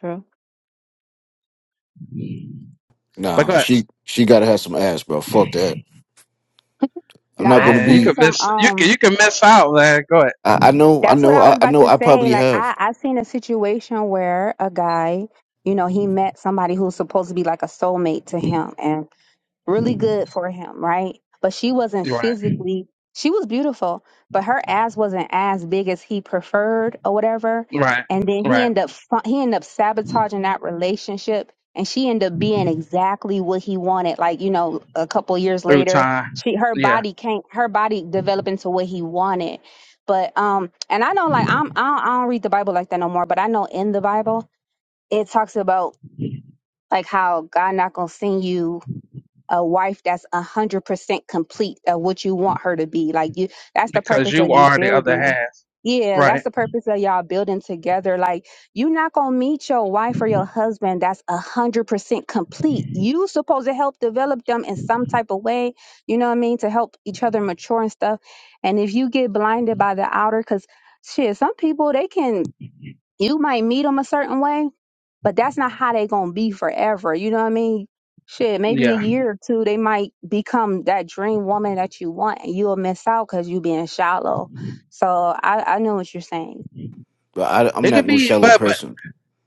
true. But go No, ahead, she she gotta have some ass, bro. Fuck that. I'm Oh, No, not I've gonna man. You seen could be. some miss. You can um you can miss out, man. Go ahead. I, I know, I that's what know, I I, was I about know. to I say. probably Like have, I I've seen a situation where a guy, you know, he met somebody who's supposed to be like a soulmate to him and really good for him, right? But she wasn't Right, physically, she was beautiful, but her ass wasn't as big as he preferred or whatever. right, And then he right. ended up fu- he ended up sabotaging that relationship, and she ended up being exactly what he wanted. Like you know, a couple years Through later, time, she her yeah, body can't her body developed into what he wanted. But um, and I know like I'm I don't, I don't read the Bible like that no more. But I know in the Bible it talks about like how God not gonna send you a wife that's a hundred percent complete of what you want her to be. Like you that's the because purpose you of you are the other building. half. Yeah, that's Right. the purpose of y'all building together. Like you're not gonna meet your wife or your husband that's a hundred percent complete. You supposed to help develop them in some type of way, you know what I mean, to help each other mature and stuff. And if you get blinded by the outer, cause shit, some people they can you might meet them a certain way but that's not how they gonna be forever. You know what I mean? Shit, maybe a Yeah. year or two, they might become that dream woman that you want, and you'll miss out because you being shallow. So I, I know what you're saying. but I, I'm It could not no be, shallow but but person.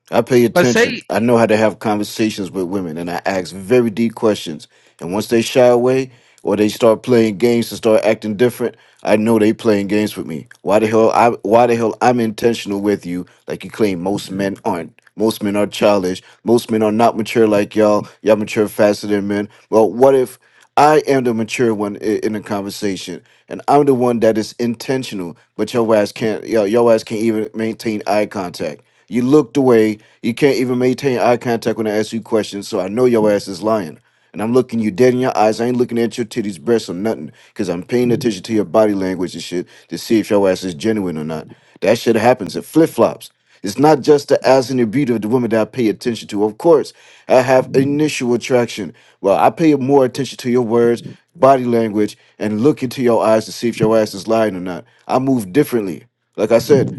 I pay but attention. say I know how to have conversations with women, and I ask very deep questions. And once they shy away or they start playing games and start acting different, I know they playing games with me. Why the hell? I why the hell I'm intentional with you? Like you claim most men aren't. Most men are childish. Most men are not mature like y'all. Y'all mature faster than men. Well, what if I am the mature one i- in the conversation, and I'm the one that is intentional, but your ass can't. Your, your ass can't even maintain eye contact. You looked away. You can't even maintain eye contact when I ask you questions, so I know your ass is lying. And I'm looking you dead in your eyes. I ain't looking at your titties, breasts, or nothing, because I'm paying attention to your body language and shit to see if your ass is genuine or not. That shit happens. It flip flops. It's not just the ass and the beauty of the woman that I pay attention to. Of course, I have initial attraction. Well, I pay more attention to your words, body language, and look into your eyes to see if your ass is lying or not. I move differently. Like I said,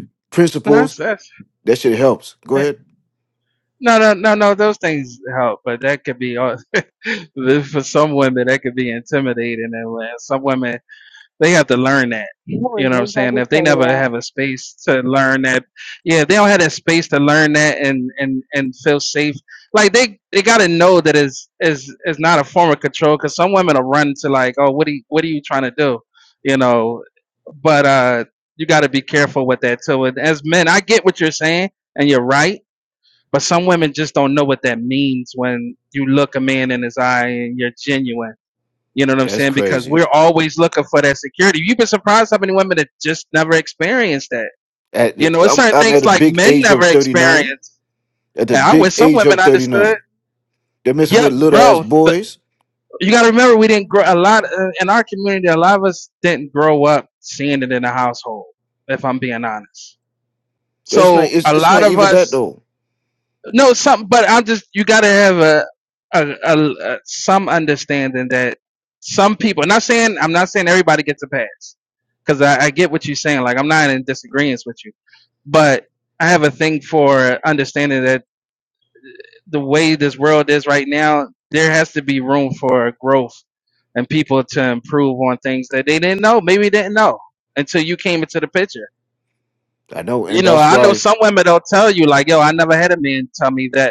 no, principles. that's that's. That shit helps. Go ahead. No, no, no, no. Those things help, but that could be all- for some women. That could be intimidating, and when some women they have to learn that. You You was know what I'm just about saying? to If they say never that. have a space to learn that, yeah, they don't have that space to learn that and and and feel safe. Like they they got to know that is is is not a form of control. Because some women will run to like, oh, what are you, what are you trying to do? You know, but uh, you got to be careful with that too. And as men, I get what you're saying, and you're right but some women just don't know what that means when you look a man in his eye and you're genuine. You know what I'm That's saying? Because crazy. we're always looking for that security. you have been surprised how many women that just never experienced that. At You the, know, it's I'm certain I'm things at a like big men age never of 39. experience. At the And I wish big some age women of understood. 39. They're messing with Yep, little ass bro. But boys. you got to remember, we didn't grow a lot uh, in our community. A lot of us didn't grow up seeing it in the household. If I'm being honest, It's not so it's a it's lot not of even that us though. No, some, but I'm just you got to have a, a, a, a some understanding that some people. Not saying I'm not saying everybody gets a pass because I, I get what you're saying. Like I'm not in disagreement with you, but I have a thing for understanding that the way this world is right now, there has to be room for growth and people to improve on things that they didn't know, maybe didn't know until you came into the picture. I know, You and know, that's I know why some women don't tell you like, "Yo, I never had a man tell me that."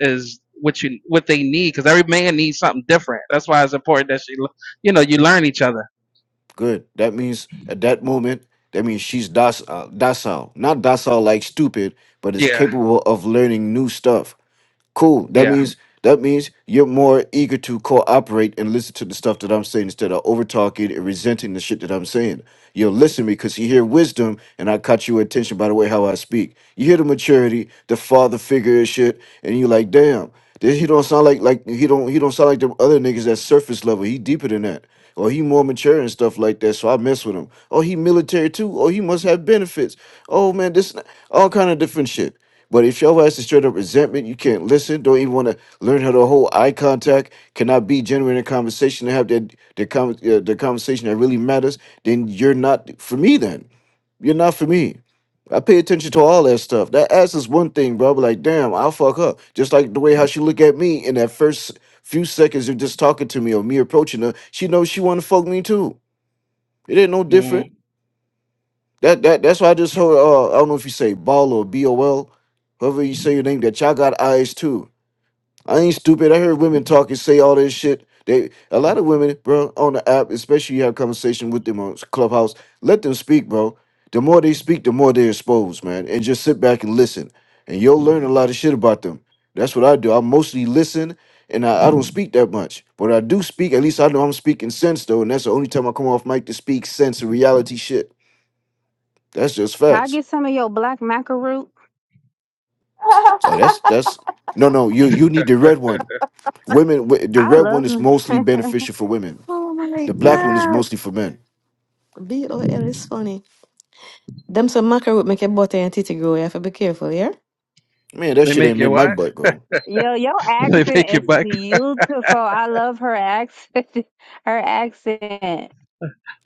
is what you what they need because every man needs something different. That's why it's important that she, you know, you learn each other. good. That means at that moment, that means she's docile, docile. Not docile like stupid, but is Yeah, capable of learning new stuff. Cool. That yeah. means that means you're more eager to cooperate and listen to the stuff that I'm saying instead of over talking and resenting the shit that I'm saying. You'll listen because you hear wisdom, and I caught your attention by the way how I speak. You hear the maturity, the father figure and shit, and you like, damn, this, he don't sound like like he don't he don't sound like the other niggas that's surface level. He deeper than that. Or he more mature and stuff like that, so I mess with him. Oh, he military too. Oh, he must have benefits. Oh man, this all kind of different shit. But if your ass is straight up resentment, you can't listen, don't even want to learn how to hold eye contact, cannot be genuine in conversation and have that the, con- uh, the conversation that really matters, then you're not for me then. You're not for me. I pay attention to all that stuff. That ass is one thing, bro. But like, damn, I'll fuck up. Just like the way how she look at me in that first few seconds of just talking to me or me approaching her, she knows she want to fuck me too. It ain't no different. Mm. That that that's why I just heard. Uh, I don't know if you say ball or B O L, however you say your name. That y'all got eyes too. I ain't stupid. I heard women talk and say all this shit. They a lot of women, bro, on the app, especially you have conversation with them on Clubhouse. Let them speak, bro. The more they speak, the more they're exposed, man. And just sit back and listen, and you'll learn a lot of shit about them. That's what I do. I mostly listen, and I, I don't speak that much. But I do speak. At least I know I'm speaking sense though, and that's the only time I come off mic to speak sense and reality shit. That's just Can I facts. get some of your black macaroon? Oh, that's that's no, no. You you need the red one. Women, wi- the I red love one is her. mostly beneficial for women. Oh my The black one is God, mostly for men. B O L is funny. Them some mackerel would make your butter and titty grow. You have to be careful, yeah? Man, that They shit make ain't made you my what? butt go. Yo, your They accent make you is buck. beautiful. I love her accent. her accent.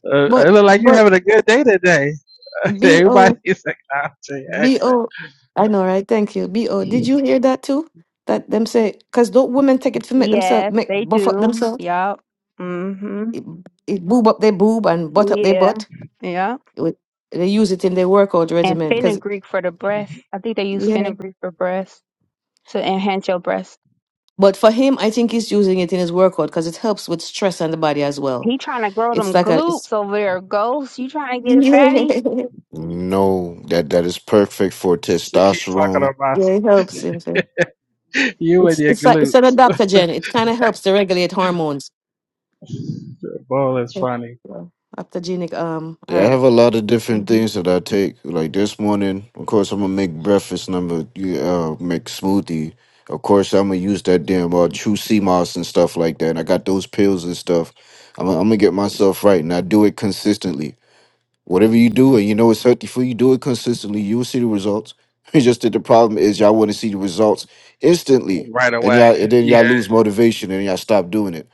Uh, But, it look like you but, having a good day today. B O Everybody's like, I'll tell you, B exit. O, I know, right? Thank you. B.O., did you hear that too? That them say, because don't women take it to make themselves, Yes, make they buff up do. themselves, Yup. Mhm. it, it boob up their boob and butt up their butt. Yeah. It would, they use it in their workout and regimen. Because, fenugreek for the breast. I think they use yeah. fenugreek for breast to enhance your breast. But for him, I think he's using it in his workout because it helps with stress on the body as well. He trying to grow It's them like a, it's, glutes over there, ghost. You trying to get yeah, fatty? No, that that is perfect for She keep talking testosterone. about yeah, it helps him. you and It's your it's like it's an glutes. adaptogen. It kind of helps to regulate hormones. Bull is Yeah. funny. Yeah. Adaptogenic um Yeah, I herb. have a lot of different hmm things that I take. Like this morning, of course, I'm gonna make breakfast. And I'm gonna you, uh, make smoothie. Of course, I'm gonna use that damn uh, True Sea Moss and stuff like that. And I got those pills and stuff. I'm, I'm gonna get myself right, and I do it consistently. Whatever you do, and you know it's healthy for you, do it consistently. You will see the results. It's just that the problem is y'all want to see the results instantly, Right and away. y'all and then y'all Yeah. lose motivation and y'all stop doing it.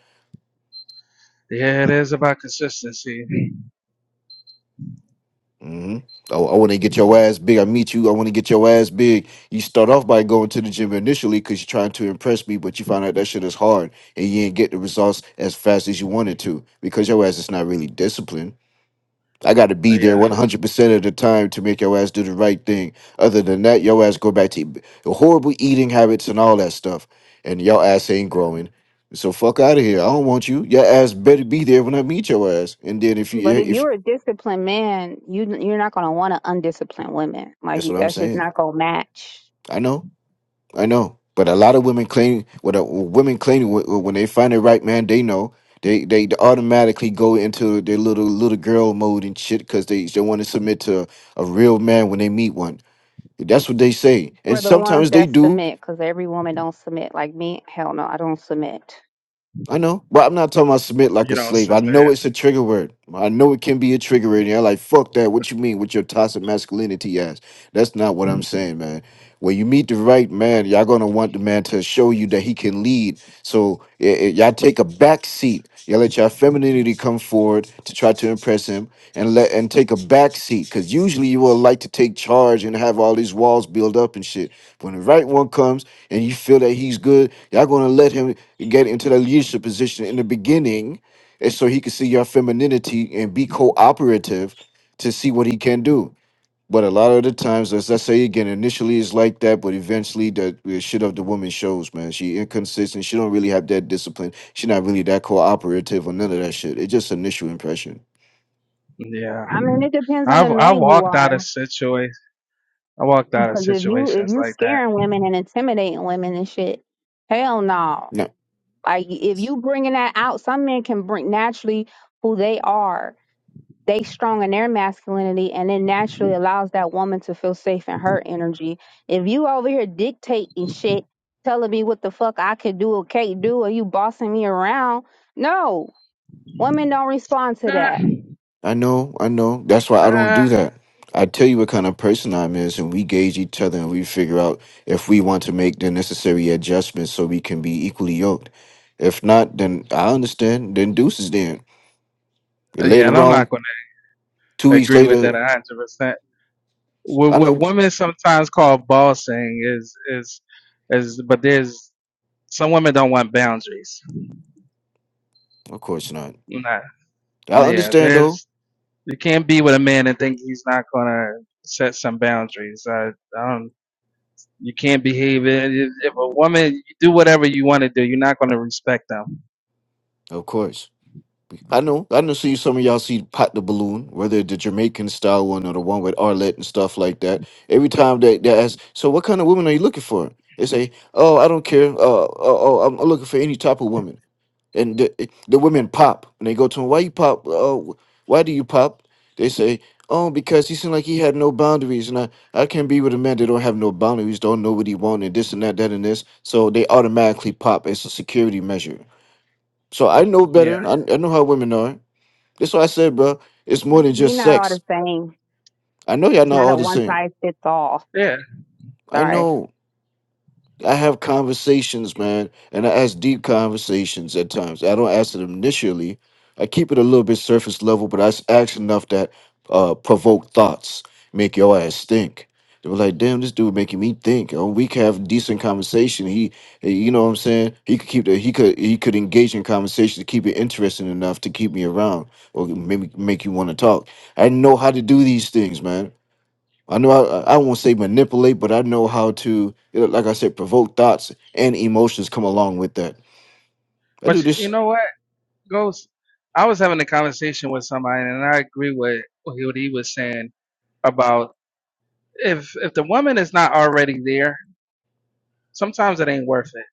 Yeah, it is about consistency. hmm I, I want to get your ass big. I meet you. I want to get your ass big. You start off by going to the gym initially because you're trying to impress me, but you find out that shit is hard and you ain't get the results as fast as you wanted to because your ass is not really disciplined I got to Uh, be there Yeah. 100% of the time to make your ass do the right thing. Other than that, your ass go back to b- horrible eating habits and all that stuff. And your ass ain't growing. So fuck out of here. I don't want you. Your ass better be there when I meet your ass. And then if you, But yeah, if if you're a disciplined man, you you're not gonna want to undisciplined women. Like that's you- what I'm that's just saying. not gonna match I know, I know. But a lot of women claim, when a, women claim wh- when they find the right man, they know they they automatically go into their little little girl mode and shit because they they want to submit to a, a real man when they meet one That's what they say. And for the ones sometimes they that do. submit. Cause every woman don't submit. Like me, hell no, I don't submit. I know. But I'm not talking about submit like You a don't slave. I know submit. it's a trigger word. I know it can be a trigger word. And you're like, fuck that. What you mean with your toxic masculinity ass? That's not what I'm saying, man. When you meet the right man, y'all gonna want the man to show you that he can lead. So eh, eh, y'all take a back seat. Y'all let your femininity come forward to try to impress him, and let and take a back seat. Cause usually you will like to take charge and have all these walls build up and shit. When the right one comes and you feel that he's good, y'all gonna let him get into the leadership position in the beginning, and so he can see your femininity and be cooperative to see what he can do. But a lot of the times, as I say again, initially it's like that, but eventually that uh, shit of the woman shows, man. She inconsistent. She don't really have that discipline. She not really that cooperative or none of that shit. It's just initial impression. Yeah. I mean, it depends on the I've I man you walked out are. of situations. I walked out of Because if you if situations you like scaring women and intimidating women and shit, hell no. No, Like if you bringing that out, some men can bring naturally who they are. They strong in their masculinity, and it naturally allows that woman to feel safe in her energy. If you over here dictating shit, telling me what the fuck I could do or can't do, or you bossing me around, no, women don't respond to that. that. I know, I know. That's why I don't Uh, do that. I tell you what kind of person I'm is, and we gauge each other and we figure out if we want to make the necessary adjustments so we can be equally yoked. If not, then I understand. Then deuces then. yeah, and Later I'm not on, going two to weeks agree with later, that 100. percent What I what know, women sometimes call bossing is is is, but there's some women don't want boundaries. of course not. Nah, I yeah, understand though. there's you can't be with a man and think he's not going to set some boundaries. I, I don't. You can't behave. If if a woman you do whatever you want to do, you're not going to respect them. Of course. I know. I know. See some of y'all see pot the balloon, whether the Jamaican style one or the one with Arlette and stuff like that. Every time that they ask, so what kind of woman are you looking for? They say, oh, I don't care. Uh, oh, oh, I'm I'm looking for any type of woman. And the, it- the women pop, and they go to him, why you pop? Oh, why do you pop? They say, oh, because he seemed like he had no boundaries, and I, I can't be with a man that don't have no boundaries, don't know what he want, and this and that, that and this. So they automatically pop. It's a security measure. So I know Yeah, better. I, I know how women are. That's why I said, bro, it's more than We just not all sex. the same. I know y'all It's not not all a the one same. size fits all. yeah. I Sorry. know. I have conversations, man, and I ask deep conversations at times. I don't ask it initially. I keep it a little bit surface level, but I s- ask enough that uh, provoke thoughts, make your ass think. They were like, "Damn, this dude making me think." And we can have decent conversation. He, eh, you know what I'm saying? He could keep the he could he could engage in conversation to keep it interesting enough to keep me around, or maybe make you want to talk. I know how to do these things, man. I know I, I won't say manipulate, but I know how to, you know, like I said, provoke thoughts and emotions come along with that. I do But you you this. know what, Ghost? I was having a conversation with somebody, and I agree with what he was saying about if if the woman is not already there, sometimes it ain't worth it.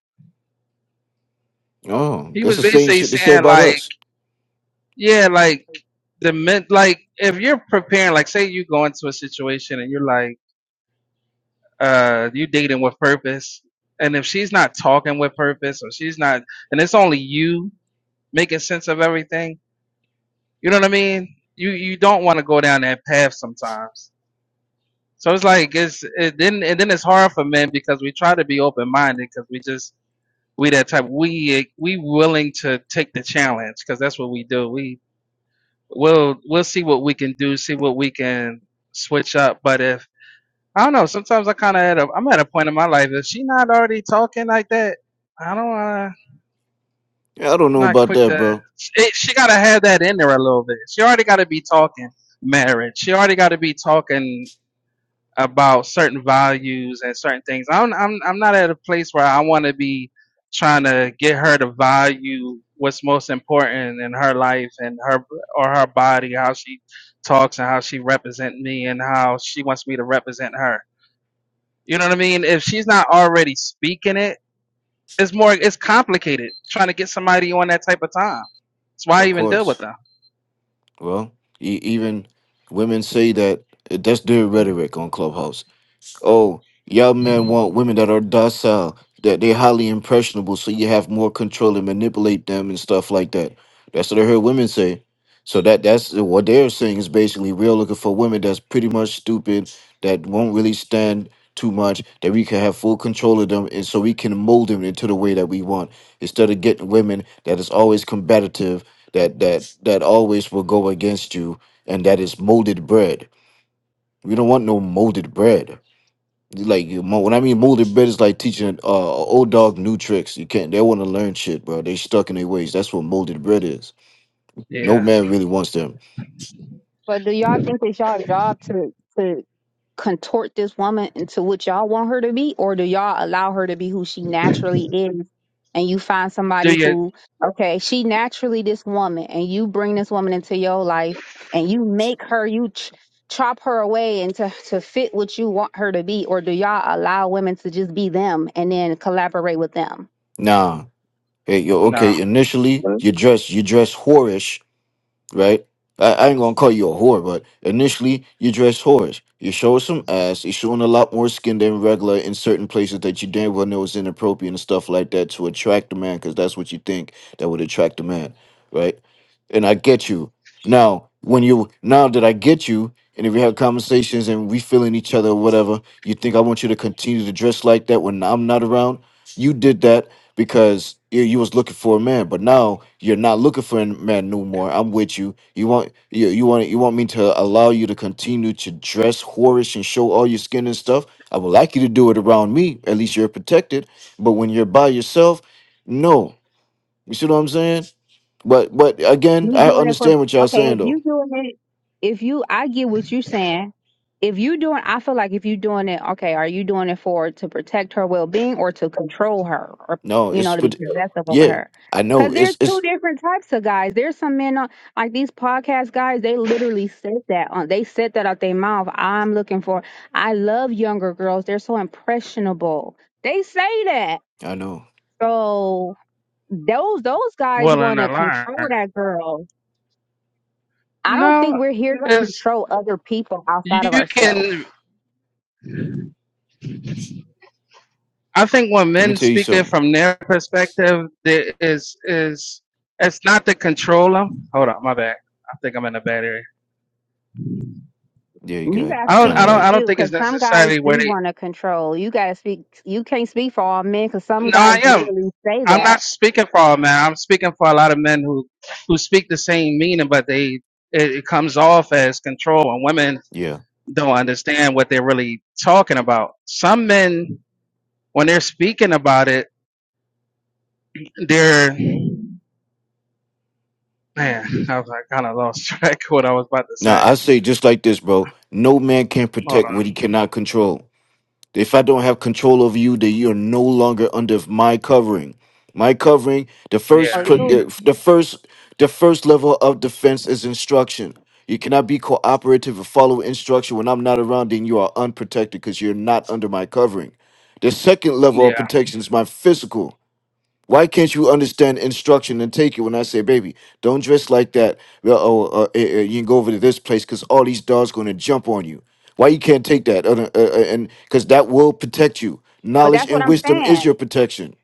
Oh, He that's was the same basically shit they say saying about like, us. yeah, like the men, like if you're preparing, like say you go into a situation and you're like. uh you dating with purpose and if she's not talking with purpose or she's not and it's only you making sense of everything you know what i mean you you don't want to go down that path sometimes so it's like it's it then and then it's hard for men because we try to be open-minded because we just we that type we we willing to take the challenge because that's what we do we we'll we'll see what we can do see what we can switch up but if I don't know. Sometimes I kind of at a, I'm at a point in my life. If she not already talking like that, I don't want to. Yeah, I don't know Not about quick that, to. bro. It, she gotta have that in there a little bit. She already gotta be talking marriage. She already gotta be talking about certain values and certain things. I'm I'm I'm not at a place where I want to be trying to get her to value what's most important in her life and her or her body, how she talks and how she represent me and how she wants me to represent her. You know what I mean? If she's not already speaking it, it's more it's complicated trying to get somebody on that type of time. That's why I Of even deal with course. them. Well, e- even women say that eh, that's their rhetoric on Clubhouse. Oh, y'all men want women that are docile, that they're highly impressionable, so you have more control and manipulate them and stuff like that. That's what I heard women say. So that that's what they're saying is basically we're looking for women that's pretty much stupid, that won't really stand too much, that we can have full control of them, and so we can mold them into the way that we want, instead of getting women that is always combative, that that that always will go against you, and that is molded bread. We don't want no molded bread. Like you mo- when I mean molded bread is like teaching uh a old dog new tricks. You can't they want to learn shit, bro. They stuck in their ways. That's what molded bread is. No Yeah. man really wants them. But do y'all think it's y'all job to to contort this woman into what y'all want her to be, or do y'all allow her to be who she naturally is? And you find Do somebody you who, okay, she naturally this woman, and you bring this woman into your life, and you make her, you ch- chop her away and to, to fit what you want her to be, or do y'all allow women to just be them and then collaborate with them? Nah. Hey, yo, no. okay, initially you dress you dress whorish right? I, I ain't gonna call you a whore, but initially you dress whorish. You show some ass. You're showing a lot more skin than regular in certain places that you damn well know is inappropriate and stuff like that to attract the man, because that's what you think that would attract the man, right? And I get you. Now, when you now that I get you, and if we have conversations and we feeling each other or whatever, you think I want you to continue to dress like that when I'm not around? You did that because you, you was looking for a man, but now you're not looking for a man no more. I'm with you. You want you, you want you want me to allow you to continue to dress whorish and show all your skin and stuff. I would like you to do it around me. At least you're protected. But when you're by yourself, no. You see what I'm saying? But but again, You I doing it for understand what y'all okay? saying If though. you doing it, if you, I get what you're saying. If you doing, I feel like if you doing it, okay, are you doing it for to protect her well being or to control her, or No, you it's know, to be but possessive over yeah, her? I know. Because there's It's two it's different types of guys. There's some men on like these podcast guys. They literally said that on. They said that out their mouth. I'm looking for. I love younger girls. They're so impressionable. They say that. I know. So those those guys Willing want to to control learn. that girl I don't think No. we're here to It's control other people outside of you ourselves. can I think when Let me men tell you speak it something. from their perspective, there is is it's not to control them. Hold on, my bad. I think I'm in a bad area. Yeah, you You got gotta I don't speak kind I of for don't like I don't you, think because it's some guys necessarily where do they want to control. You gotta speak. You can't speak for all men, because no, some I guys am. literally say I'm not that. speaking for all men. I'm speaking for a lot of men who who speak the same meaning, but they it, it comes off as control, and women yeah. don't understand what they're really talking about. Some men, when they're speaking about it, they're man. I was like, kind of lost track of what I was about to Now say. I say just like this, bro. No man can Hold protect what on. he cannot control. If I don't have control over you, then you're no longer under my covering. My covering, the Yeah, Oh, first, pr- you. uh, the first, the first level of defense is instruction. You cannot be cooperative or follow instruction when I'm not around. Then you are unprotected because you're not under my covering. The second level of yeah. protection is my physical. Why can't you understand instruction and take it when I say, baby, don't dress like that? Well, Oh, uh, eh, eh, you can go over to this place because all these dogs going to jump on you. Why you can't take that? Uh, uh, uh, and because that will protect you. But Knowledge that's what and I'm wisdom is saying. your protection.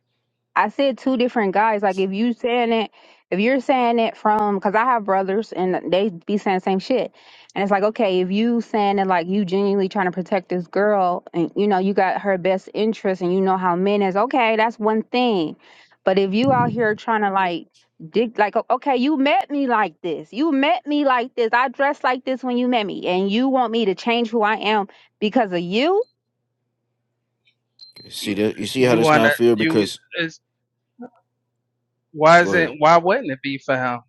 I said two different guys. Like if you saying it, if you're saying it from, because I have brothers and they be saying the same shit, and it's like okay, if you saying it like you genuinely trying to protect this girl, and you know you got her best interest, and you know how men is, okay, that's one thing. But if you out here trying to like dig, like o- okay, you met me like this, you met me like this, I dressed like this when you met me, and you want me to change who I am because of you. See that? You see how You that's wanna not fair? you Because is why is go it ahead. why wouldn't it be for him?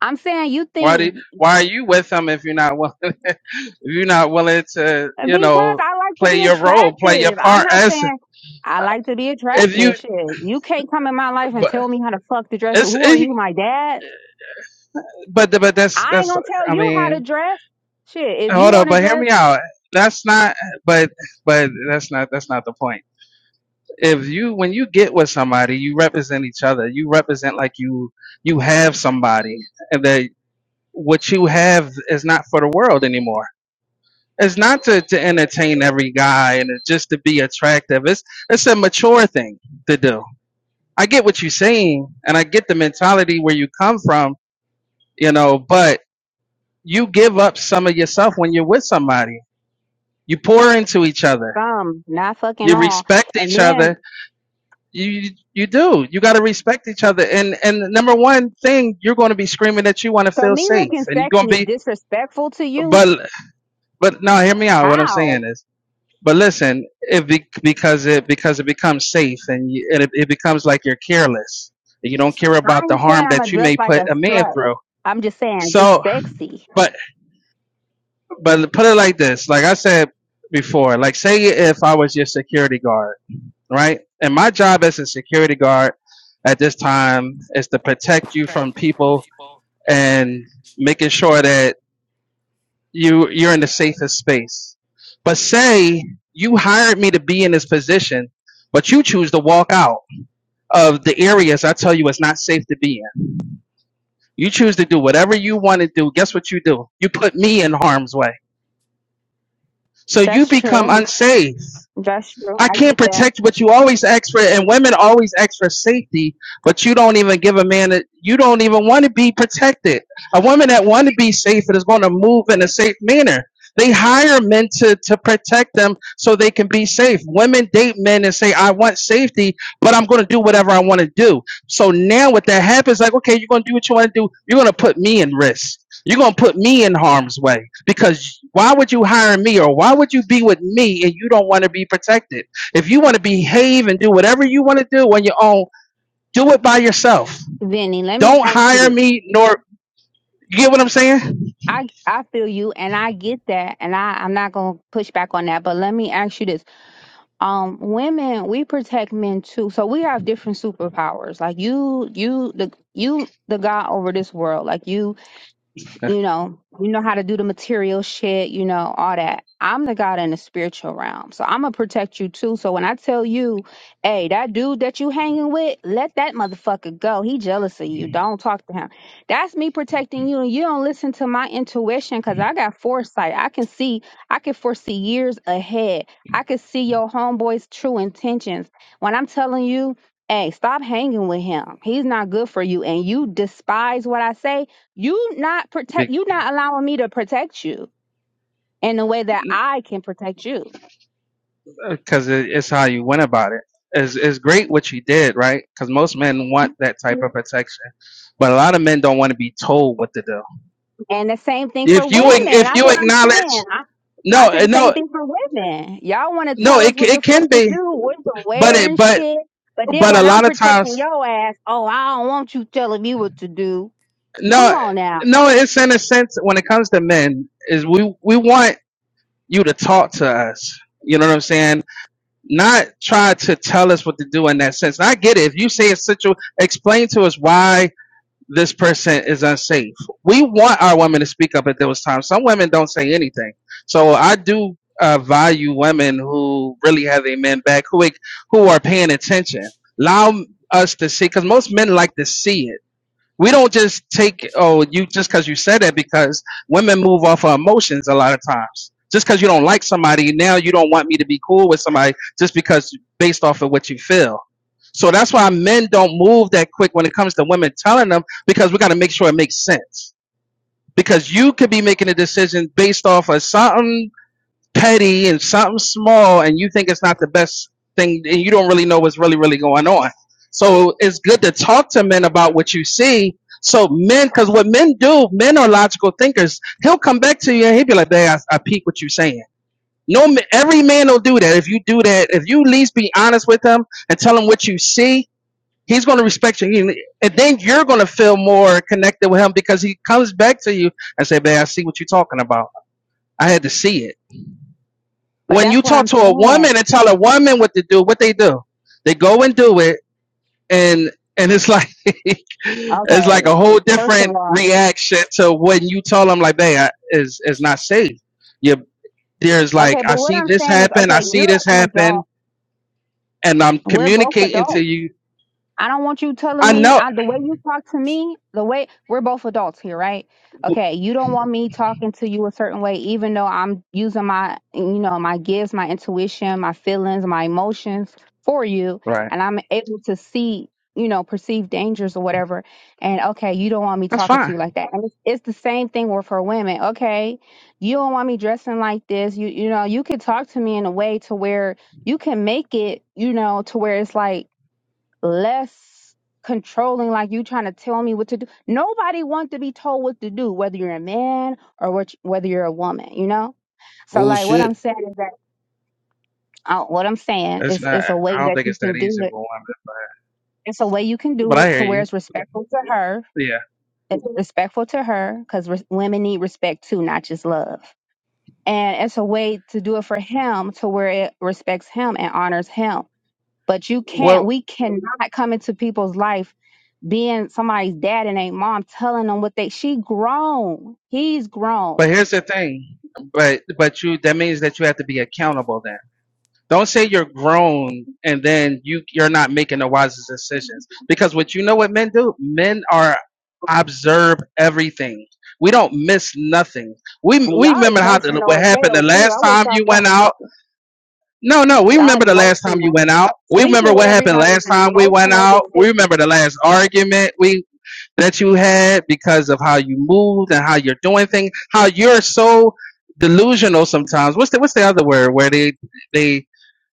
I'm saying you Why do think why are you with him if you're not willing if you're not willing to, you Because know, I like to play be your role, play your attractive. I'm part not as saying I like to be if you attractive. Shit. You can't come in my life and but tell me how to fuck to dress. it's Who are it, you, my dad? but but that's I ain't that's gonna tell I you how to mean dress. Shit. If you hold up, wanna but hear dress, me out. That's not but but that's not that's not the point. If you when you get with somebody, you represent each other. You represent like you you have somebody and that what you have is not for the world anymore It's not to, to entertain every guy and it's just to be attractive. It's it's a mature thing to do. I get what you're saying and I get the mentality where you come from, you know, but you give up some of yourself when you're with somebody. You pour into each other. some, not fucking You all. respect And each then other. You you do. You gotta respect each other. And and the number one thing, you're gonna be screaming that you wanna so feel me safe looking and you're sexy gonna is be disrespectful to you? but but now hear me out. What I'm How? saying is But listen, it be, because it because it becomes safe and, you, and it, it becomes like you're careless. You don't care I about the ain't harm saying I'm that gonna you dress may like put a a man slut. through. I'm just saying just So, sexy. but but put it like this: like I said before, like say if I was your security guard, right? And my job as a security guard at this time is to protect you from people and making sure that you you're in the safest space. But say you hired me to be in this position, but you choose to walk out of the areas I tell you it's not safe to be in. You choose to do whatever you want to do. Guess what you do? You put me in harm's way. So you That's become true. unsafe. That's true. I I can't get that. protect but you always ask for, and women always ask for safety, but you don't even give a man that you don't even want to be protected. A woman that want to be safe and is going to move in a safe manner. They hire men to, to protect them so they can be safe. Women date men and say, I want safety, but I'm going to do whatever I want to do. So now what that happens, like, okay, you're going to do what you want to do. You're going to put me in risk. You're going to put me in harm's way because why would you hire me or why would you be with me and you don't want to be protected? If you want to behave and do whatever you want to do on your own, do it by yourself. Vinny, let me Don't ask you this. hire me nor you get what I'm saying? I I feel you and I get that and I I'm not going to push back on that but let me ask you this um women we protect men too so we have different superpowers like you you the you the god over this world like you you know, you know how to do the material shit, you know, all that. I'm the God in the spiritual realm. So I'm gonna protect you too. So when I tell you, hey, that dude that you hanging with, let that motherfucker go. He jealous of you. Don't talk to him. That's me protecting you. And you don't listen to my intuition because I got foresight. I can see, I can foresee years ahead. I can see your homeboy's true intentions. When I'm telling you, hey, stop hanging with him. He's not good for you. And you despise what I say you not protect you not allowing me to protect you in the way that I can protect you. Because it's how you went about it. It's, it's great what you did, right? Because most men want that type of protection, but a lot of men don't want to be told what to do. And the same thing for If women. you if That's you what I'm saying. acknowledge, I, I no, said eh, the same no, thing for women. Y'all want to no, tell us it what the it fuck can to be, do, what to but wear it and but shit. But then but a when I'm lot of protecting times, your ass, oh, I don't want you telling me what to do. Come no, on now. no, it's in a sense when it comes to men is we we want you to talk to us. You know what I'm saying? Not try to tell us what to do in that sense. And I get it. If you say a situ, explain to us why this person is unsafe. We want our women to speak up at those times. Some women don't say anything. So I do uh, value women who really have their men back, who who are paying attention. Allow us to see, because most men like to see it we don't just take oh you just because you said that because women move off of emotions a lot of times. Just because you don't like somebody now, you don't want me to be cool with somebody just because based off of what you feel. So that's why men don't move that quick when it comes to women telling them because we got to make sure it makes sense. Because you could be making a decision based off of something petty and something small and you think it's not the best thing and you don't really know what's really really going on so it's good to talk to men about what you see so men because what men do men are logical thinkers he'll come back to you and he'll be like man i, I peep what you're saying no ma- every man will do that if you do that if you at least be honest with him and tell him what you see he's going to respect you He- and then you're going to feel more connected with him because he comes back to you and say man i see what you're talking about i had to see it But when you that's what talk I'm to a saying. woman and tell a woman what to do, what they do, they go and do it, and and it's like it's Okay, like a whole first different of all. reaction to when you tell them like, "Hey, I, is is not safe." You there's like, Okay, I but what see I'm this saying is, happen, I okay, see you're this an happen, adult. and I'm We're both communicating to adults. you. I don't want you I telling me know, I, the way you talk to me, the way we're both adults here, right? Okay, you don't want me talking to you a certain way, even though I'm using my, you know, my gifts, my intuition, my feelings, my emotions for you, right? and I'm able to see, you know, perceive dangers or whatever. And okay, you don't want me That's talking to fine. you like that. And it's, it's the same thing with for women. Okay, you don't want me dressing like this. You, you know, you could talk to me in a way to where you can make it, you know, to where it's like less controlling like you trying to tell me what to do nobody wants to be told what to do whether you're a man or what, whether you're a woman you know so like what i'm Bullshit. saying is that uh, what i'm saying It's is not. it's a I way don't that think you it's that can do easy with it women, it's a way you can but do I it to hear where you. it's respectful to her Yeah. it's respectful to her because re- women need respect too not just love and it's a way to do it for him to where it respects him and honors him but you can't Well, we cannot come into people's life being somebody's dad and a mom telling them what they she grown. He's grown. but here's the thing. But but you that means that you have to be accountable then Don't say you're grown and then you you're not making the wisest decisions. Because what you know what men do? Men are observe everything. We don't miss nothing. We And we y'all remember how the, what emotional as happened the hell too. last I wish time y'all you stop went out. No, no, we y'all remember the last time you emotional. went out. We remember Sleeping with what happened everybody is last an time we went emotional out. We decision. remember the last argument we that you had because of how you moved and how you're doing things. How you're so delusional sometimes. What's the what's the other word where they they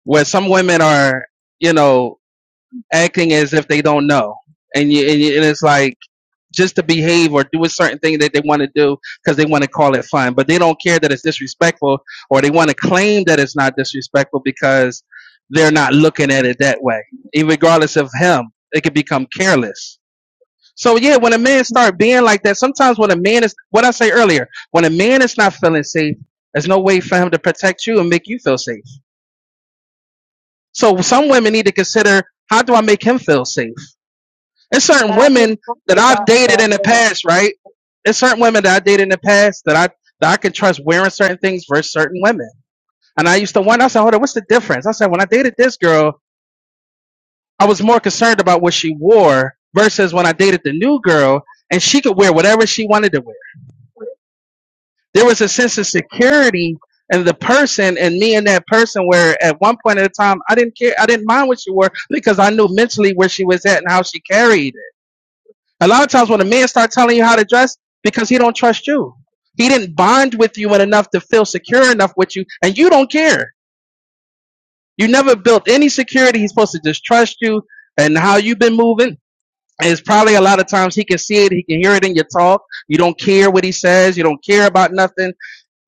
where some women are, you know, acting as if they don't know, and you, and, you, and it's like just to behave or do a certain thing that they want to do because they want to call it fun, but they don't care that it's disrespectful, or they want to claim that it's not disrespectful because they're not looking at it that way. Even regardless of him, it could become careless. So yeah, when a man start being like that, sometimes when a man is what I say earlier, when a man is not feeling safe, there's no way for him to protect you and make you feel safe So some women need to consider how do I make him feel safe? There's certain But I just women talked that I've about dated that. in the past, right? There's certain women that I dated in the past that I that I can trust wearing certain things versus certain women. And I used to wonder, I said, hold on, what's the difference? I said, when I dated this girl, I was more concerned about what she wore versus when I dated the new girl and she could wear whatever she wanted to wear. There was a sense of security in the person and me and that person where at one point at a time I didn't care I didn't mind what she wore because I knew mentally where she was at and how she carried it. A lot of times when a man starts telling you how to dress because he don't trust you. He didn't bond with you enough to feel secure enough with you and you don't care. You never built any security. He's supposed to just trust you and how you've been moving. It's probably a lot of times he can see it, he can hear it in your talk. You don't care what he says, you don't care about nothing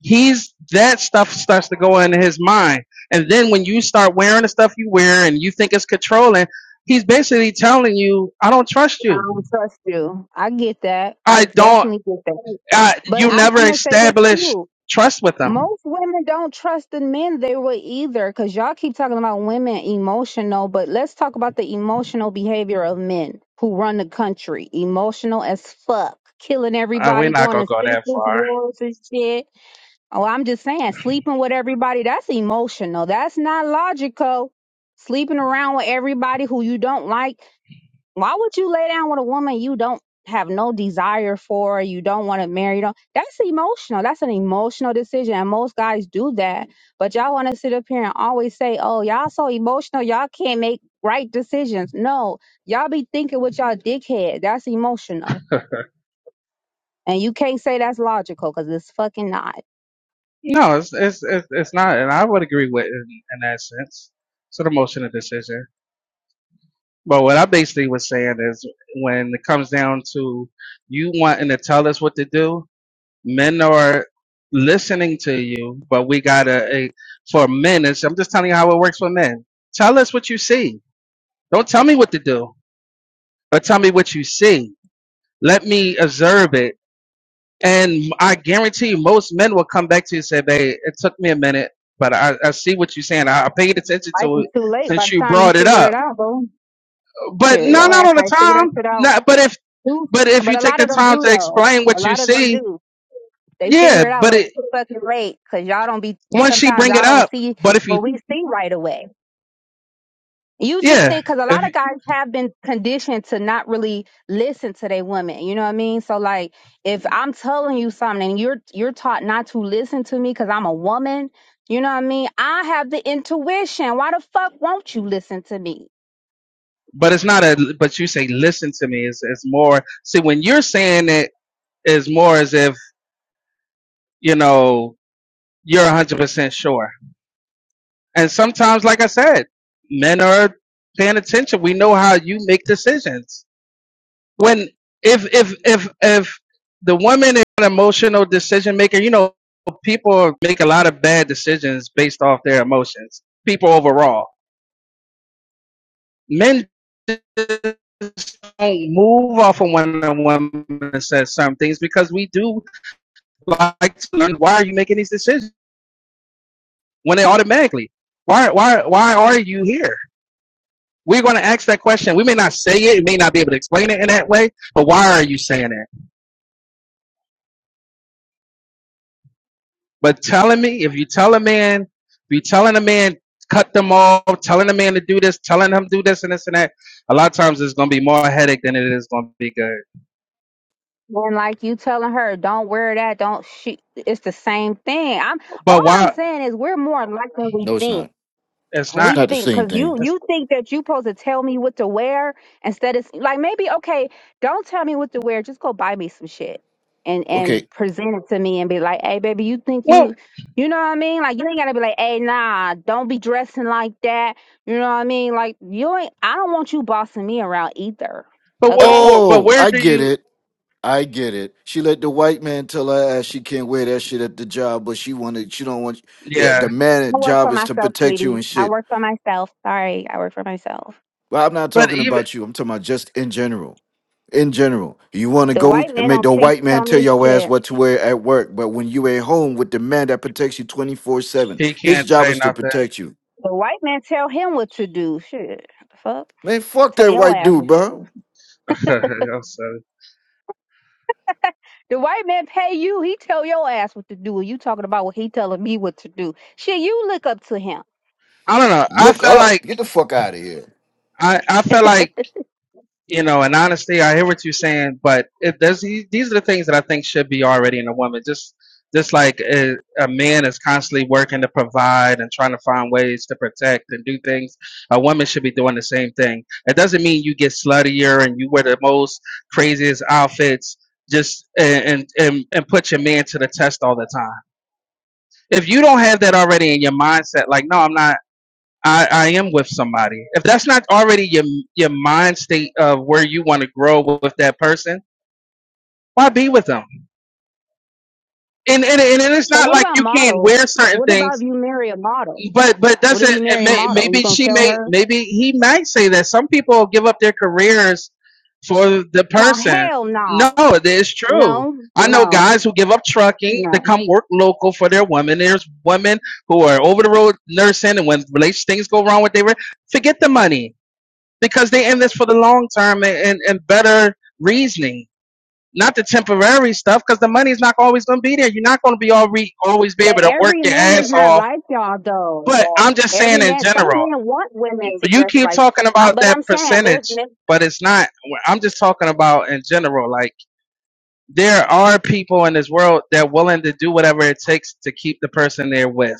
he's that stuff starts to go into his mind and then when you start wearing the stuff you wear and you think it's controlling he's basically telling you i don't trust I you don't trust you. I get that. I i don't definitely get that. I, But you I'm, never I'm gonna say this too. established trust with them Most women don't trust the men they were either, because y'all keep talking about women emotional, but let's talk about the emotional behavior of men who run the country. Emotional as fuck, killing uh, we're everybody, not going gonna to go that senseless far wars and shit. Oh, I'm just saying, sleeping with everybody, that's emotional. That's not logical. Sleeping around with everybody who you don't like. Why would you lay down with a woman you don't have no desire for, you don't want to marry? Don't, that's emotional. That's an emotional decision. And most guys do that. But y'all want to sit up here and always say, oh, y'all so emotional, y'all can't make right decisions. No, y'all be thinking with y'all dickhead. That's emotional. And you can't say that's logical because it's fucking not. no it's it's it's, it's not and i would agree with in, in that sense it's an emotional decision but what i basically was saying is when it comes down to you wanting to tell us what to do men are listening to you, but we gotta eh, for men. It's, I'm just telling you how it works for men. Tell us what you see. Don't tell me what to do, but tell me what you see. Let me observe it, and I guarantee you, most men will come back to you and say, "Babe, it took me a minute, but I, I see what you're saying. I, I paid attention Life to is it too late by since the you time you brought it figure it up." out, bro. But Shit, no, your not ass all the might figure that time. shit out. Not, but if too. but if you But a take lot the of them time do, to though. explain A what you lot of them see, do. They yeah. figure it out But when it, it's too fucking late because y'all don't be, once she sometimes bring it y'all don't up, see but if you what we see right away. You just Yeah, think, because a lot if, of guys have been conditioned to not really listen to their women. You know what I mean? So like, if I'm telling you something and you're, you're taught not to listen to me because I'm a woman, you know what I mean? I have the intuition. Why the fuck won't you listen to me? but it's not a. But you say, "Listen to me." It's, it's more. See, when you're saying it, is more as if you know you're 100 percent sure. And sometimes, like I said, men are paying attention. We know how you make decisions. When if if if if the woman is an emotional decision maker, you know people make a lot of bad decisions based off their emotions. People overall men just don't move off of when a woman says some things because we do like to learn why are you making these decisions when they automatically why why why are you here? We're going to ask that question. We may not say it, we may not be able to explain it in that way, but why are you saying that? But telling me, if you tell a man, if you telling a man cut them off, telling a man to do this, telling him do this and this and that, a lot of times it's going to be more headache than it is going to be good. And like you telling her, don't wear that, don't she, it's the same thing. I'm, all But I'm why? saying is we're more alike than we No, it's think not. It's It's not. we not the think same because you thing. It's, you think that you supposed to tell me what to wear instead of like maybe okay don't tell me what to wear just go buy me some shit and and Okay. present it to me and be like hey baby you think well, you you know what I mean like you ain't gotta be like hey nah don't be dressing like that you know what I mean like you ain't I don't want you bossing me around either But what, okay what? But Oh, where I do get you? it. I get it. She let the white man tell her ass she can't wear that shit at the job, but she wanted she don't want yeah, the Yeah. man I at work for job is to myself protect you sweetie and I shit. work for myself sorry I work for myself But I'm not But talking even about you. I'm talking about just in general. In general. You wanna the go white and man make don't the te- white tell man tell me your ass shit what to wear at work, but when you at home with the man that protects you 24-7, he his can't job say is to nothing. protect you. the white man tell him what to do shit the fuck Man, fuck Tell that your white ass dude, what to bro. do. I'm sorry. The white man pay you. He tell your ass what to do. And you talking about what he telling me what to do. Shit, you look up to him. I don't know. I Look felt up. like Get the fuck out of here. I. I felt like you know. In honesty, I hear what you're saying, but it, there's these these are the things that I think should be already in a woman. Just just like a, a man is constantly working to provide and trying to find ways to protect and do things, a woman should be doing the same thing. It doesn't mean you get sluttier and you wear the most craziest outfits just and and and, and put your man to the test all the time if you don't have that already in your mindset, like, no, I'm not. I, I am with somebody. If that's not already your your mind state of where you want to grow with, that person, why be with them? And, and and it's So not what like about you can't models? wear certain What about things if you marry a model? But but What if doesn't you it marry a may, model? You maybe gonna she tell may her? maybe he might say that some people give up their careers for the No, person. hell No, no. it is true. No, I know no, guys who give up trucking to no. come work local for their women. There's women who are over the road nursing, and when relation things go wrong with their re- forget the money because they in this for the long term and, and, and better reasoning, not the temporary stuff. Because the money's not always going to be there. You're not going to be all re- always be But able to work every your man is ass not off like y'all though. but I'm just Every saying in man, some general. men want women to You dress keep like, talking uh, about but I'm that saying there's percentage, men, but it's not. I'm just talking about in general. Like there are people in this world that are willing to do whatever it takes to keep the person they're with,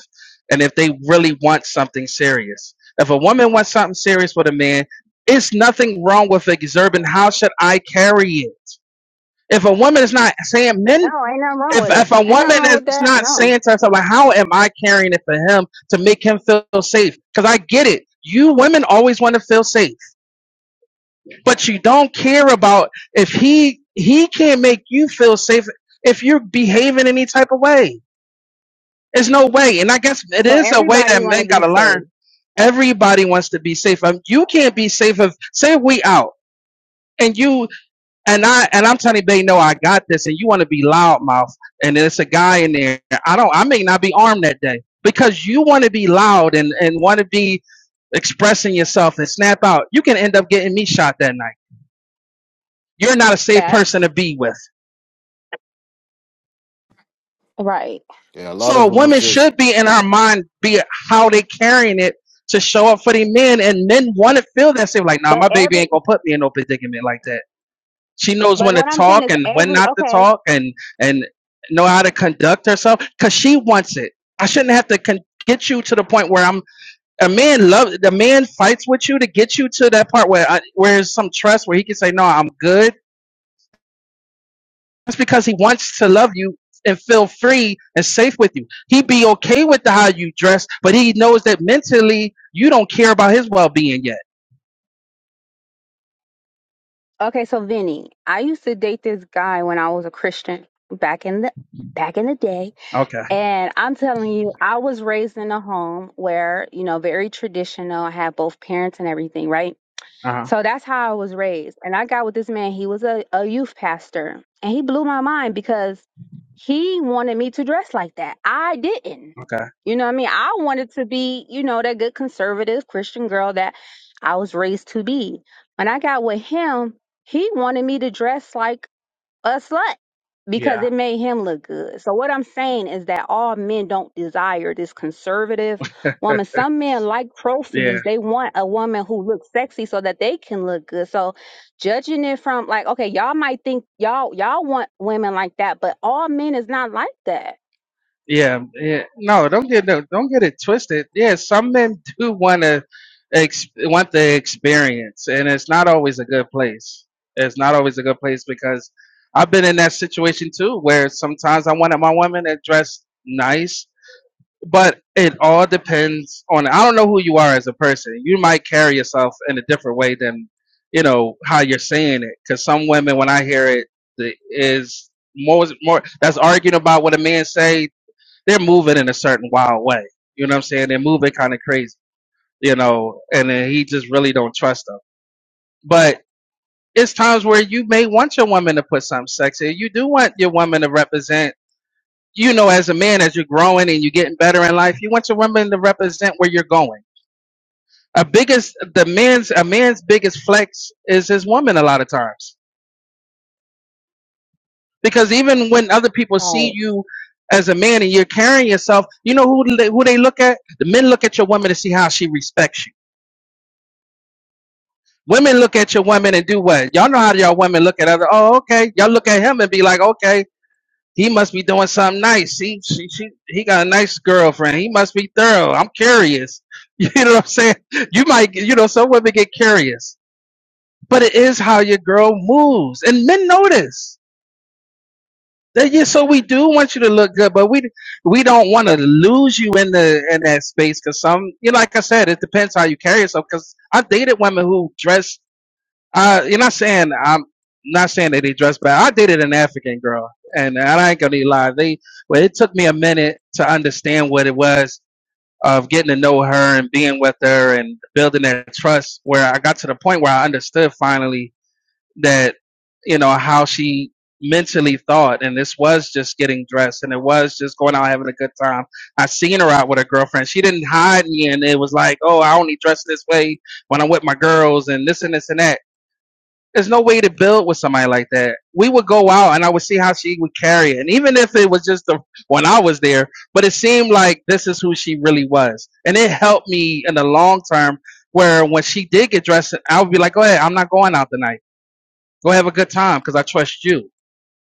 and if they really want something serious. If a woman wants something serious with a man, it's nothing wrong with exerting. How should I carry it? If a woman is not saying men no, ain't nothing wrong if with it. if a Ain't nothing woman wrong with is that. not No. saying to herself, well, how am I carrying it for him to make him feel safe? Because I get it. You women always want to feel safe, but you don't care about if he he can't make you feel safe if you're behaving any type of way. There's no way, and I guess it So is a way everybody that want men to be gotta safe. learn. Everybody wants to be safe. Um, You can't be safe if say we out and you And I and I'm telling you, they know I got this, and you want to be loudmouth, and there's a guy in there. I don't. I may not be armed that day because you want to be loud and and want to be expressing yourself and snap out. You can end up getting me shot that night. You're not a safe person to Facts. be with. Right. Yeah, a lot So of them is women just should be in our mind, be it how they carrying it to show up for the men, and men want to feel that same. Like, nah, But my baby every, ain't gonna put me in no predicament like that She knows but when to what I'm saying talk is and when every, not to okay, talk and and know how to conduct herself because she wants it. I shouldn't have to con- get you to the point where I'm a man. Love the man fights with you to get you to that part where I, where there's some trust where he can say no, I'm good. That's because he wants to love you and feel free and safe with you. He would be okay with the how you dress, but he knows that mentally you don't care about his well being yet. okay. So Vinny, I used to date this guy when I was a Christian back in the, back in the day. Okay. And I'm telling you, I was raised in a home where, you know, very traditional. I had both parents and everything, right? Uh huh. So that's how I was raised. And I got with this man. He was a, a youth pastor. And he blew my mind because he wanted me to dress like that. I didn't. Okay. You know what I mean? I wanted to be, you know, that good conservative Christian girl that I was raised to be. When I got with him, he wanted me to dress like a slut because Yeah. it made him look good. So what I'm saying is that all men don't desire this conservative woman. Some men like yeah. trophies. They want a woman who looks sexy so that they can look good. So judging it from like, okay, y'all might think y'all y'all want women like that, but all men is not like that. Yeah, yeah. No, don't get no, don't get it twisted. Yeah, some men do want to ex want the experience, and it's not always a good place. It's not always a good place because I've been in that situation too, where sometimes I wanted my woman to dress nice, but it all depends on I don't know who you are as a person. You might carry yourself in a different way than you know how you're saying it. Because some women, when I hear it, the, is more more that's arguing about what a man say they're moving in a certain wild way. You know what I'm saying? They're moving kind of crazy, you know, and then he just really don't trust them. But it's times where you may want your woman to put something sexy. You do want your woman to represent, you know, as a man, as you're growing and you're getting better in life, you want your woman to represent where you're going. A biggest, the man's, a man's biggest flex is his woman a lot of times. Because even when other people see Right. you as a man and you're carrying yourself, you know who, who they look at? The men look at your woman to see how she respects you Women look at your women and do what? Y'all know how y'all women look at other. Oh, okay. Y'all look at him and be like, okay, he must be doing something nice. He, she, she, he got a nice girlfriend. He must be thorough. I'm curious. You know what I'm saying? You might, you know, some women get curious, but it is how your girl moves, and men notice. That, yeah, so we do want you to look good, but we we don't want to lose you in the in that space because some, you know, like I said, it depends how you carry yourself. Because I dated women who dress Uh, you're not saying I'm not saying that he dressed bad. I dated an African girl, and I ain't gonna even lie. They well, it took me a minute to understand what it was of getting to know her and being with her and building that trust. Where I got to the point where I understood finally that you know how she mentally thought, and this was just getting dressed, and it was just going out having a good time. I seen her out with her girlfriend. She didn't hide me, and it was like, oh, I only dress this way when I'm with my girls, and this and this and that there's no way to build with somebody like that. We would go out and I would see how she would carry it. And even if it was just the, when I was there, but it seemed like this is who she really was. And it helped me in the long term where when she did get dressed, I would be like, go ahead, I'm not going out tonight. Go have a good time because I trust you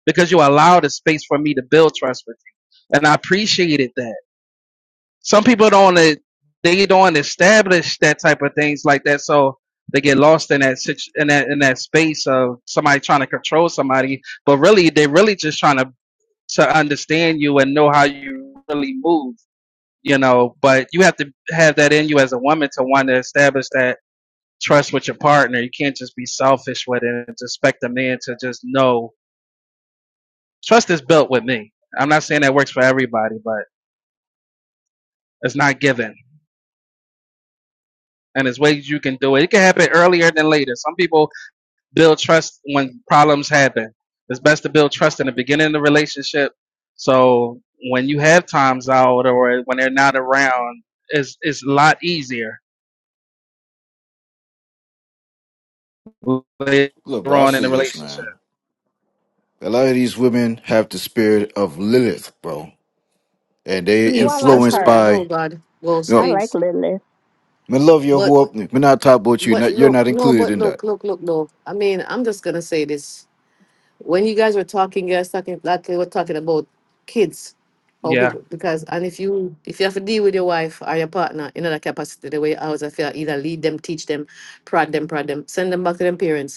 because you allowed a space for me to build trust with you. And I appreciated that some people don't want they don't establish that type of things like that, so they get lost in that situ- in that in that space of somebody trying to control somebody, but really they're really just trying to to understand you and know how you really move, you know. But you have to have that in you as a woman to want to establish that trust with your partner. You can't just be selfish with it and just expect a man to just know trust is built with me. I'm not saying that works for everybody, but it's not given and there's ways you can do it. It can happen earlier than later. Some people build trust when problems happen. It's best to build trust in the beginning of the relationship. So when you have times out or when they're not around, it's it's a lot easier later look, bro, I on in the see this, relationship. man. A lot of these women have the spirit of Lilith, bro, and they Oh, I Please, like that's influenced not. her. by Oh you God, ghost, I know. like please. Lilith. Me love you, But who up? Me not talk about you. but Not, you're not look, no, included but in that. look, look, look, no. I mean, I'm just gonna say this. When you guys were talking, you guys talking like you were talking about kids, or Yeah, people because and if you if you have to deal with your wife or your partner in other capacity, the way I was, I feel either lead them, teach them, prod them, prod them, send them back to them parents.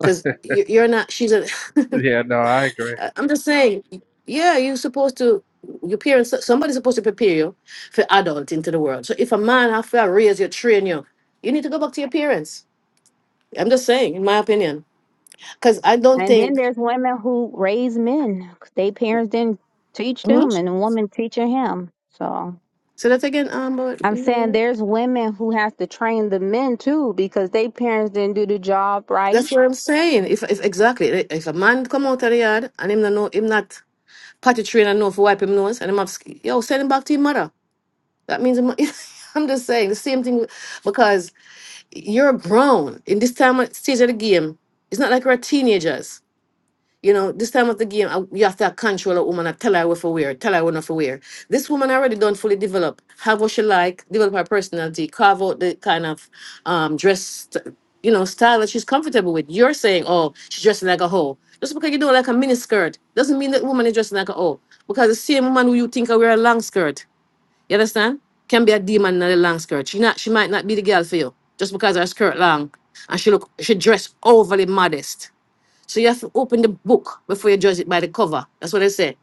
because you're not she's a yeah, no, I agree. I- i'm just saying yeah you're supposed to your parents somebody's supposed to prepare you for adult into the world so if a man have to raise you train you you need to go back to your parents i'm just saying in my opinion because i don't And then think there's women who raise men. They parents didn't teach them Mhm. and a woman teaching him. So so that again um but I'm saying there's women who have to train the men too because they parents didn't do the job right. that's what i'm saying if, if exactly eh, if a man come out of the yard and him not know him not potty train and know for wipe him nose and him have sk- yo send him back to your mother that means him- i'm just saying the same thing because you're grown in this time of stage of the game. It's not like we're teenagers. You know, this time of the game, I- you have to control a woman and tell her what to wear, tell her what not to wear. This woman already done fully develop, have what she like, develop her personality, carve out the kind of um, dress, st- you know, style that she's comfortable with. You're saying, oh, she's dressing like a hoe. Just because you don't like a mini skirt doesn't mean that woman is dressing like a hoe. Because the same woman who you think I wear a long skirt you understand? Can be a demon in a long skirt. She not she might not be the girl for you just because her skirt long and she look she dress overly modest. So you have to open the book before you judge it by the cover. That's what I say.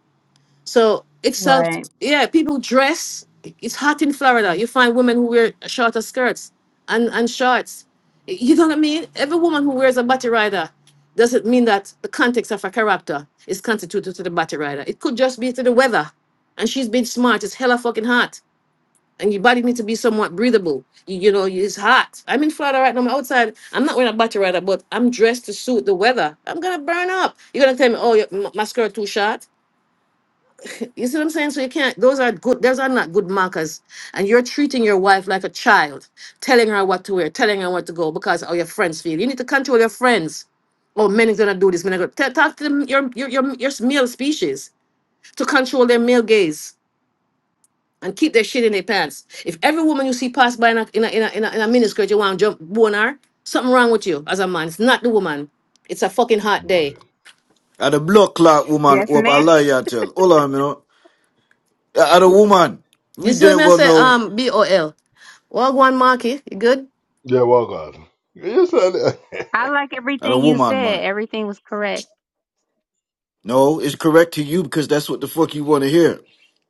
So it's a Right. yeah, people dress. It's hot in Florida. You find women who wear shorter skirts and, and shorts. You know what I mean? Every woman who wears a body rider doesn't mean that the context of her character is constituted to the body rider. It could just be to the weather. And she's been smart. It's hella fucking hot and your body needs to be somewhat breathable. You, you know, it's hot. I'm in Florida right now. I'm outside. I'm not wearing a battery rider, but I'm dressed to suit the weather. I'm gonna burn up. You're gonna tell me, oh, your m- mascara too short. You see what I'm saying? So you can't. Those are good. Those are not good markers. And you're treating your wife like a child, telling her what to wear, telling her what to go because how your friends feel. You need to control your friends. Oh, men is gonna do this. Men are gonna Tell- talk to them, your your your your male species to control their male gaze and keep their shit in their pants. If every woman you see pass by in a in a in a, in a, in a miniskirt, you want to jump bone her, something wrong with you as a man. It's not the woman. It's a fucking hot day. Right. At the blood clock woman, Yes, who up? I ma'am. lie, you tell. Hold on, you know. At a woman, You we see what damn me I well say? know. Um, B O L. Well, one Marky, you good? Yeah, well, God. You said it. I like At a everything you woman, said. man. Everything was correct. No, it's correct to you because that's what the fuck you want to hear.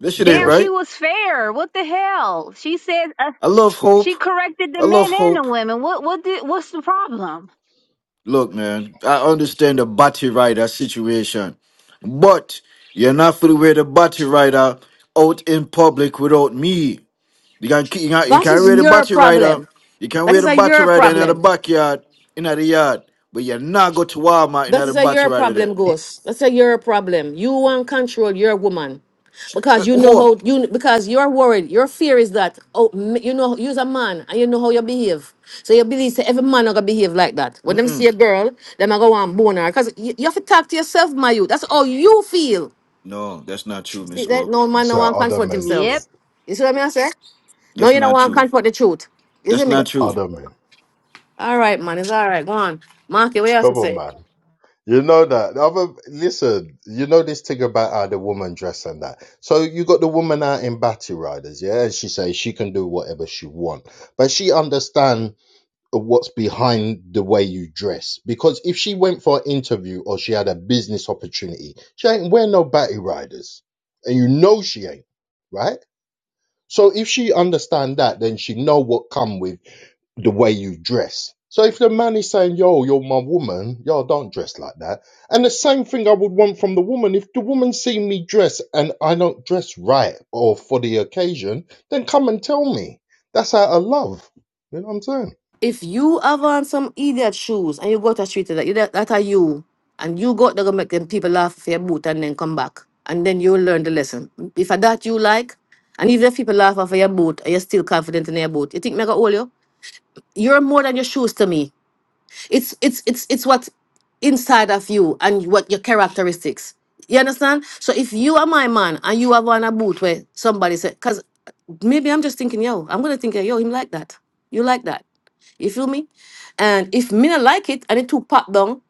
This shit ain't Damn, yeah, she right. was fair. What the hell? She said uh, I love hope. she corrected the I men love and the hope. women. What what did what's the problem? Look, man, I understand the battery rider situation, but you're not free to wear the battery rider out in public without me. You can you can you That can is wear the your battery rider. problem. You can That wear is the a battery your rider in the problem. backyard, in the yard, but you're not go to Walmart in That the is a your battery rider there. problem, Ghost. That's a your problem. You want control your woman because Uh, you know whoop. how you because you're worried. Your fear is that oh m- you know you's a man and you know how you behave. So you believe say every man are gonna behave like that. When them see Mm-mm. a girl, them are gonna want bone her. Cause you, you have to talk to yourself, my you. That's how you feel. No, that's not true, See Miss that Orp. no man it's no one how other confront men Yep, feel. himself. You see what I mean? I say no, That's you don't not want true. confront the truth. You see That's me? not true. Other men. All right, man. It's all right. Go on, Marky. What else you Come on, say? man. You know that. Other, listen, you know this thing about how the woman dress and that. So you got the woman out in Batty Riders, yeah? And she says she can do whatever she want. But she understand what's behind the way you dress. Because if she went for an interview or she had a business opportunity, she ain't wear no Batty Riders. And you know she ain't, right? So if she understand that, then she know what come with the way you dress. So if the man is saying, "Yo, you're my woman," yo, don't dress like that. And the same thing I would want from the woman. If the woman see me dress and I don't dress right or for the occasion, then come and tell me. That's out of love. You know what I'm saying? If you have on some idiot shoes and you go to the street and that that, that are you, and you go out there go make them people laugh for your boot and then come back, and then you will learn the lesson. If a that you like, and if the people laugh off of your boot and you're still confident in your boot, you think mega all you? You're more than your shoes to me. It's it's it's it's what inside of you and what your characteristics. You understand? So if you are my man and you have on a boot where somebody said, because maybe I'm just thinking, yo, I'm gonna think, yo, him like that. You like that. You feel me? And if me not like it and it too pop down,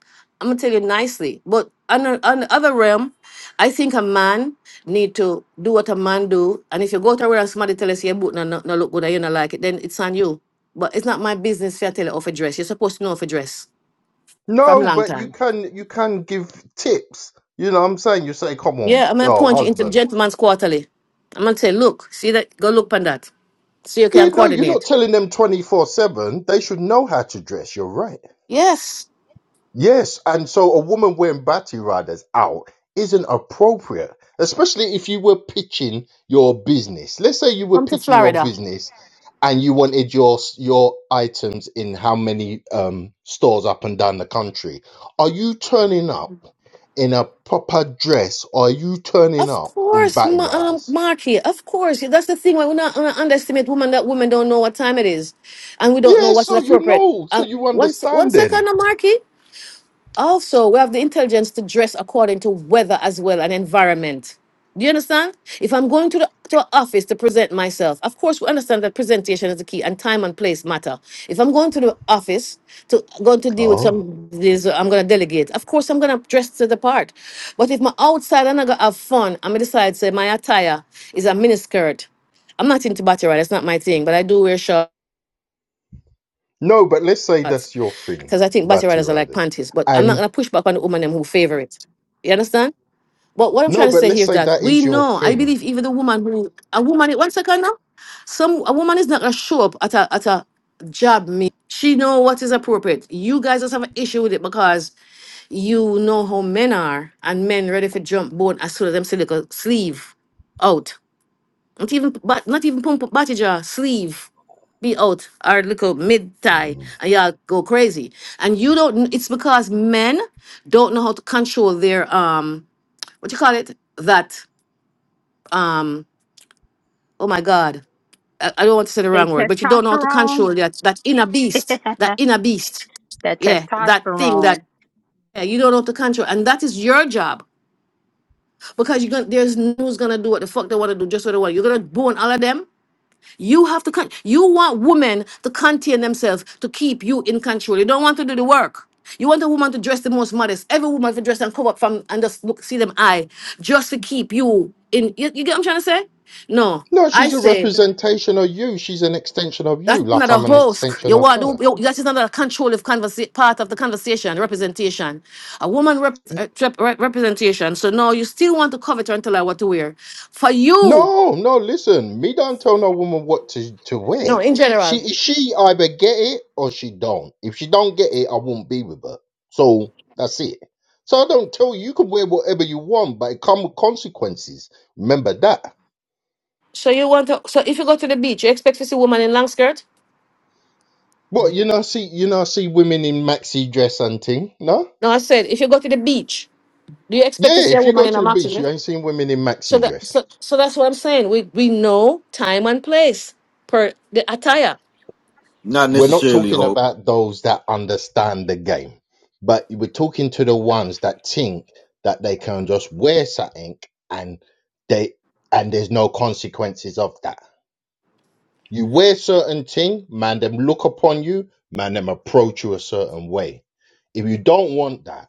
I'm gonna tell you nicely. But on, the- on the other realm, I think a man need to do what a man do. And if you go to where and somebody tell us your boot no, no, no look good and you not like it, then it's on you. But it's not my business if I tell you off a dress. You're supposed to know off a dress from No, long but you time. can you can give tips. You know what I'm saying? You say, "Come on, Yeah, I'm gonna oh point you into the husband." gentleman's quarterly. I'm gonna say, look, see that go look on that. So you Yeah, can no, you're not coordinate. telling them 24 seven. They should know how to dress. You're right. Yes. Yes, and so a woman wearing bati radas out isn't appropriate, especially if you were pitching your business. Let's say you were Come to pitching your Florida. business and you wanted your your items in how many um, stores up and down the country. Are you turning up in a proper dress or are you turning Of up in course, bati Ma- um, riders? Marky. Of course, that's the thing. Why We're not uh, underestimate women. That women don't know what time it is, and we don't know Yeah, what is so you appropriate. know, so Uh, you one, se- one understand then. second, uh, Marky. Also, we have the intelligence to dress according to weather as well and environment. Do you understand? If I'm going to the to a office to present myself, of course we understand that presentation is the key and time and place matter. If I'm going to the office to going to deal with Oh. some this I'm gonna delegate, of course I'm gonna dress to the part. But if my outside and I gonna have fun, I'm gonna decide say my attire is a miniskirt. I'm not into bachelorette, that's not my thing, but I do wear shorts. No, but let's say that's your thing, Because I think batty bati riders are like riders. panties, but I'm not And going to push back on the woman them who favor it. You understand? But what I'm No, trying to but say let's here is say that that we is your know, I thing. believe even the woman who, a woman, one second now, some a woman is not going to show up at a, at a job meet. She know what is appropriate. You guys just have an issue with it because you know how men are and men ready for jump bone as soon as them silica sleeve out. Not even, but not even pump, batty jaw, sleeve be out or little mid thigh Mm. and y'all go crazy. And you don't kn- it's because men don't know how to control their um what you call it? That um oh my god. I, I don't want to say the they wrong word, but you don't know how to testosterone. control that that inner beast. That inner beast. that Yeah. That thing testosterone. that yeah, you don't know how to control. And that is your job. Because you're gonna there's no who's gonna do what the fuck they wanna do, just what they want. You're gonna bone all of them You have to, con- you want women to contain themselves to keep you in control. You don't want to do the work. You want a woman to dress the most modest. Every woman to dress and cover up from and just look, see them eye, just to keep you in. You, you get what I'm trying to say? No, No, I she's a say representation of you. She's an extension of you, that's like not a I'm an host. extension You of want to, her. you, that is not a control of conversa- part of the conversation, representation. A woman rep- uh, rep- rep- representation. So no, you still want to covet her and tell her what to wear. For you, No, no, listen. Me don't tell no woman what to, to wear. no, in general. She she either get it or she don't. If she don't get it, I won't be with her. So that's it. So I don't tell you you can wear whatever you want, but it come with consequences. Remember that. So you want to? So if you go to the beach, you expect to see a woman in long skirt? What you know see you know see women in maxi dress and thing, no? No, I said if you go to the beach, do you expect to Yeah, see a if you woman go in to a the maxi beach, you dress? ain't seen women in So maxi that dress. so so that's what I'm saying. We we know time and place per the attire. Not We're not necessarily, talking Hope. about those that understand the game, but we're talking to the ones that think that they can just wear something and they and there's no consequences of that. You wear certain thing, man, them look upon you, man, them approach you a certain way. If you don't want that,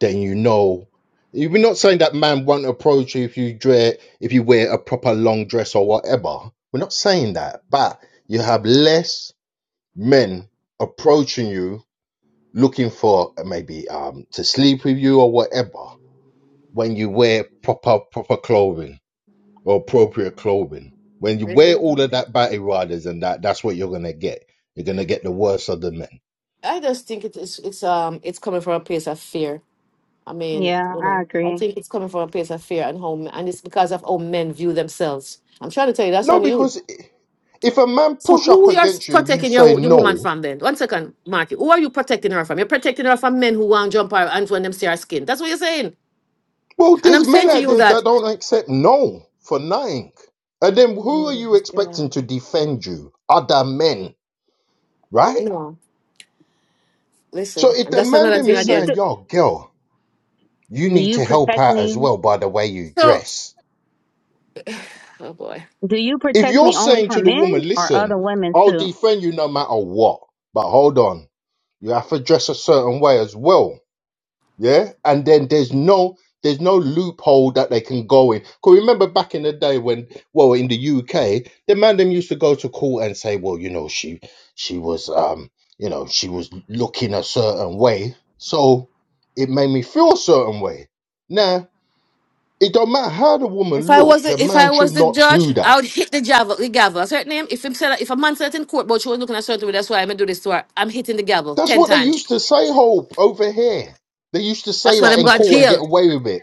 then you know. You're not saying that man won't approach you if you dress, if you wear a proper long dress or whatever. We're not saying that, but you have less men approaching you looking for maybe um to sleep with you or whatever when you wear proper proper clothing or appropriate clothing. When you wear all I of that batty riders and that, that's what you're gonna get. You're gonna get the worst of the men. just think it is it's um it's coming from a place of fear. I mean, Yeah, you I know, I agree. think it's coming from a place of fear and how and it's because of how men view themselves. I'm trying to tell you that's No, on you. because if a man So push up who you are against you and you protecting say your, your woman no, from then? One second, Marky. Who are you protecting her from? You're protecting her from men who want to jump her and when them see her skin. That's what you're saying. Well, And I'm there's men saying to out you there that that don't accept no for nothing. And then who are no, you yeah, expecting to defend you? Other men, right? no, So listen, if And the that's man another them thing Do is you again. saying, do, yo, girl, you do need you to help protect out as me? well by the way you So, dress. oh boy. Do you If protect you're me only saying to from the men woman, or other listen, women I'll too? defend you no matter what, but hold on, you have to dress a certain way as well. Yeah, and then there's no there's no loophole that they can go in. Cause remember back in the day when, well, in the UK, the man them used to go to court and say, well, you know, she she was um, you know, she was looking a certain way, so it made me feel a certain way. Now it don't matter how the If woman I look, was the the, if man I should was the not do judge, I that. would hit the gavel. The gavel. That's her name. If him said if a man said it in court, but she was looking at certain way, that's why I'm gonna do this to her. I'm hitting the gavel That's ten what they times. used to say, Hope, over here. They used to say That's why that I'm in going to court and get jail. away with it.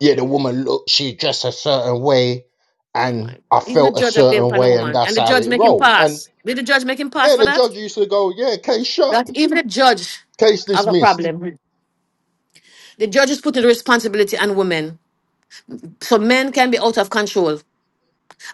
yeah, the woman looked, she dressed a certain way, Oh my and I God. Even the felt a judge I blame certain for the way, and woman, that's and the how judge it make him rolled. And pass. Did the judge make him pass yeah, for the that? judge used to go, yeah, case shut, that even the judge case have a dismissed. problem. The judges put the responsibility on women. So men can be out of control.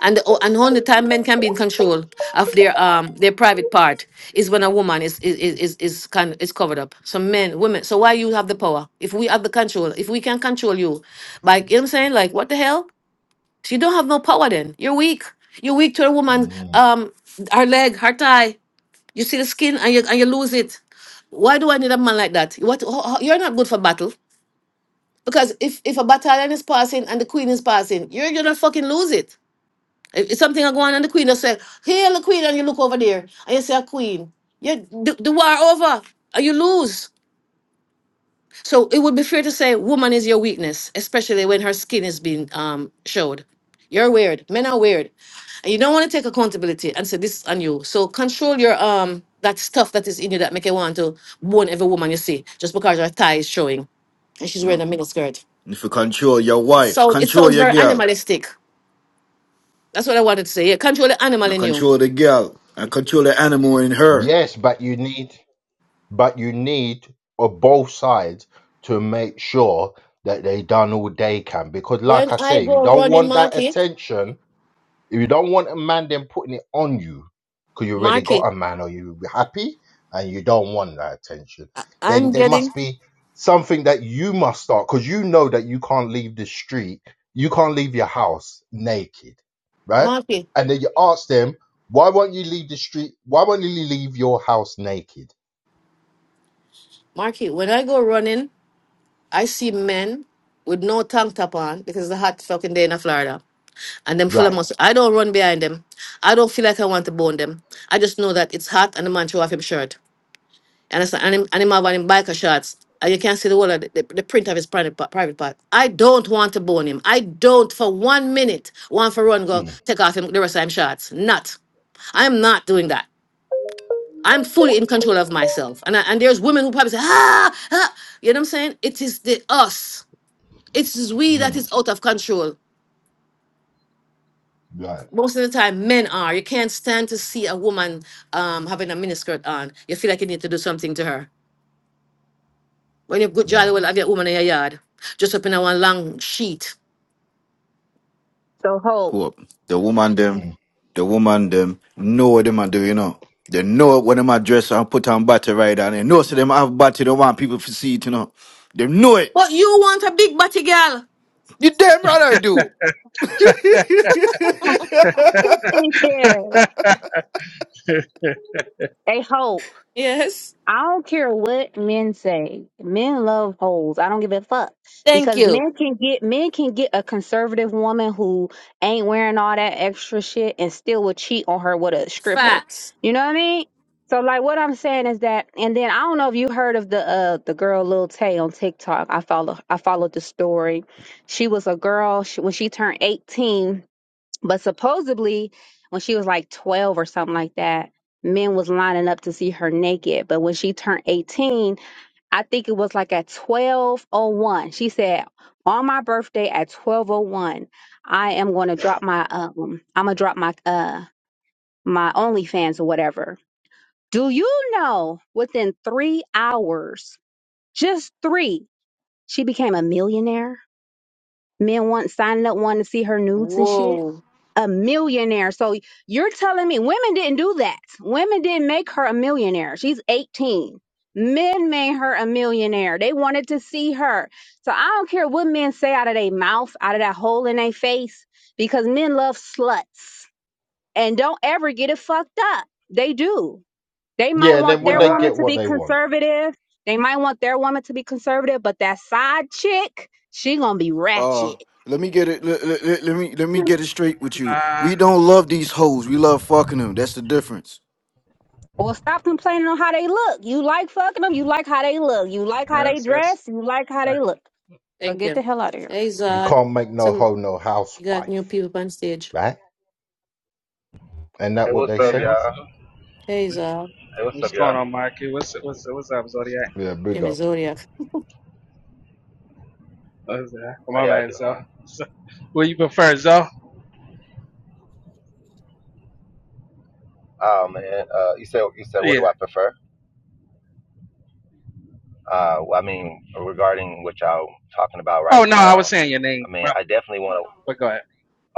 And the, and only time men can be in control of their um their private part is when a woman is is is is, is kind is covered up. So men, women. So why you have the power? If we have the control, if we can control you, like you know what I'm saying, like what the hell? So you don't have no power then. You're weak. You're weak to a woman, Mm. um, her leg, her thigh. You see the skin and you and you lose it. Why do I need a man like that? What ho- ho- you're not good for battle because if if a battalion is passing and the queen is passing, you're gonna fucking lose it. If if something are going on and the queen will say, "Hail the queen," and you look over there and you say, "A queen," you the, the war over and you lose. So it would be fair to say woman is your weakness, especially when her skin is being um showed. You're weird. Men are weird. And you don't want to take accountability and say this is on you. So control your um that stuff that is in you that make you want to bone every woman you see just because her thigh is showing and she's wearing No. a mini skirt. If you control your wife, So it control sounds your very girl. animalistic. That's what I wanted to say. Yeah, control the animal I in you. control the girl. I control the animal in her. Yes, but you need, but you need of both sides to make sure that they done all they can because, When like I I say, you go don't running, want that Marky, attention If you don't want a man then putting it on you because you already got Marky, a man or you're happy and you don't want that attention, I'm then there getting must be something that you must start because you know that you can't leave the street, you can't leave your house naked, right? Marky, And then you ask them, why won't you leave the street? Why won't you leave your house naked? Marky. When I go running, I see men with no tank top on because it's a hot fucking day in Florida. And them full of Right. muscle. I don't run behind them. I don't feel like I want to bone them. I just know that it's hot and the man threw off him shirt. And it's and him, and him have on him biker shorts. And you can't see the whole of the, the, the print of his private, pa- private part. I don't want to bone him. I don't for one minute want for run go Mm, take off him the rest of him shorts. Not. I'm not doing that. I'm fully in control of myself. And I, and there's women who probably say, ah, ah, you know what I'm saying? It is the us. It is we that mm, is out of control. right. Most of the time, men are. You can't stand to see a woman um, having a miniskirt on. You feel like you need to do something to her. When you good jolly Right. well have your woman in your yard, just up in a one long sheet. So hope. What? The woman them, Mm. the woman them know what them a do, you know. They know when them a dress and put on battery right and they know so them have battery, they want people to see it, you know. They know it. But you want a big body girl. You damn right I do. yeah, they hope. Yes. I don't care what men say. Men love holes. I don't give a fuck Thank because you. men can get men can get a conservative woman who ain't wearing all that extra shit and still would cheat on her with a stripper. Facts. You know what I mean? So like what I'm saying is that, and then I don't know if you heard of the uh the girl Lil Tay on TikTok. I follow I followed the story. She was a girl she, when she turned 18 But supposedly, when she was like 12 or something like that, men was lining up to see her naked. But when she turned 18, I think it was like at 1201. She said, "On my birthday at 1201, I am going to drop my um I'm going to drop my uh my OnlyFans or whatever." Do you know within 3 hours, just 3, she became a millionaire? Men want signing up wanting to see her nudes and shit. Whoa. a millionaire. So you're telling me women didn't do that. Women didn't make her a millionaire. She's 18. Men made her a millionaire. They wanted to see her. So I don't care what men say out of their mouth, out of that hole in their face, because men love sluts and don't ever get it fucked up. They do. They might Yeah. And then want when their Love, they woman get to what be they want, conservative. They might want their woman to be conservative, but that side chick, she gonna be Oh, ratchet. let me get it let, let, let me let me get it straight with you. nah, We don't love these hoes. We love fucking them. That's the difference. Well, stop complaining on how they look. You like fucking them. You like how they look. You like how they yes, yes. dress. You like how Uh, they look. So Thank get the you. hell out of here. Hey you Zod. can't make no Some hoe no you got new housewife, people on stage. right? And that Hey, what what's they up, say? Yeah, what's y'all? Hey uh, Zod. Hey, what's what's up, going y'all? on, Mikey? What's what's what's up, Zodiac? Yeah, Hey big up. Missouri. What's, uh, How my y'all bad, Zo. doing? So, what you prefer, Zo? Oh man, uh, you said you said what Yeah. do I prefer? Uh, well, I mean, regarding what y'all talking about Oh right no, I was now, saying your I name, mean, but, I definitely want to. but go ahead.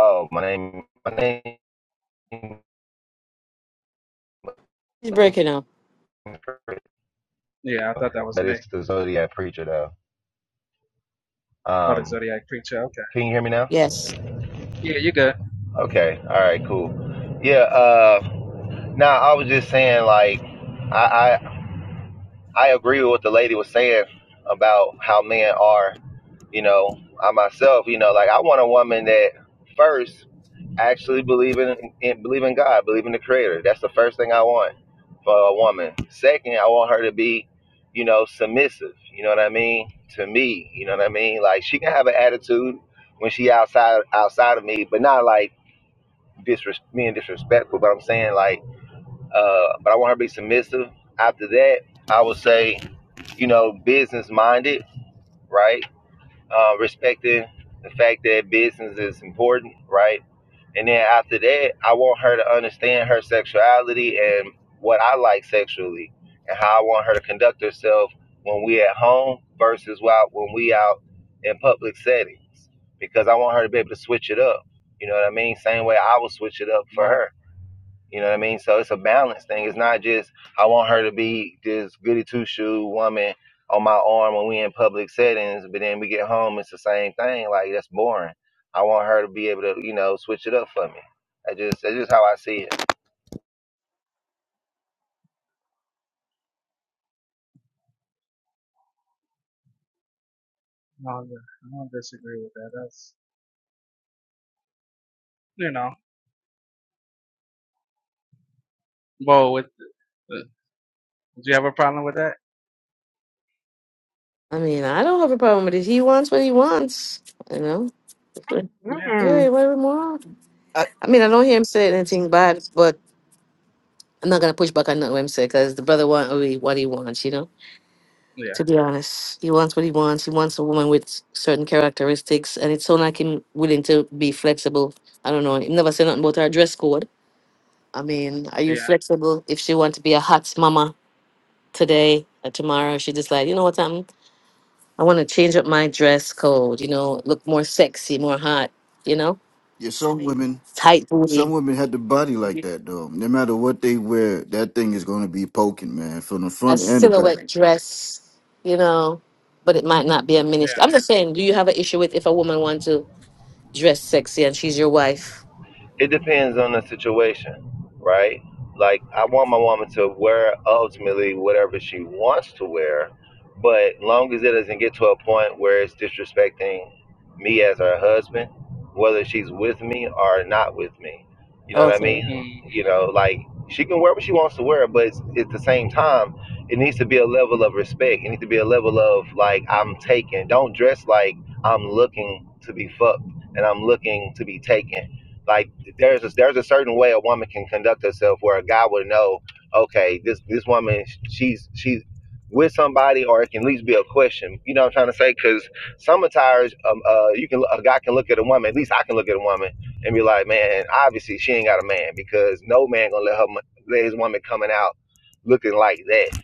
Oh, my name, my name, He's breaking up. Yeah, I thought that was but me. it's the Zodiac preacher though. Oh, the Um, zodiac preacher. Okay. can you hear me now? Yes. Yeah, you good. Okay, all right, cool. Yeah. Uh, now I was just saying, like, I, I I agree with what the lady was saying about how men are. You know, I myself, you know, like I want a woman that first actually believe in, in believe in God, believe in the Creator. That's the first thing I want for a woman. Second, I want her to be, you know, submissive. You know what I mean to me. You know what I mean. Like she can have an attitude when she outside outside of me, but not like disres- being disrespectful. But I'm saying like, uh, but I want her to be submissive. After that, I would say you know, business minded, right? Uh, respecting the fact that business is important, right? And then after that, I want her to understand her sexuality and what I like sexually and how I want her to conduct herself when we at home versus while, when we out in public settings. Because I want her to be able to switch it up. You know what I mean? Same way I will switch it up for Right. her. You know what I mean? So it's a balance thing. It's not just I want her to be this goody two shoe woman on my arm when we in public settings, but then we get home, it's the same thing. Like that's boring. I want her to be able to, you know, switch it up for me. I just that's just how I see it. No, I'm good. I don't disagree with that. That's you know. Well, with uh, do you have a problem with that? I mean, I don't have a problem with it. He wants what he wants. You know? Yeah. mm Yeah, whatever more. I mean, I don't hear him say anything bad, but I'm not going to push back on what him say because the brother want what what he wants, you know? Yeah. to be honest. He wants what he wants. He wants a woman with certain characteristics, and it sounds like him willing to be flexible. I don't know. He never said nothing about her dress code. I mean, are you Yeah. flexible if she want to be a hot mama today or tomorrow? She just like, you know what, I'm, I want to change up my dress code, you know, look more sexy, more hot, you know, Yeah, some women tight some booty, women had the body like that though. No matter what they wear, that thing is gonna be poking, man, from the a front and the back. silhouette dress, you know, but it might not be a Yeah. miniskirt. I'm just saying, do you have an issue with if a woman wants to dress sexy and she's your wife? It depends on the situation, right? Like I want my woman to wear ultimately whatever she wants to wear, but long as it doesn't get to a point where it's disrespecting me as her husband, whether she's with me or not with me. You know what I Okay. mean? Mhm. You know, like she can wear what she wants to wear, but it's, at the same time, it needs to be a level of respect. It needs to be a level of like I'm taken. Don't dress like I'm looking to be fucked and I'm looking to be taken like there's a, there's a certain way a woman can conduct herself where a guy would know, okay, this this woman she's she's with somebody, or it can at least be a question. You know what I'm trying to say? Because some attires, um, uh, you can a guy can look at a woman. At least I can look at a woman and be like, man, obviously she ain't got a man because no man gonna let her let his woman coming out looking like that.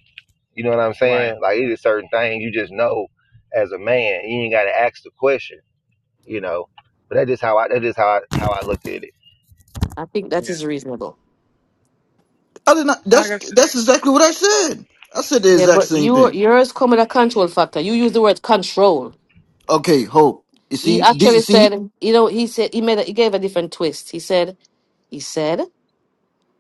You know what I'm Right. saying? Like it is certain things you just know as a man. You ain't gotta ask the question. You know. But that is how I that is how I, how I looked at it. I think Yeah. that is reasonable. I did not. Like I That's guess, that's exactly what I said. I said the Yeah, exact but same you thing. yours come with a control factor. You use the word control. Okay, hope. You He see, D, you actually said, see, you know, he said he made a, he gave a different twist. He said he said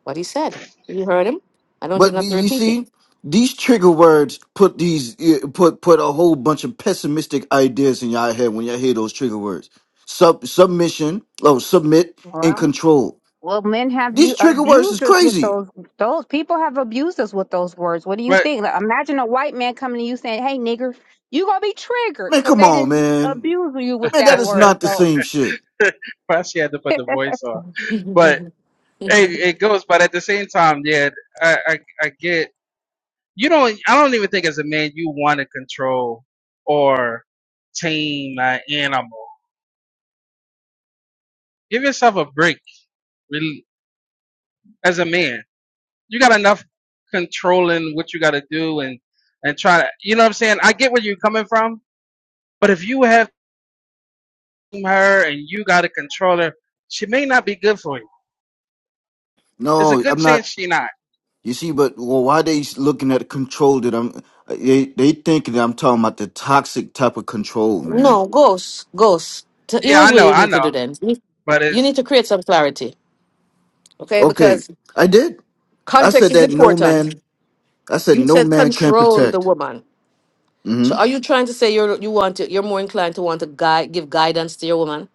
what he said. You heard him. I don't even but be- have to you repeat it. see, these trigger words put these eh, put put a whole bunch of pessimistic ideas in your head when you hear those trigger words. Sub submission, oh submit and Well, control. well, men have you These trigger words abused is us with crazy. those. Those people have abused us with those words. What do you but think? Like, imagine a white man coming to you saying, "Hey, nigger," you gonna be triggered Man, because come they on, didn't man. abuse you with Man, that that is word. not the So. same shit. but she had to put the voice on. But it it goes. But at the same time, yeah, I I, I get. You don't. I don't even think as a man you want to control or tame an animal. Give yourself a break. Really, as a man, you got enough controlling what you got to do and and try to. You know what I'm saying? I get where you're coming from, but if you have her and you got to control her, she may not be good for you. There's a No, good I'm not. chance she not. You see, but well, why they looking at control that I'm? They they thinking that I'm talking about the toxic type of control, man. no, ghost, ghost. So Here Yeah, is I what know, you I need to do know, then. You but you it's need to create some clarity, okay? Okay, Because I did. I context said is that no important. man. I said You no said man can control the protect. woman. So hmm are you trying to say you're you want to, you're more inclined to want to guide give guidance to your woman?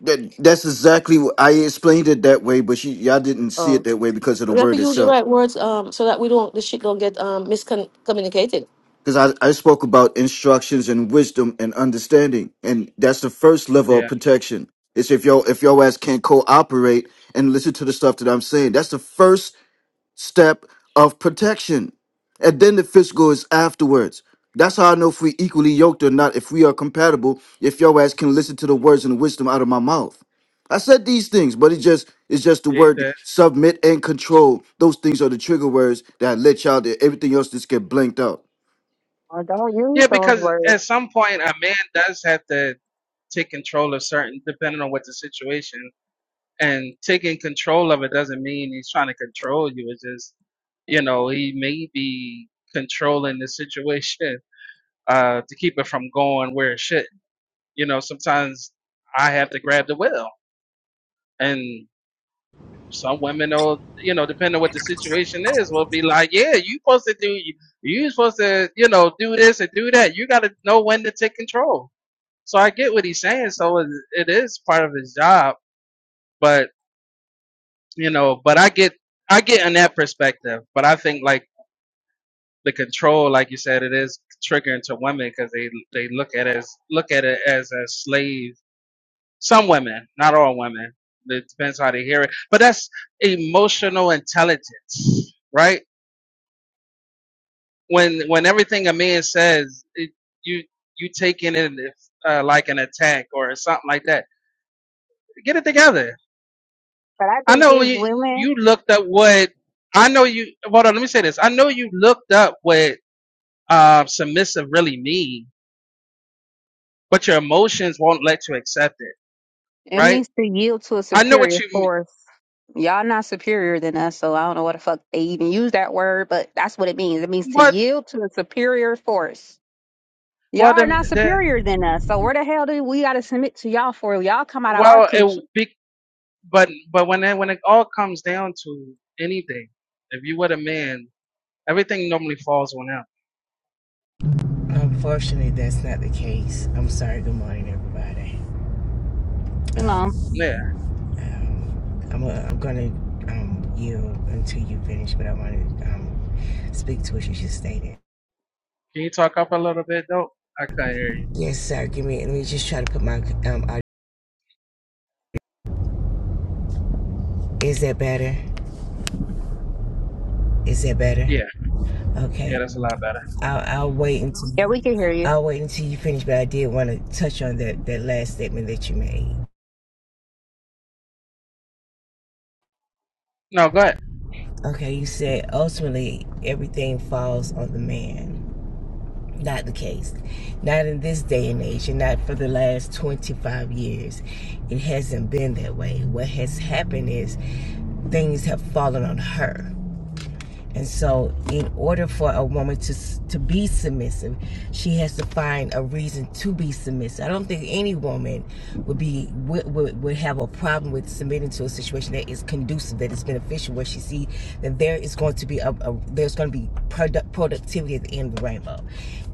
That that's exactly what I explained it that way, but you, y'all didn't see it that way because of the We have to word use the itself. right words um so that we don't the shit don't get um miscommunicated. Because I, I spoke about instructions and wisdom and understanding, and that's the first level of yeah, protection. It's if you if you ass can't cooperate and listen to the stuff that I'm saying. That's the first step of protection. And then the physical is afterwards. That's how I know if we equally yoked or not, if we are compatible, if your ass can listen to the words and the wisdom out of my mouth. I said these things, but it just it's just the yeah, you word submit and control. Those things are the trigger words that let y'all do everything else just get blanked out. Well, don't yeah. use those Because words. at some point, a man does have to take control of certain, depending on what the situation. and taking control of it doesn't mean he's trying to control you. It's just, you know, he may be controlling the situation uh, to keep it from going where it should. You know, sometimes I have to grab the wheel, and some women will, you know, depending on what the situation is, will be like, "Yeah, you supposed to do, you supposed to, you know, do this and do that. You got to know when to take control." So I get what he's saying. So it, it is part of his job, but you know but i get i get in that perspective but i think like the control like you said it is triggering to women because they they look at it as look at it as a slave some women not all women it depends how they hear it but that's emotional intelligence right when when everything a man says it, you you take in it uh, like an attack or something like that get it together But I i think know it's you women. you looked up what I know you. Hold on, let me say this. I know you looked up what um, submissive really mean, but your emotions won't let you accept it, It right? means to yield to a I know what superior you mean. force. Y'all not superior than us, so I don't know what the fuck they even use that word, but that's what it means. It means to What? yield to a superior force. Y'all Well, are then, not then superior than us, so where the hell do we gotta submit to y'all for? Y'all come out of our well, it coochie. will be, but but when it, when it all comes down to anything, if you were a man, everything normally falls on him. Unfortunately, that's not the case. I'm sorry. Good morning, everybody. You know. Um, Yeah. um, I'm, i am i gonna um, yield until you finish, but I want to um, speak to what you just stated. Can you talk up a little bit though? I can't hear you. Yes, sir. Give me. Let me just try to put my. Um, aud- is that better? Is that better? Yeah. Yeah, Okay. that's a lot better. I'll, I'll wait Yeah, until. we can hear you. I'll wait until you finish, but I did want to touch on that, that last statement that you made. No, go ahead. Okay, you said ultimately everything falls on the man. Not the case. Not in this day and age, and not for the last 25 years. It hasn't been that way. What has happened is things have fallen on her. And so, in order for a woman to to be submissive, she has to find a reason to be submissive. I don't think any woman would be would, would, would have a problem with submitting to a situation that is conducive, that is beneficial, where she see that there is going to be a, a there's going to be product, productivity at the end of the rainbow.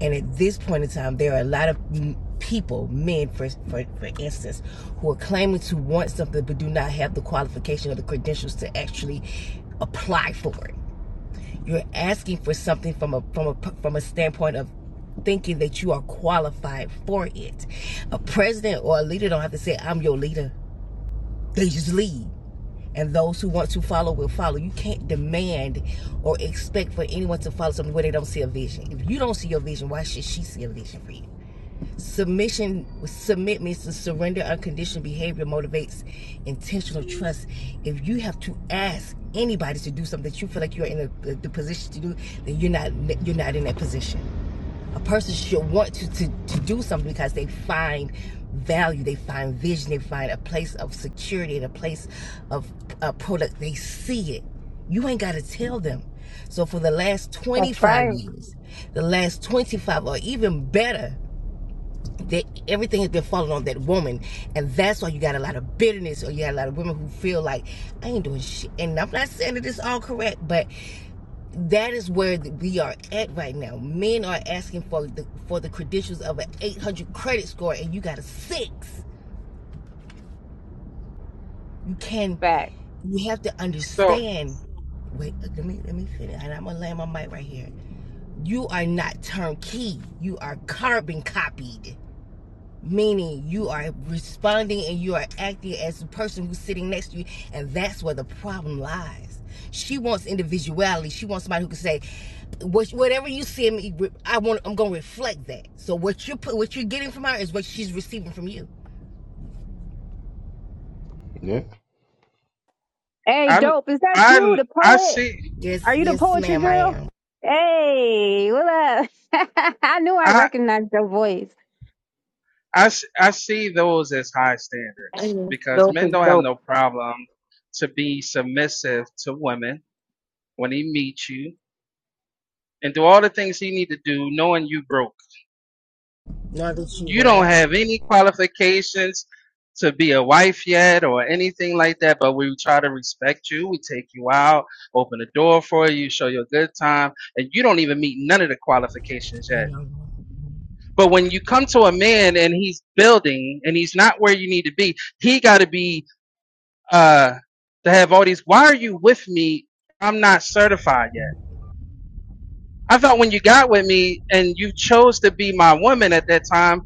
And at this point in time, there are a lot of mm, people, men for, for for instance, who are claiming to want something but do not have the qualification or the credentials to actually apply for it you're asking for something from a from a from a standpoint of thinking that you are qualified for it. A president or a leader don't have to say I'm your leader. They just lead. And those who want to follow will follow. You can't demand or expect for anyone to follow something where they don't see a vision. If you don't see your vision, why should she see a vision for you? Submission, submit means to surrender unconditional behavior motivates intentional trust. If you have to ask anybody to do something that you feel like you're in a, the position to do, then you're not you're not in that position. A person should want to, to to do something because they find value, they find vision, they find a place of security and a place of uh, product. They see it. You ain't got to tell them. So for the last That's 25 right. years, the last 25 or even better that everything has been falling on that woman, and that's why you got a lot of bitterness, or you got a lot of women who feel like I ain't doing shit. And I'm not saying that it's all correct, but that is where we are at right now. Men are asking for the for the credentials of an 800 credit score, and you got a six. You can, Back. you have to So understand. Wait, uh, let me let me finish, and I'm gonna land my mic right here. You are not turnkey. You are carbon copied Meaning you are responding and you are acting as the person who's sitting next to you, and that's where the problem lies. She wants individuality. She wants somebody who can say, "Whatever you see in me, I want. I'm gonna reflect that." So what you are what you're getting from her is what she's receiving from you. Yeah. Hey, I dope, is that you, I the I poet? see. Yes, Are you the yes, poetry ma'am, I girl? am. Hey, what up? I knew I I. recognized your voice, I, s- I see those as high standards Amen. because Dope men is don't have dope. no problem to be submissive to women when he meets you and do all the things he need to do knowing you broke. Not that you You don't were, have any qualifications to be a wife yet or anything like that, but we try to respect you. We take you out, open the door for you, show you a good time, and you don't even meet none of the qualifications you yet. know. But when you come to a man and he's building and he's not where you need to be, he got to be uh, to have all these. Why are you with me? I'm not certified yet. I thought when you got with me and you chose to be my woman at that time,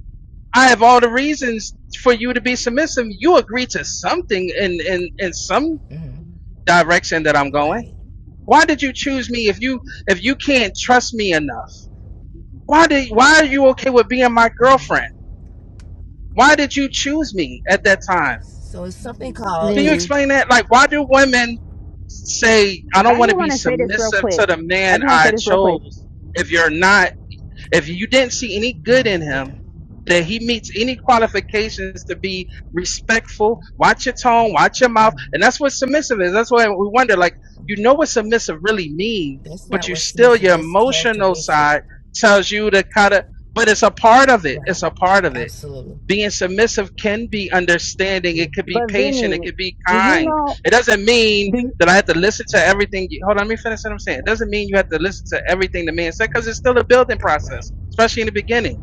I have all the reasons for you to be submissive. You agree to something in, in, in some Mhm. direction that I'm going. Right. Why did you choose me if you if you can't trust me enough? Why did why are you okay with being my Mhm. girlfriend? Why did you choose me at that time? So it's something called Can you Vinny. it's. explain that? Like, why do women say, I I don't just want to be want to say this real submissive quick. to the I man just want to I say this real quick. chose? If you're not, if you didn't see any good in mhm, him, Yeah. that he meets any qualifications to be respectful, watch your tone, watch your mouth. And Mhm. that's what submissive is. That's why we wonder, like, you know what submissive really means, That's but not you what's still, submissive. your That's emotional characteristic. side tells you to kind of, but it's a part of it. It's Right. a part of it Absolutely. being submissive can be understanding. It could be But Vinny, patient. It do could be you kind. know? It doesn't mean Do you, that I have to listen to everything. You, hold on, let me finish what I'm saying. It doesn't mean you have to listen to everything the man said because it's still a building Right. process, especially in the beginning.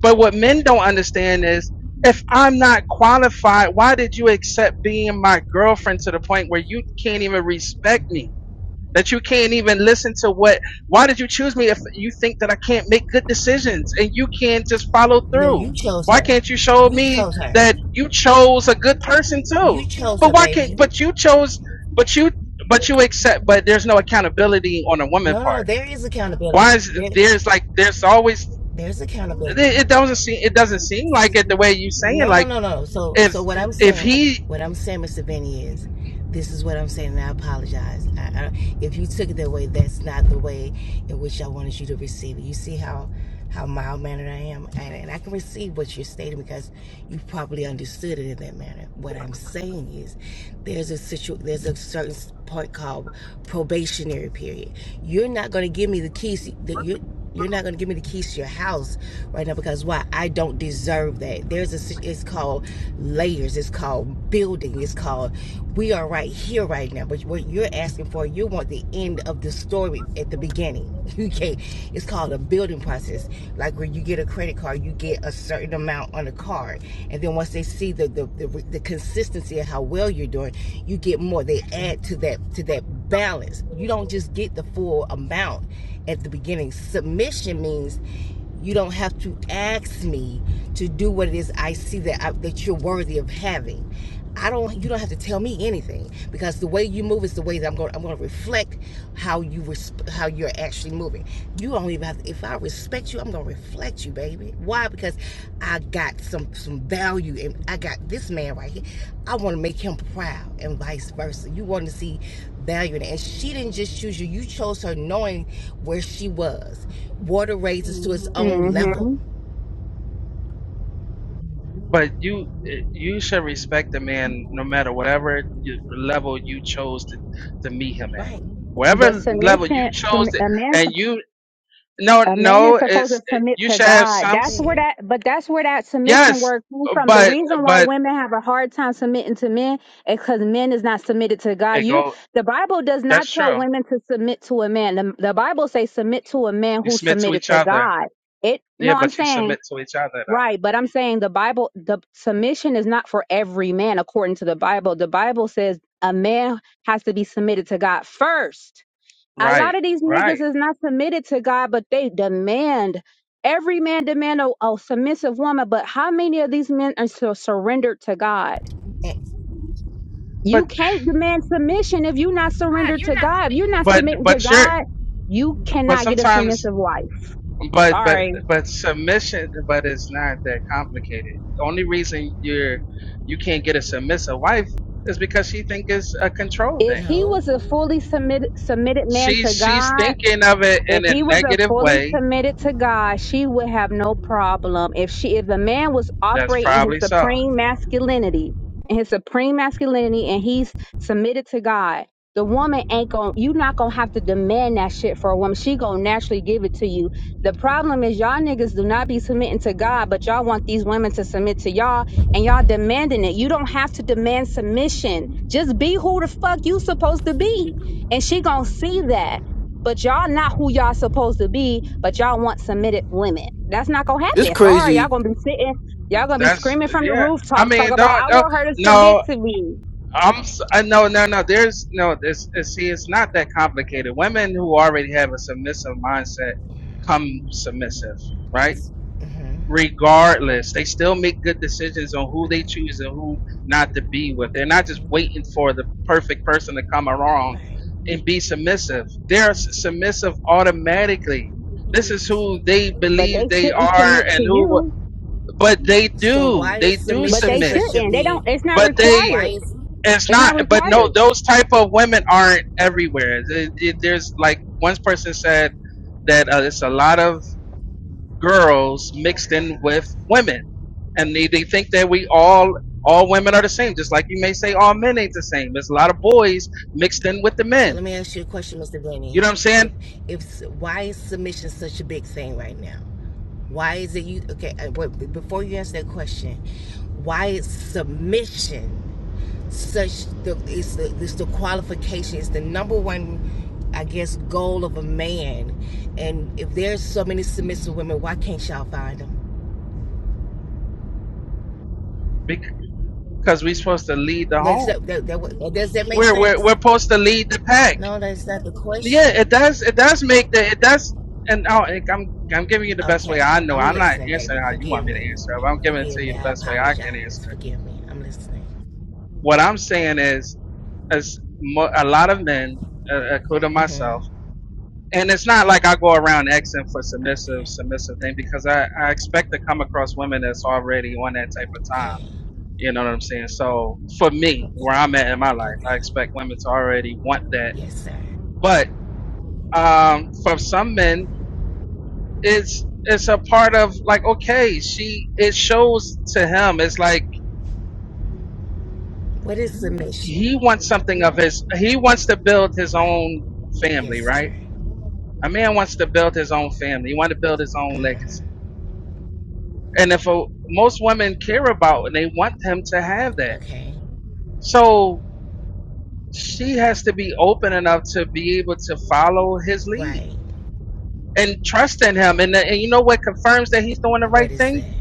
But what men don't understand is if I'm not qualified, why did you accept being my girlfriend to the point where you can't even respect me? that you can't even listen to what why did you choose me if you think that I can't make good decisions and you can't just follow You know, through? you chose Why her. can't you show You me chose her. that you chose a good person too? You chose But her, why can't baby. but you chose but you but you accept but there's no accountability on a woman No, no, part. there is Why accountability. is There, there's like there's always there's it accountability. it doesn't seem it doesn't seem like it the way you saying No, no, like no, no. So, if so what I'm if saying, he what I'm saying, Mr. Vinny, is this is what I'm saying, and I apologize. I, I, if you took it that way, that's not the way in which I wanted you to receive it. You see how how mild mannered I am, and, and I can receive what you're stating because you probably understood it in that manner. What I'm saying is, there's a situ, there's a certain part called probationary period. You're not going to give me the keys that you you're not going to give me the keys to your house right now because why? I don't deserve that. There's a, si- it's called layers. It's called building. It's called, we are right here right now. But what you're asking for, you want the end of the story at the beginning. You can't, it's called a building process. Like when you get a credit card, you get a certain amount on a card. And then once they see the, the, the, the consistency of how well you're doing, you get more. They add to that, to that balance. You don't just get the full amount at the beginning. Submission means you don't have to ask me to do what it is I see that I, that you're worthy of having. I don't. You don't have to tell me anything because the way you move is the way that I'm going. I'm going to reflect how you how you're actually moving. You don't even have to, if I respect you, I'm gonna reflect you, baby. Why? Because I got some some value and I got this man right here. I wanna make him proud and vice versa. You wanna see value in it. And she didn't just choose you, you chose her knowing where she was. Water raises to its own level. hmm But you eh, you should respect a man no matter whatever you- level you chose to, to meet him at, Right. But whatever level you submission, sub- chose, to, a man, and sup- you no a man is no supposed to it's eh, submit you to should have God. some That's s- where There. that, but that's where that submission yes, word comes from. The but reason why but women have a hard time submitting to men is because men is not submitted to God. it You, go the Bible does not that's tell true. women to submit to a man. The, the Bible says submit to a man You who submit to submitted each to other, God. It, yeah, no, I'm but you saying submit to each other though, Right, but I'm saying the Bible, the submission is not for every man according to the Bible. The Bible says a man has to be submitted to God first. A lot right, of these right. niggas is not submitted to God, but they demand. Every man demand a, a submissive woman, but how many of these men are so surrendered to God? And, You But can't demand submission if you're not surrendered to God. If you're not but submitting to but you're God, you but cannot get a sometimes submissive wife. But but Sorry. but submission, but it's not that complicated. The only reason you're you can't get a submissive wife is because she think it's a control If thing. he no. was a fully submit, submitted man She's to she's God, thinking of it If in a he was a negative fully way. committed to God, she would have no problem. If she if the man was That's operating his probably so. supreme masculinity and his supreme masculinity and he's submitted to God, the woman ain't going to you not gonna have to demand that shit for a woman. She gonna naturally give it to you. The problem is y'all niggas do not be submitting to God, but y'all want these women to submit to y'all and y'all demanding it. You don't have to demand submission. Just be who the fuck you supposed to be. And she gonna see that but y'all not who y'all supposed to be, but y'all want submitted women. That's not gonna It's happen. Sorry, y'all crazy. gonna be sitting, y'all gonna be That's screaming from the yeah. I rooftops, talk mean, don't, about I don't want her to submit no. to me. I'm s- I no no no. There's no. It's, it's see. It's not that complicated. Women who already have a submissive mindset come submissive, right? hmm regardless. They still make good decisions on who they choose and who not to be with. They're not just waiting for the perfect person to come along Right. and be submissive. They're submissive automatically. This is who they But believe they they shouldn't are submit and to who you. but they So do. why They is do But submission they submit. such a shouldn't. They don't big it's not But they why required. is it's It's not not but no required. those type of women aren't everywhere. It- it- there's like one person said that uh, it's a lot of girls mixed in with women. And they, they think that we all, all women are the same. Just like you may say all men ain't the same. There's a lot of boys mixed in with the So men. let me ask you a question, Mr. You Benny. know what I'm If saying? if why is submission such a big thing right now? Why is it you? Okay, uh, before you answer that question, why is submission such the is the it's the qualification? It's the number one, I guess, goal of a man. And if there's so many submissive women, why can't y'all find them? Because we're supposed to lead the Does home. that, that, that, does that make We're, we're, we're sense? supposed to lead the pack. No, that's not the Yeah, question. it does, it does make the, it does, and oh, and I'm, I'm giving you the best way Okay, I know. I'm I'm not listening, baby. answering how you Forgive want me to me. answer. it, But I'm giving it Forgive to you me. the I best way I can answer. apologize. it. Forgive me. I'm listening. What I'm saying is, as mo- a lot of men, uh, including myself, Mm-hmm. and it's not like I go around asking for submissive, Okay. submissive thing because I, I expect to come across women that's already on that type of time. Okay. You know what I'm saying? So for me, where I'm at in my life, I Okay. expect women to already want that. Yes, sir. But um, for some men, it's it's a part of like okay, she it shows to him. It's like What is he submission? wants something of his. He wants to build his Right. own Yes, family, sir. right? A man wants to build his own family. He wants to build his own legacy hmm And if a, most women care about and they want him to have that. Okay. So she has to be open enough to be able to follow his lead Right. and trust in him. And, and you know what confirms that he's doing the What right is thing? that?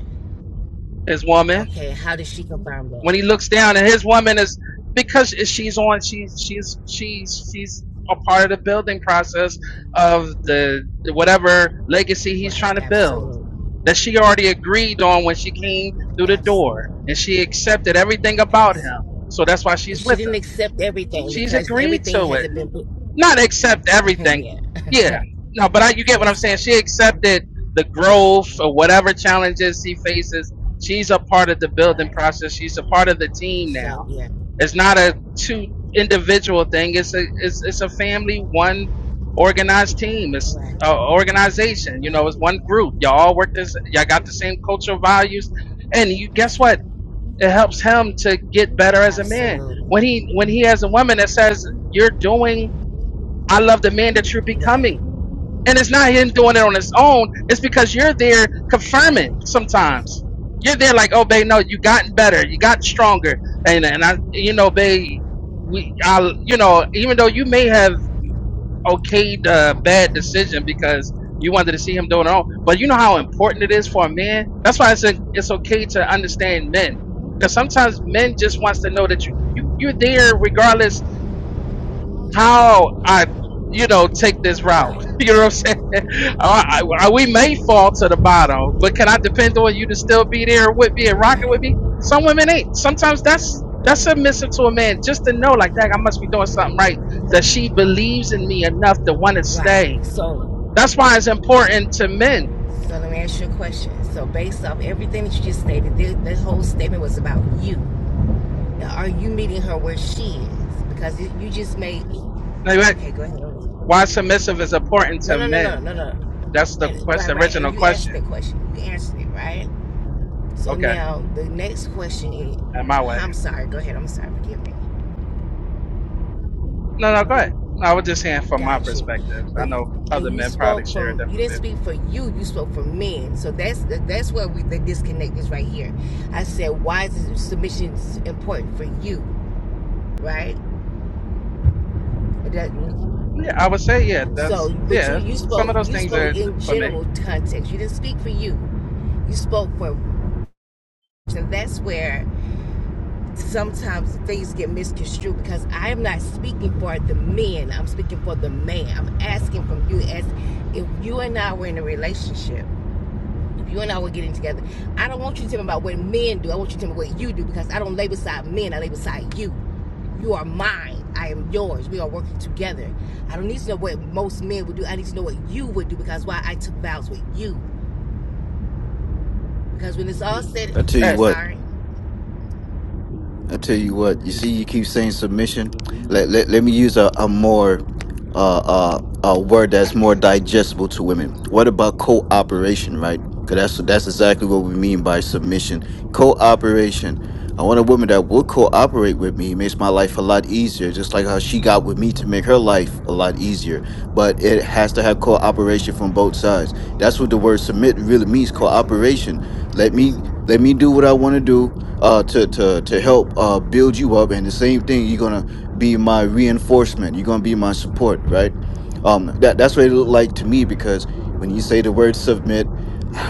His woman. Okay. How did she confirm when that? he looks down and his woman is because she's on she's she's she's she's a part of the building process of the whatever legacy he's Right. trying to build Absolutely. that she already agreed on when she came through the door Absolutely. and she accepted everything about him Absolutely. so that's why Well, she's she with didn't him accept everything she's because agreed everything to it hasn't been. put- not accept everything. yeah. Yeah. No, but I, you get what I'm yes, saying. sir. She accepted the growth or whatever challenges she faces. She's a part of the building Right. process. She's a part of the team now. So yeah. It's not a two individual thing. It's a it's it's a family, one organized team. It's Right. a organization. You know, Right. it's one group. Y'all all work this. Y'all got the same cultural values, and you What's guess that? what? It helps him to get better as a man when Absolutely he when he has a woman that says you're doing I love the man that you're Right. becoming. And it's not him doing it on his own. It's because you're there Right. confirming Okay. sometimes. You're there like, oh, babe, no, you gotten better. You got stronger. And, and I, you know, babe, we, I, you know, even though you may have okayed the bad decision because you wanted to see him doing it all, but you know how important it is for a man. That's why it's, a, it's okay to understand men. Because sometimes men just wants to know that you, you, you're there regardless how I, you know, take this route. Right. you know what I'm saying? I, I- we may fall to the bottom, but can I depend on you to still be there with me and rocking with Right. me? Some women ain't. Sometimes that's that's submissive to a man just to know, like, dang, I must be doing something right. That she believes in me enough to want to Right. stay. So, That's why it's important to men. so let me ask you a question. So, based off everything that you just stated, this, this whole statement was about you. Now, are you meeting her where she is? Because you, you just made. me. Like, like, Okay, go ahead. No, Why submissive is important to no, no, no, men? no, no. That's the And, right, question, right. original And you answered question. that question. You answered it, right? So Okay, now the next question is, in my way. I'm sorry. Go ahead. I'm sorry. Forgive me. No, no, go ahead. I was just saying from my Got you. perspective. But I know other and you men probably spoke share a from different you didn't speak for you, you spoke for men. So that's that's where we the disconnect is right here. I said, why is submission important for you, right? that- Yeah, I would say yeah. so, That's but you yeah. you Some of spoke those you things are spoke in for me. general context. You didn't speak for you. You spoke for. So that's where sometimes things get misconstrued because I am not speaking for the men. I'm speaking for the man. I'm asking from you as if you and I were in a relationship If you and I were getting together, I don't want you to tell me about what men do. I want you to tell me what you do because I don't lay beside men. I lay beside you. You are mine. I am yours. We are working together. I don't need to know what most men would do. I need to know what you would do because why I took vows with you. Because when it's all said, I tell I'm you Right, what. sorry. I tell you what, you see, you keep saying submission. Let let, let me use a, a more uh, uh a word that's more digestible to women. What about cooperation, right? Cause that's that's exactly what we mean by submission. Cooperation. I want a woman that will cooperate with me. It makes my life a lot easier, just like how she got with me to make her life a lot easier. But it has to have cooperation from both sides. That's what the word submit really means. Absolutely. Cooperation let me let me do what I want to do uh, to to to help uh, build you up. And the same thing, you're gonna be my reinforcement. You're gonna be my support, right? Um, that that's what it looked like to me because when you say the word submit,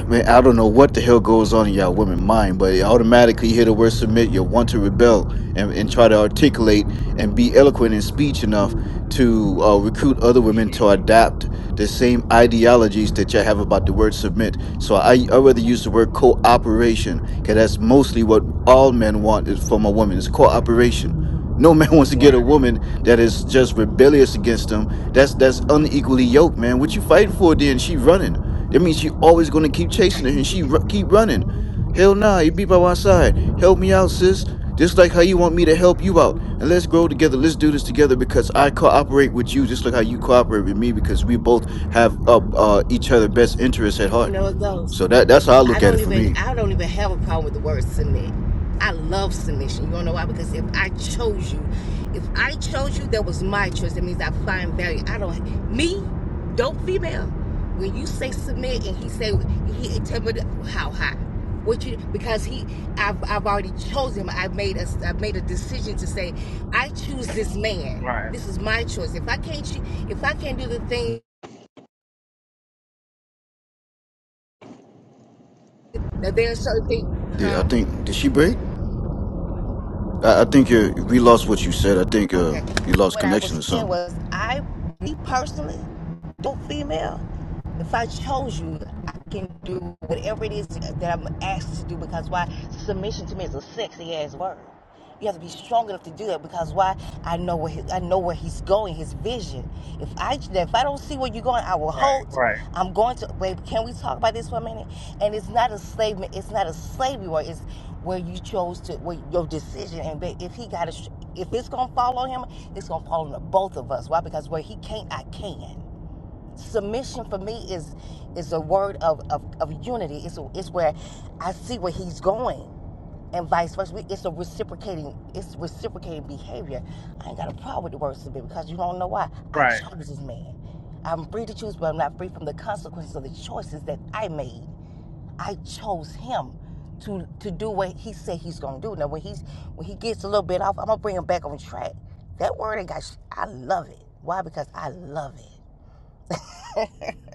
man, I don't know what the hell goes on in y'all women mind, but automatically you hear the word submit, you want to rebel and, and try to articulate and be eloquent in speech enough to uh, recruit other women Mhm. to adapt the same ideologies that you have about the word submit. So I, I rather use the word cooperation, because that's mostly what all men want is from a woman is cooperation. No man wants to right, get a woman that is just rebellious against him. That's that's unequally yoked, man. What you fighting for? Then she running. That means she always gonna keep chasing her, and she ru- keep running. Hell nah, you be by my side. Help me out, sis. Just like how you want me to help you out, and let's grow together. Let's do this together because I cooperate with you, just like how you cooperate with me, because we both have uh, uh, each other best interests at You heart. know it goes. So that that's how I I look at don't it for even me. I don't even have a problem with the word submit. I love submission. You wanna know why? Because if I chose you, if I chose you, that was my choice. That means I find value. I don't me, don't female. When you say submit and he say he tell me how high. What you because he I've I've already chosen him. I've made a I've made a decision to say, I choose this man. right, This is my choice. If I can't if I can't do the thing now there are certain things Did, I huh? think did she break? I, I think you we lost what you said. I think uh Okay. you So lost what I connection was or saying something. was, I, me personally, don't female if I chose you, I can do whatever it is that I'm asked to do because why? Submission to me is a sexy ass word. You have to be strong enough to do that because why? I know where he, I know where he's going, his vision. If I if I don't see where you're going, I will Right. halt. right, I'm going to wait. Can we talk about this for a minute? And it's not a slavery. It's not a slavery word. It's where you chose to where your decision. And ba- if he got a, if it's gonna fall on him, it's gonna fall on the both of us. Why? Because where he can't, I can submission for me is is a word of of, of unity. It's a, it's where I see where he's going, and vice versa. It's a reciprocating it's reciprocating behavior. I ain't got a problem with the word submit because you don't know why I right. chose this man. I'm free to choose, but I'm not free from the consequences of the choices that I made. I chose him to to do what he said he's gonna do. Now when he's when he gets a little bit off, I'm gonna bring him back on track. That word ain't got. I love it. Why? Because I love it.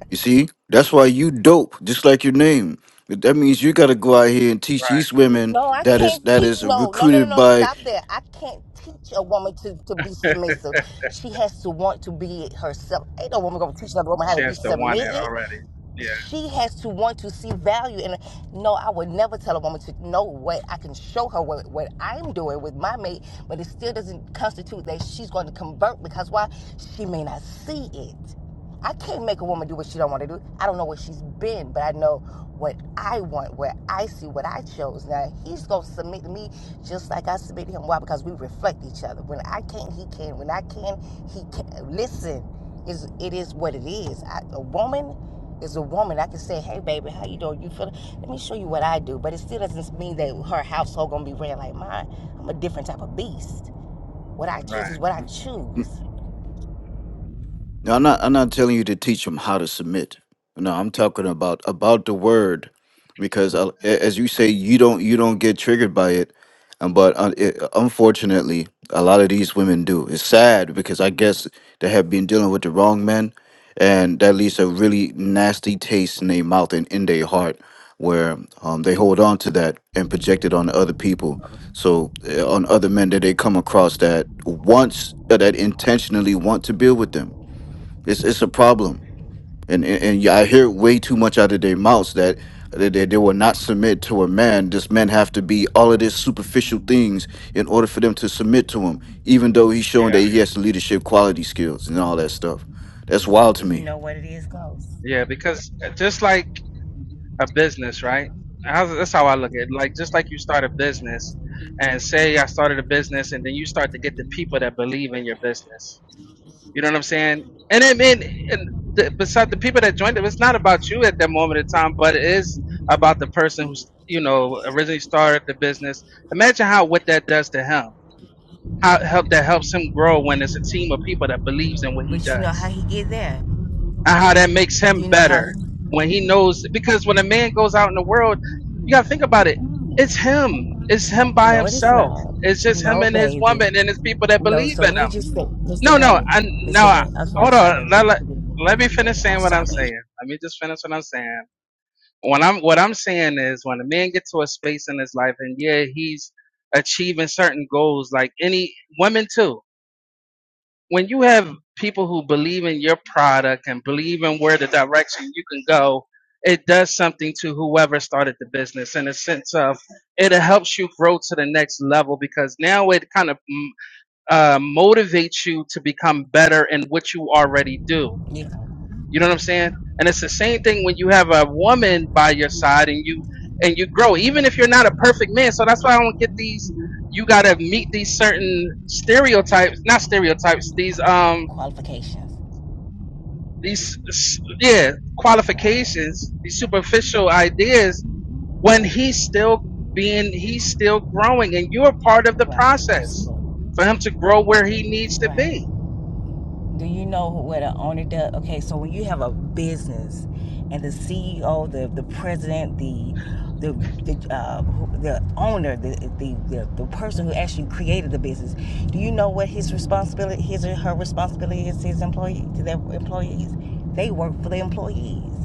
You see, that's why you dope, just like your name. But that means you got to go out here and teach right. these women No, I that is can't that teach. is No, no, no, no, recruited no. by. Stop there. I can't teach a woman to, to be submissive. She has to want to be it herself. Ain't no woman gonna teach another woman how to be Chance to want it submitted. already. Yeah, She has to want to see value in it. No, I would never tell a woman to know what I can show her what, what I'm doing with my mate, but it still doesn't constitute that she's going to convert because why? She may not see it. I can't make a woman do what she don't want to do. I don't know where she's been, but I know what I want, where I see what I chose. Now he's gonna submit to me just like I submit to him. Why? Because we reflect each other. When I can't, he can. When I can, he can. Listen, is it is what it is. I, a woman is a woman. I can say, hey baby, how you doing? You feeling? Let me show you what I do. But it still doesn't mean that her household gonna be ran like mine. I'm a different type of beast. What I choose right. is what I choose. Now, I'm not. I'm not telling you to teach them how to submit. No, I'm talking about about the word, because I, a- as you say, you don't you don't get triggered by it, um, but uh, it, unfortunately, a lot of these women do. It's sad because I guess they have been dealing with the wrong men, and that leaves a really nasty taste in their mouth and in their heart, where um, they hold on to that and project it on other people. So uh, on other men that they come across that wants uh, that intentionally want to build with them it's it's a problem, and and, and yeah, I hear it way too much out of their mouths that they, they they will not submit to a man. This men have to be all of these superficial things in order for them to submit to him, even though he's showing Yeah, that he has the leadership quality skills and all that stuff. That's wild to You me. know what it is goes. yeah. Because just like a business, right? How's- That's how I look at it. Like just like you start a business, and say I started a business, and then you start to get the people that believe in your business You know what I'm saying? And I mean, and the, besides the people that joined it, it's not about you at that moment in time, but it is about the person who's you know originally started the business. Imagine how what that does to him, how help that helps him grow when it's a team of people that believes in what he But you know how does, he get there. and how that makes him You know how? better he, when he knows. Because when a man goes out in the world, you gotta think about it. It's him. It's him by No, it is not. himself. It's just him No, and his baby. woman, and it's people that No. believe So in let him. me just say, Mr. No, no, Vanny, I, no. Mr. I, Vanny. Okay, I'm hold on. sorry, baby. Let, Let me let, forget let me it. finish Like, I'm saying what I'm sorry, baby. saying. Let me just finish what I'm saying. When I'm what I'm saying is when a man gets to a space in his life, and yeah, he's achieving certain goals, like any women too. When you have people who believe in your product and believe in where the direction you can go, it does something to whoever started the business in a sense of it helps you grow to the next level because now it kind of uh, motivate you to become better in what you already do. Yeah. You know what I'm saying? And it's the same thing when you have a woman by your side and you and you grow, even if you're not a perfect man. So that's why I don't get these. You gotta meet these certain stereotypes, not stereotypes. These Qu- um qualifications. these s- yeah Right. qualifications, these superficial ideas. When he's still being, he's still growing, and you're part of the Right. process Absolutely. for him to grow where he needs to Right. be. Do you know what an owner does? Okay, so when you have a business and the CEO, the the president, the the the, uh, the owner, the, the the the person who actually created the business, do you know what his responsibility, his or her responsibility is to his employee, to their employees? They work for the employees.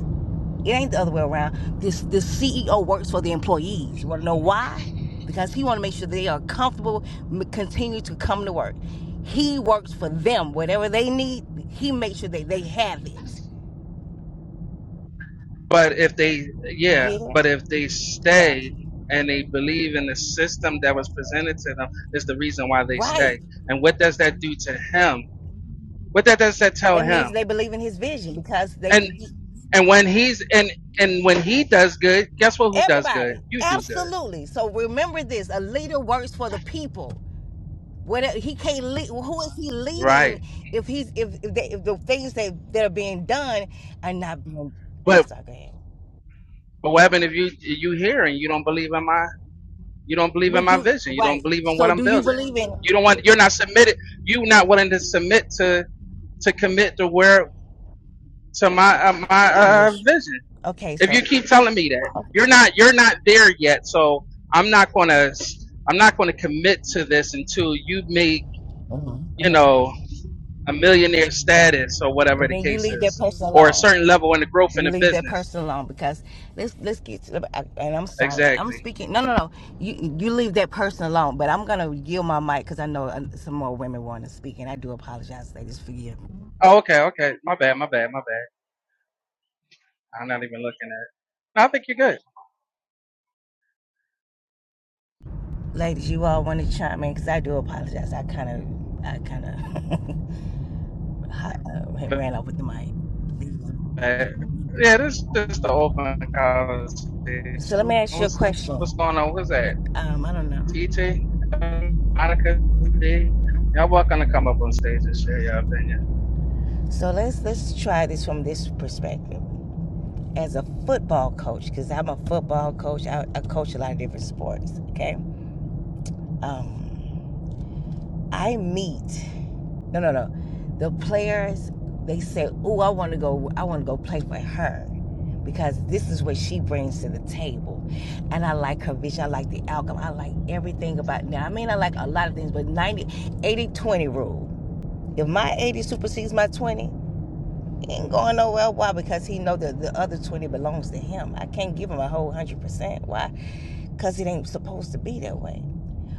It ain't the other way around. This this CEO works for the employees. You want to know why? Because he want to make sure they are comfortable, continue to come to work. He works for them. Whatever they need, he makes sure that they have it. But if they, Yeah. yeah, but if they Yeah. stay and they believe in the system that was presented to them, is the reason why they Right. stay. And what does that do to him? What that does that tell That him? means they believe in his vision because they And and when he's and and when he does good, guess what? Who does good? everybody. You do good, Absolutely. So remember this, a leader works for the people. What he can't lead. Who is he right? leading if he's if if, they, if the things that that are being done are not being? I'm But sorry. Go ahead. but what happened if you you hear and you don't believe in my you don't believe in But my do vision? You don't right. believe in what So I'm do you building. believe in? You don't want. You're not submitted. You not willing to submit to to commit to where to my uh, my uh, Yes. vision Okay. if So. you keep telling me that you're not you're not there yet so i'm not going to i'm not going to commit to this until you make mhm, you mhm. know a millionaire Right. status or whatever Well, the then you case leave that is person or a alone. certain level in the growth in You the leave that business person alone because let's let's get to the. And I'm sorry, I'm exactly speaking. No, no, no. You you leave that person alone. But I'm gonna yield my mic because I know uh, some more women want to speak, and I do apologize, ladies, for you. oh okay okay my bad my bad my bad i'm not even looking at it. No, i think you're good ladies, you all want to chime in because I do apologize. I kind of, I kind of uh, My ran off with the mic. bad. yeah this is just the open conversation So let me ask you a what's what's question. going on what's that Um, I don't know. TJ, Monica, D. Y'all welcome to come up on stage and share your opinion. So let's let's try this from this perspective as a football coach because I'm a football coach. I, I coach a lot of different sports. Okay. Um, I meet No, no, no. The players, they say, "Oh, I want to go. I want to go play for her." Because this is what she brings to the table, and I like her vision. I like the outcome. I like everything about. it. Now, I mean, I like a lot of things, but 90, 80, 20 rule. If my 80 supersedes my 20, it ain't going nowhere. Why? Because he know that the other 20 belongs to him. I can't give him a whole 100%. Why? Because it ain't supposed to be that way.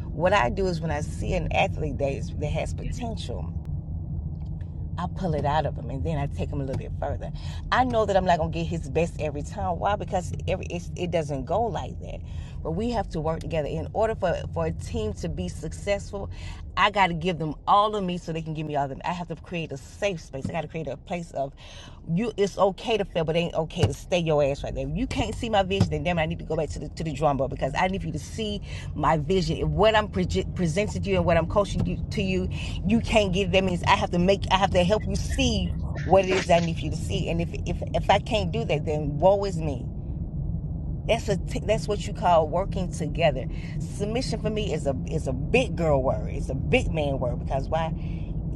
What I do is when I see an athlete that, is, that has potential, I pull it out of him and then I take him a little bit further. I know that I'm not gonna get his best every time. Why? Because every it's, it doesn't go like that. But we have to work together. In order for for a team to be successful, I got to give them all of me so they can give me all of them. I have to create a safe space. I got to create a place of you it's okay to fail, but it ain't okay to stay your ass right there. If you can't see my vision, then damn, it, I need to go back to the to the drum board because I need for you to see my vision. If what I'm pre- presenting to you and what I'm coaching you to you, you can't get it. That means I have to make, I have to help you see what it is that I need for you to see. And if if if I can't do that, then woe is me. That's what t- that's what you call working together. Submission for me is a is a big girl word. It's a big man word because why?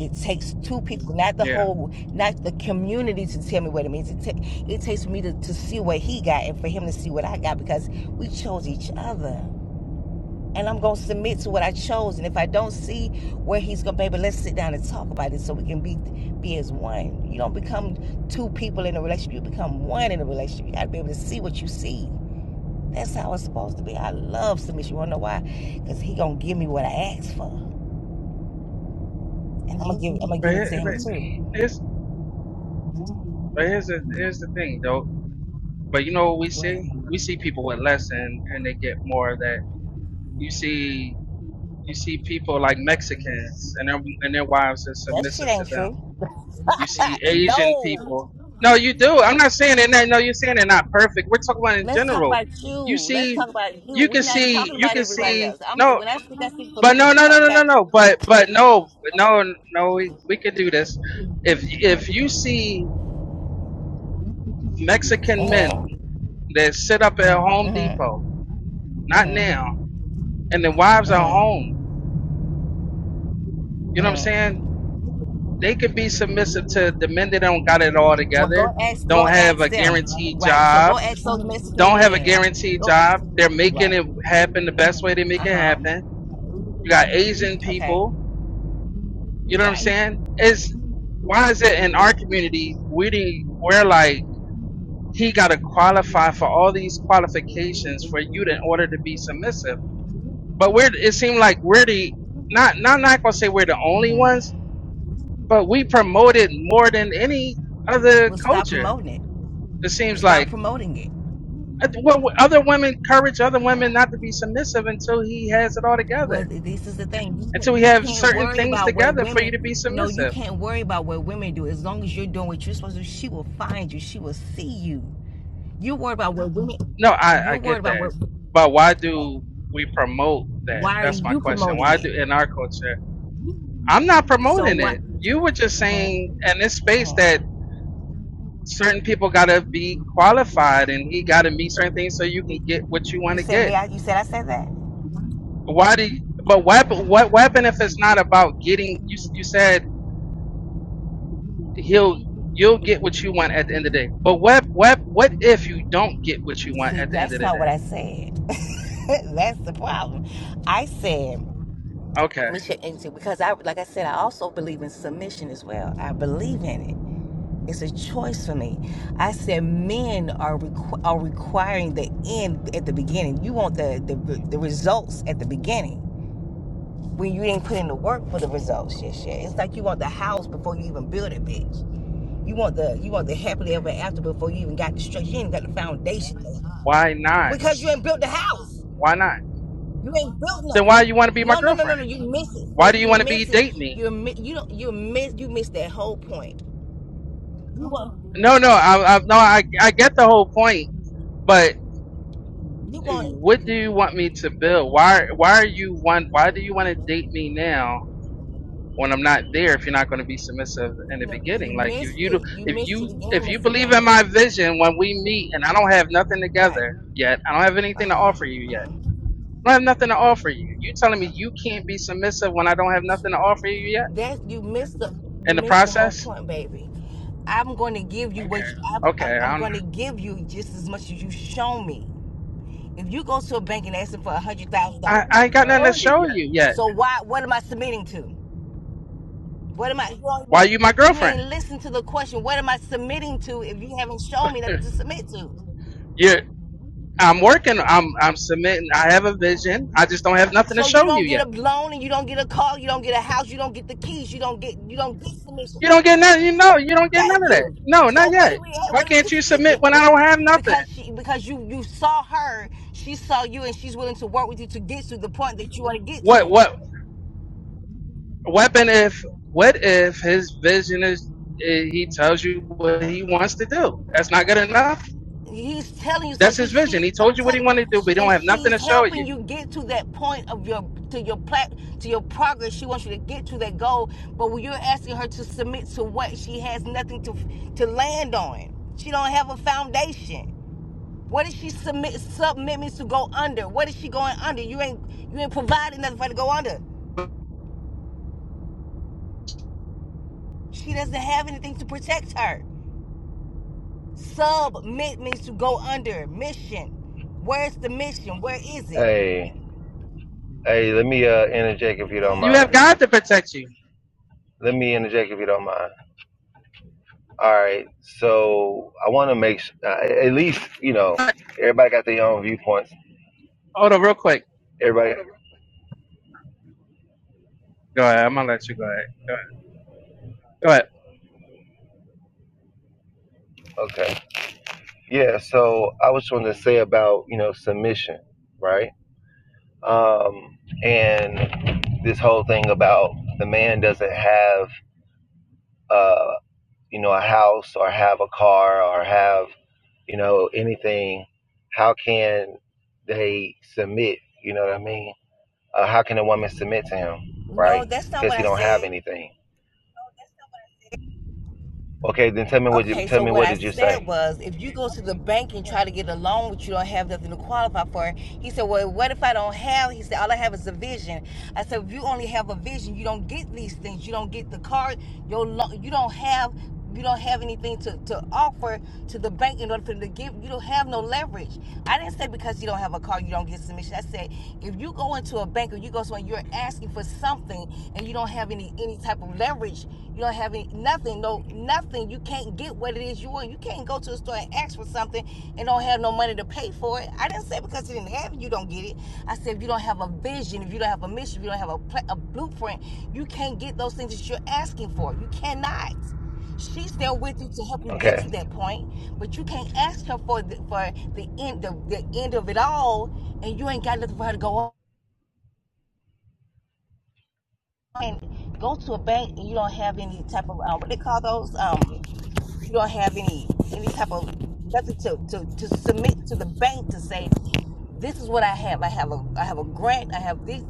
It takes two people, not the Yeah, whole, not the community, to tell me what it means. It, ta- it takes me to, to see what he got and for him to see what I got because we chose each other. And I'm going to submit to what I chose. And if I don't see where he's going, baby, let's sit down and talk about it so we can be be as one. You don't become two people in a relationship. You become one in a relationship. You got to be able to see what you see. That's how it's supposed to be. I love submission. You wanna know why? Cause he gonna give me what I asked for, and I'm gonna give. I'm gonna but, give it here, to him but too. here's but here's the here's the thing though. But you know what we see? We see people with less and and they get more of that. You see you see people like Mexicans and their and their wives are That shit submissive to ain't them. true. You see Asian no. people. No, you do. I'm not saying they're not. No, you're saying they're not perfect. We're talking about in Let's talk general. about you. You Let's see, talk about you. you can We're not see, talking you about can everybody see. else. I'm No. when I speak, I speak for But no, me. no, no, no, no, Okay. no. But but no, no, no. We we could do this. If if you see Mexican men Mm-hmm. that sit up at Home Mm-hmm. Depot, not Mm-hmm. now, and the wives are Mm-hmm. home, you know what I'm Mm-hmm. saying? They could be submissive to the men that don't got it all Well, together, go ask. Go don't have ask a them. guaranteed Right. So job, go ask those Mexican don't have a men. guaranteed Go. job. They're making Right. it happen the best way they make Uh it huh. happen. You got Asian Okay. people, you know what I'm Right. saying? It's why is it in our community we didn't we're like He got to qualify for all these qualifications for you to, in order to be submissive. But we're, it seemed like we're the, not, not, not going to say we're the only Uh-huh. ones, but we promote it more than any other Well, stop culture. promoting it. It seems Stop like promoting it. Uh, well, other women encourage other women not to be submissive until he has it all Well, together, this is the thing. You until can't, we you have can't certain worry things about what together for you to women. be No, you submissive. can't worry about what women do. As long as you're doing what you're supposed to, she will find you. She will see you. You're worried about what women. No, I, You're I worried get about that. what. But why Okay. do we promote that? Why are That's my you question. Why do promoting in our culture? I'm not it? So promoting what? it. You were just Uh-huh. saying in this space Uh-huh. that certain people got to be qualified and he got to meet certain things so you can get what you You want to said me. get. I, you said I said that. Why do you, but what what weapon if it's not about getting you you said he'll you'll get what you want at the end of the day. But what what what if you don't get what you want See, at the end of that's the not what I day? said. that's the problem. I said Okay. we should and see, because I like I said, I also believe in submission as well. I believe in it. It's a choice for me. I said men are requ- are requiring the end at the beginning. You want the, the the results at the beginning when you didn't put in the work for the results. Shit, shit. It's like you want the house before you even build it, bitch. You want the you want the happily ever after before you even got the structure. You ain't got the foundation Why not? because you ain't built the house. Why not? You ain't built Then why you nothing. want to be my No, no, no, no, girlfriend? no. You miss it, Why baby. do you You want to be missing. date me? You're you don't you miss you miss that whole point. You want No, no, I, I no I I get the whole point, but you want what do you want me to build? Why why are you want why do you want to date me now when I'm not there if you're not going to be submissive in the no. You beginning? Like if missed you do- it. You if missed it you again, if you Mr. believe in Vanny. my vision when we meet and I don't have nothing Right. together yet, I don't have anything to Uh-huh. offer you yet. I don't have nothing to offer you. You telling me you can't be submissive when I don't have nothing to Right. offer you yet That you missed the in you the missed the whole process? point, baby. I'm going to give you okay. what you, Okay, I'm, I'm I'm, going to give you just as much as you show me. If you go to a bank and ask them for a hundred thousand dollars, I I ain't got nothing to Tell you, show yeah. you yet. so why? What am I submitting to? What am I? You Why you my you girlfriend? ain't listen to the question. What am I submitting to if you haven't shown me nothing to submit to? You're I'm working. I'm I'm submitting. I have a vision. I just don't have nothing to So you show you don't yet. get a loan and you don't get a car, you don't get a house, you don't get the keys, you don't get you don't get You submission. don't get none. You know, you don't get none Thank of that. you. No, So not what yet. are we at? Why What are we can't you submit speaking? when I don't have nothing? Because she because you you saw her, she saw you, and she's willing to work with you to get to the point that you want to get to. What what weapon? If what if his vision is eh, he tells you what he wants to do? That's not good enough. He's telling you so. That's She, his she vision. He told I'm you what he telling, wanted to do, but he don't and have nothing she's to show helping you. you get to that point of your to your plat to your progress. She wants you to get to that goal, but when you're asking her to submit to what she has nothing to to land on, she don't have a foundation. What is she submit submit means to go under? What is she going under? You ain't you ain't providing nothing for her to go under. She doesn't have anything to protect her. Submit means to go under. Mission. Where's the mission? Where is it? Hey, hey, let me uh interject if you Go don't ahead, You have mind. baby. God to protect you. Let me interject if you don't mind. All right, so I want to make s- uh, at least you know everybody got their own viewpoints. Hold on, real quick. Everybody, Go ahead. I'm gonna let you go ahead. Go ahead. Go ahead. okay, yeah. So I was trying to say about you know submission, right? Um, and this whole thing about the man doesn't have uh you know a house or have a car or have you know, anything, how can they submit? You know what I mean? Uh, how can a woman submit to him, right? No, that's not Because what he I don't have said. anything. Okay, then tell me what you Okay, tell so me. what What I did you say? said was if you go to the bank and try to get a loan which you don't have nothing to qualify for, he said, Well, what if I don't have? He said, All I have is a vision. I said, If you only have a vision, you don't get these things. You don't get the card. Your lo- you don't have you don't have anything to, to offer to the bank in order for them to give you don't have no leverage. I didn't say because you don't have a car you don't get submission. I said if you go into a bank or you go somewhere you're asking for something and you don't have any any any type of leverage. You don't have any, nothing, no nothing. You can't get what it is you want. You can't go to a store and ask for something and don't have no money to pay for it. I didn't say because you didn't have it, you don't get it. I said if you don't have a vision, if you don't have a mission, if you don't have a, pla a blueprint, you can't get those things that you're asking for. You cannot. She's there with you to help you get Okay, to that point, but you can't ask her for the, for the end the, the end of it all, and you ain't got nothing for her to go on. and go to a bank and you don't have any type of uh, what they call those um you don't have any any type of nothing to, to to submit to the bank to say this is what I have. I have a I have a grant. I have this.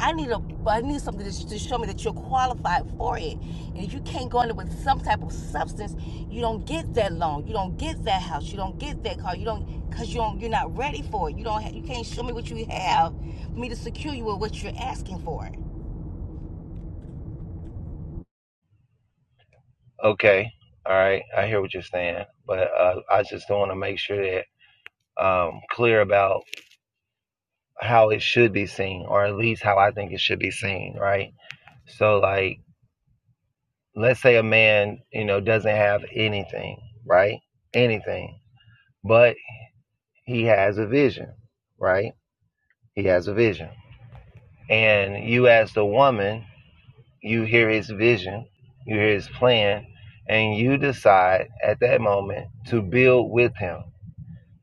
I need a I need something to, to show me that you're qualified for it. And if you can't go in there with some type of substance, you don't get that loan. You don't get that house. You don't get that car. You don't because you don't you're not ready for it. You don't ha- you can't show me what you have for me to secure you with what you're asking for. okay, all right. I hear what you're saying, but uh, I just want to make sure that um clear about how it should be seen, or at least how I think it should be seen, right? So, like, let's say a man, you know, doesn't have anything, right? Anything, but he has a vision, right? He has a vision. And you, as the woman, you hear his vision, you hear his plan, and you decide at that moment to build with him.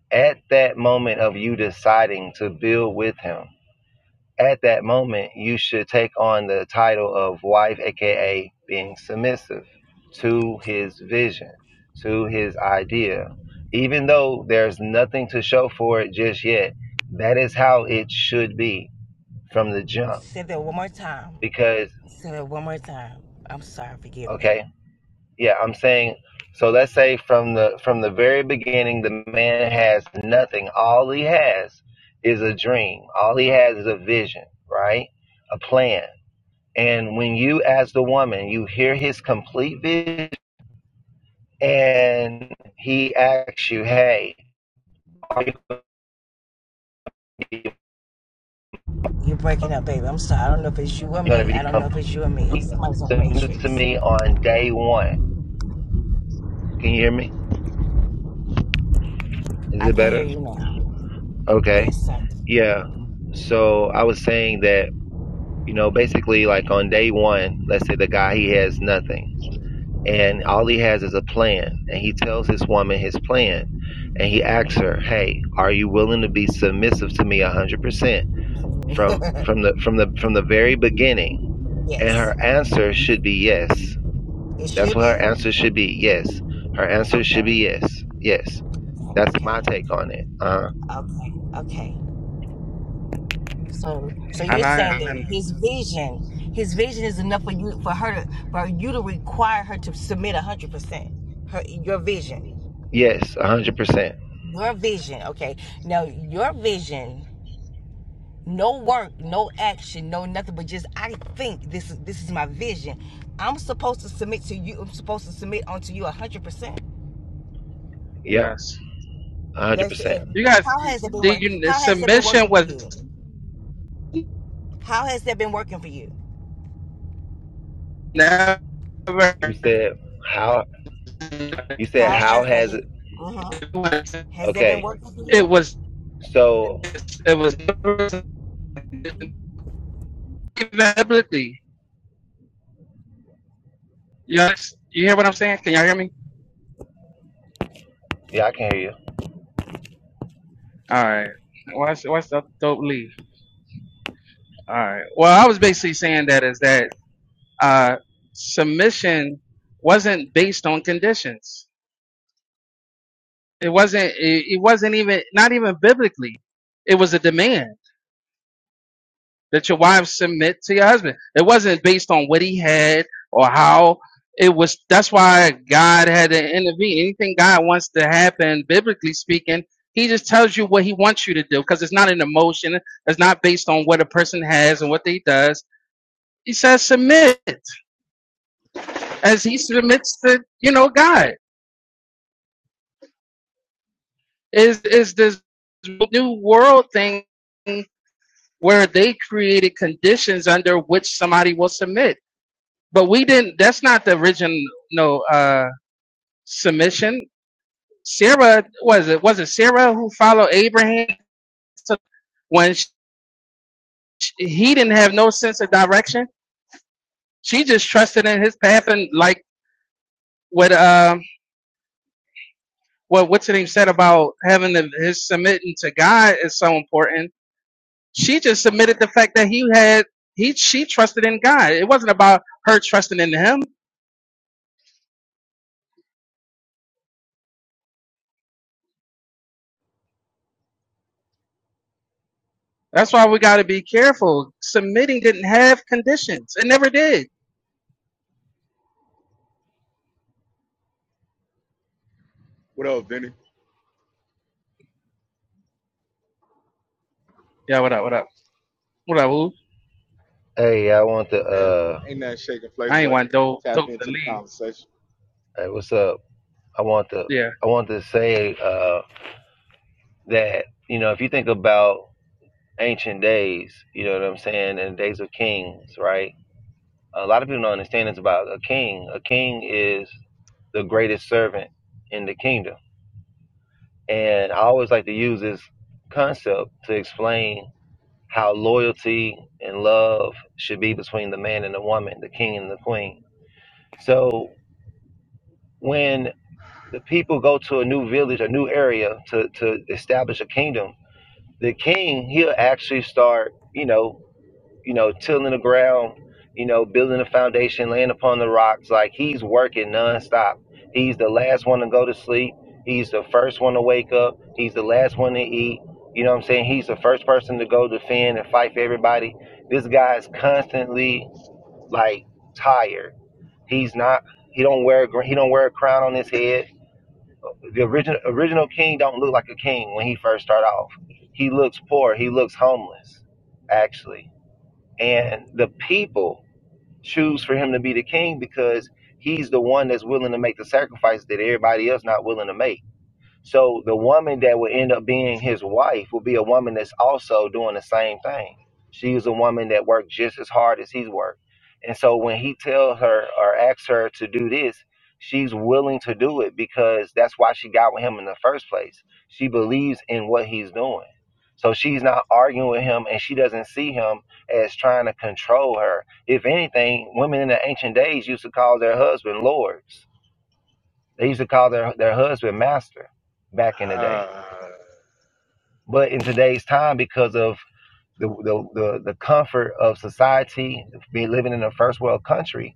At that moment of you deciding to build with him, at that moment, you should take on the title of wife, aka being submissive to his vision, to his idea. Even though there's nothing to show for it just yet, that is how it should be from the jump. Say that one more time. Because, Say that one more time. I'm sorry, forgive me. okay, yeah, I'm saying so let's say from the from the very beginning the man has nothing. All he has is a dream. All he has is a vision, right? A plan And when you, as the woman, you hear his complete vision and he asks you, hey, are you You're breaking up, baby. I'm sorry. I don't know if it's you or going to me. be I don't know if it's you or me. completely Someone's on submissive to Matrix. me on day one? Can you hear me? Is I it can hear better? you now. Okay. Yes, sir. Yeah. So I was saying that, you know, basically, like on day one, let's say the guy, he has nothing. And all he has is a plan. And he tells his woman his plan. And he asks her, hey, are you willing to be submissive to me 100%? from from the from the from the very beginning and yes. her answer should be yes It that's should what her be? answer should be yes her answer Okay. should be yes yes that's my Okay. take on it uh Okay. Okay. So so you're And I saying and that his vision, his vision is enough for you for her to for you to require her to submit a hundred percent. Her your vision. yes 100% Your vision. Okay. Now your vision no work, no action, no nothing, but just I think this is this is my vision. I'm supposed to submit to you. I'm supposed to submit onto you 100. percent yep yes, That's 100% it. you guys. How has it been The, working? the How has that been submission working for was you? How has that been working for you? never. you said how a you said How how condition. has that has been? it Uh-huh. Has that been okay working for It you? was so it was inevitability. Yes, you hear what I'm saying? Can y'all hear me? yeah i can hear you All right. What's what's up, dope Lee? All right. Well, I was basically saying that is that uh, submission wasn't based on conditions. It wasn't. It, it wasn't even not even biblically. It was a demand. that your wives submit to your husband. It wasn't based on what he had or how it was. That's why God had to intervene. Anything God wants to happen, biblically speaking, he just tells you what he wants you to do because it's not an emotion. It's not based on what a person has and what they does. He says submit as he submits to, you know, God is, is this new world thing where they created conditions under which somebody will submit But we didn't. That's not the original no, uh, submission. Sarah was it? Was it Sarah who followed Abraham to- when sh he didn't have no sense of direction? She just trusted in his path and like what um what what's the name said about having the, his submitting to God is so important. She just submitted the fact that he had he she trusted in God. It wasn't about her trusting in him. That's why we got to be careful. Submitting didn't have conditions. It never did. What up, Vinny? Yeah, what up? What up? What up, who? hey i want to Man, uh ain't nothing shaking, I ain't Playboy. want dope Tap dope to into the leave. conversation. hey what's up i want to i want to say uh that you know if you think about ancient days, you know what I'm saying, and the days of kings, right? A lot of people don't understand this about a king. A king is the greatest servant in the kingdom. And I always like to use this concept to explain how loyalty and love should be between the man and the woman, the king and the queen. So when the people go to a new village, a new area to, to establish a kingdom, the king, he'll actually start, you know, you know, tilling the ground, you know, building a foundation, laying upon the rocks. Like he's working nonstop. He's the last one to go to sleep. He's the first one to wake up. He's the last one to eat. You know what I'm saying? He's the first person to go defend and fight for everybody. This guy's constantly like tired. He's not. He don't wear. a gr- He don't wear a crown on his head. The original original king don't look like a king when he first start off. He looks poor. He looks homeless, actually and the people choose for him to be the king because he's the one that's willing to make the sacrifice that everybody else not willing to make. So the woman that would end up being his wife will be a woman that's also doing the same thing. She is a woman that worked just as hard as he's worked. And so when he tells her or asks her to do this, she's willing to do it because that's why she got with him in the first place. She believes in what he's doing. So she's not arguing with him and she doesn't see him as trying to control her. If anything, women in the ancient days used to call their husband lords they used to call their their husband master back in the day. Uh, But in today's time, because of the the the, the comfort of society, being living in a first world country,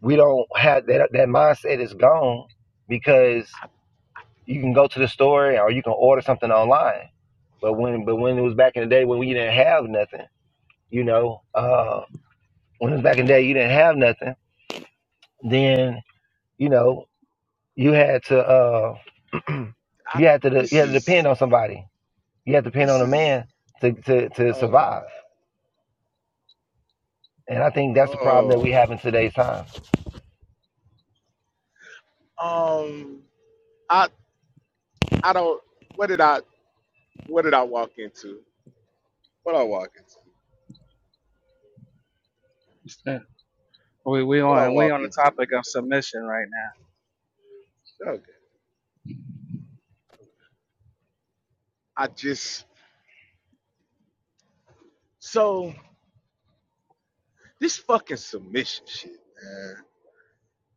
we don't have that that mindset is gone because you can go to the store or you can order something online. But when but when it was back in the day when we didn't have nothing, you know, uh, when it was back in the day you didn't have nothing, then you know you had to uh, I, you had to you this had to depend is on somebody You have to depend this on a is man to, to, to oh my survive. god. And I think that's the problem that we Oh, have in today's time. um, I I don't. What did I What did I walk into? What I walk into? Yeah. We we What I on we walk on the into? topic of submission right Okay. I just so this fucking submission shit, man.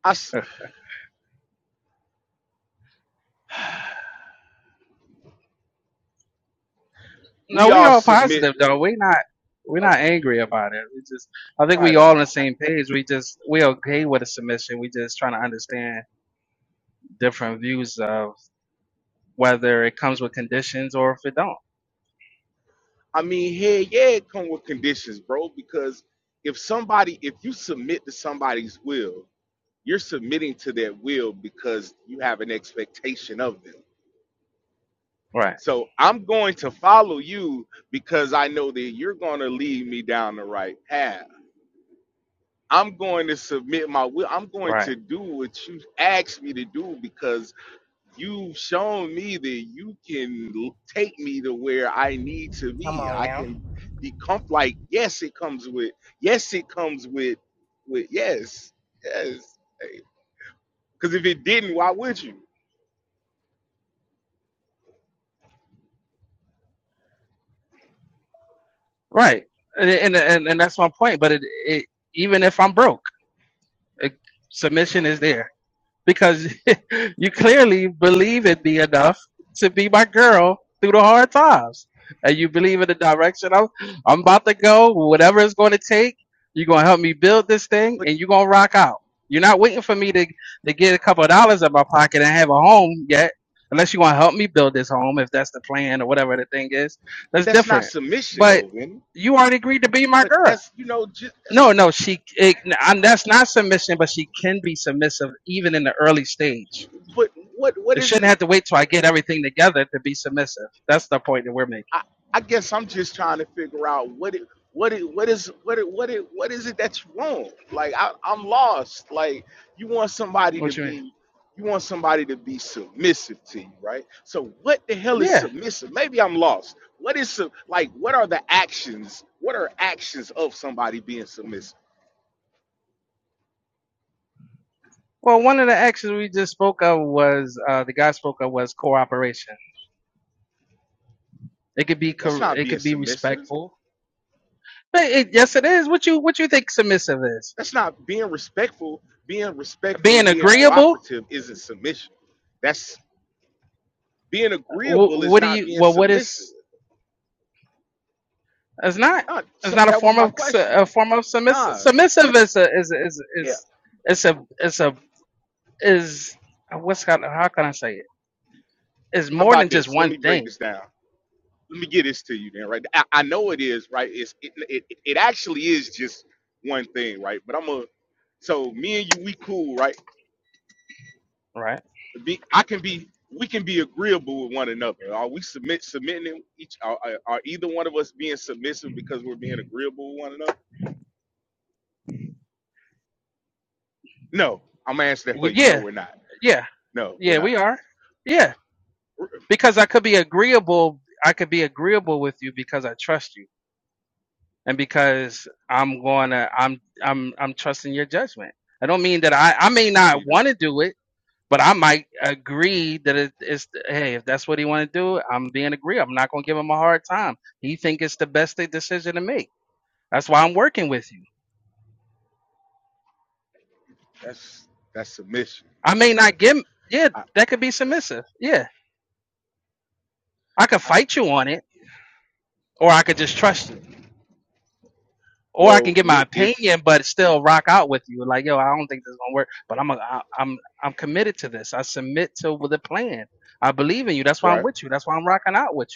I s- now. we No, we all all submit. positive though. We not we're Oh, not angry about it. We just I think we right all on the on. same page. We just we okay with a submission. We just trying to understand different views of whether it comes with conditions or if it don't. I mean, hey, yeah, it come with conditions, bro. Because if somebody, if you submit to somebody's will, you're submitting to their will because you have an expectation of them. Right. So I'm going to follow you because I know that you're going to lead me down the right path. I'm going to submit my will. I'm going Right. to do what you asked me to do because You've shown me that you can l- take me to where I need to Come be. on I now. can be comf like yes, it comes with yes, it comes with with yes, yes. Because if it didn't, why would you? Right. And and and, and that's my point. But it, it even if I'm broke, it, submission is there. because you clearly believe in me enough to be my girl through the hard times. And you believe in the direction I'm, I'm about to go, whatever it's going to take. You're going to help me build this thing But and you're going to rock out. You're not waiting for me to, to get a couple of dollars in my pocket and have a home yet, unless you want to help me build this home, if that's the plan or whatever the thing is. but That's that's not different. submission But though, Vinny. you already agreed to be my But girl. that's you know just that's No, no, she. It, and that's not submission, but she can be submissive even in the early stage. but what what It is it? shouldn't have to wait till I get everything together to be submissive. That's the point that we're making. I, I guess I'm just trying to figure out what it what it what is what it what it what is it that you want? Like I, I'm lost. Like you want somebody to What you mean? be you want somebody to be submissive to you, right? So what the hell is Yeah. submissive? Maybe I'm lost. What is sub- like what are the actions? What are actions of somebody being submissive? Well, one of the actions we just spoke of was uh, the guy spoke of was cooperation. It could be That's co- not it being could be submissive. respectful. But it, yes, it is. What you what you think submissive is? That's not being respectful. Being respectful Being and being agreeable. cooperative isn't submission. That's being Wh- agreeable is What do not you? being Well, what submissive is? It's not. Nah, It's so not a that was form my of a question. form of submissive. Nah, Submissive is a is is yeah. is it's a it's a is what's got how can I say it? It's How more than about just this? Let one me break thing, this down. Let me get this to you then, right? I, I know it is, right? It's it, it it actually is just one thing, right? But I'm a so me and you, we cool, right? right? Be I can be we can be agreeable with one another. Are we submit submitting each? Are, are are either one of us being submissive because we're being agreeable with one another? No, I'm gonna answer that for We, you. No, yeah, we're not. yeah, No, we're yeah. not. We are. Yeah, We're, because I could be agreeable. I could be agreeable with you because I trust you, and because I'm gonna I'm I'm I'm trusting your judgment. I don't mean that I I may we not need to. want to do it But I might agree that it, it's hey, if that's what he want to do, I'm being agree. I'm not gonna give him a hard time. He think it's the best thing- decision to make. That's why I'm working with you. That's that's submission. I may Okay. not give. Yeah, I, that could be that's, submissive. Yeah, I could I, fight you on it, or I could just trust you, or I can Well, give my what if opinion, but still rock out with you. Like yo, I don't think this is gonna work, but I'm a, I, I'm I'm committed to this. I submit to the plan. I believe in you. That's why I'm right? with you. That's why I'm rocking out with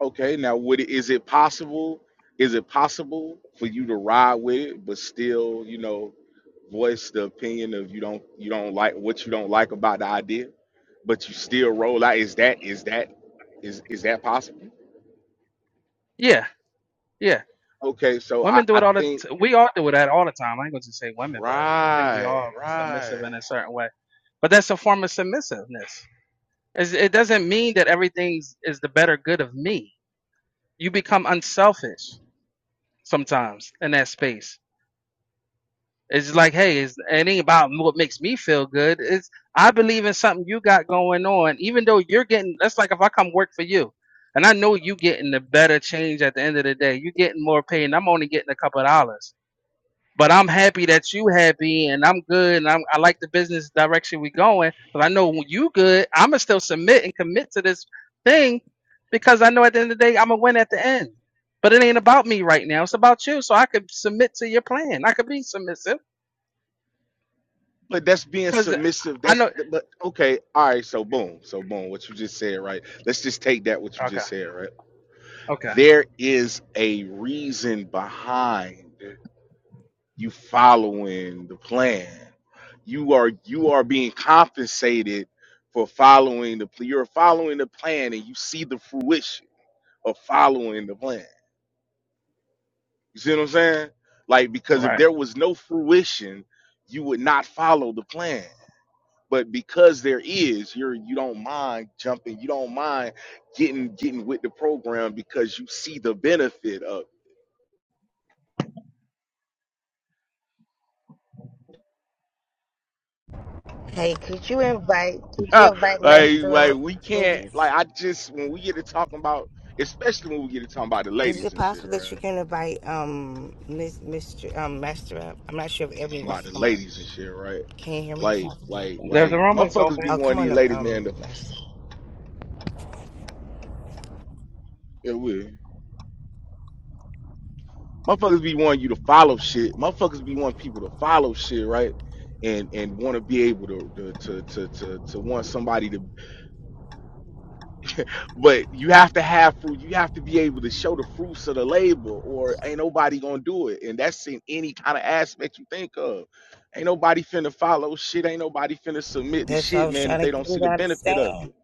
Okay, now would it is it possible? Is it possible for you to ride with it, but still, you know, voice the opinion of you don't you don't like what you don't like about the idea, but you still roll out? Is that is that is is that possible? you. Yeah, yeah. Okay, so I Women do I it all the. think T- we all do that all the time. I ain't gonna just say women, but I think we right all submissive right. in a certain way. But that's a form of submissiveness. It's, it doesn't mean that everything is the better good of me. You become unselfish sometimes in that space. It's like, hey, it's, it ain't about what makes me feel good. It's I believe in something you got going on, even though you're getting. That's like if I come work for you, and I know you getting the better change at the end of the day. You getting more pay, and I'm only getting a couple of dollars But I'm happy that you happy and I'm good and I'm, I like the business direction we going. But I know when you good, I'm gonna still submit and commit to this thing because I know at the end of the day I'm gonna win at the end. But it ain't about me right now. It's about you. So I could submit to your plan. I could be submissive But that's being because submissive. I That's know. but okay. All right. So boom. So boom. What you just said, right? Let's just take that what you Okay. just said, right? Okay. there is a reason behind you following the plan. You are you are being compensated for following the plan. You're following the plan and you see the fruition of following the plan. You see what I'm saying? Like All because if right. there was no fruition, you would not follow the plan. But because there is, you're you don't mind jumping, you don't mind getting getting with the program because you see the benefit of it Hey, could you invite? Could you invite like, Master like up, we can't. Like, please? I just when we get to talking about, especially when we get to talking about the Is ladies it and shit, possible that right? you can invite um Miss Mr. Um Master up? I'm not sure if everyone wants About the to come up. ladies and shit, right? Can you hear Like, me? like, There's the like, room is motherfuckers open. be Oh, one come of on these up, ladies, man. um, To, Master. it will. Motherfuckers be wanting you to follow shit. Motherfuckers be wanting people to follow shit, right? And and want to be able to to to to to, to want somebody to. But you have to have fruit. You have to be able to show the fruits of the labor, or ain't nobody gonna do it. And that's in any kind of aspect you think of. Ain't nobody finna follow shit. Ain't nobody finna submit to That's what I shit, was man, if trying they to get don't you see to the benefit of understand. it.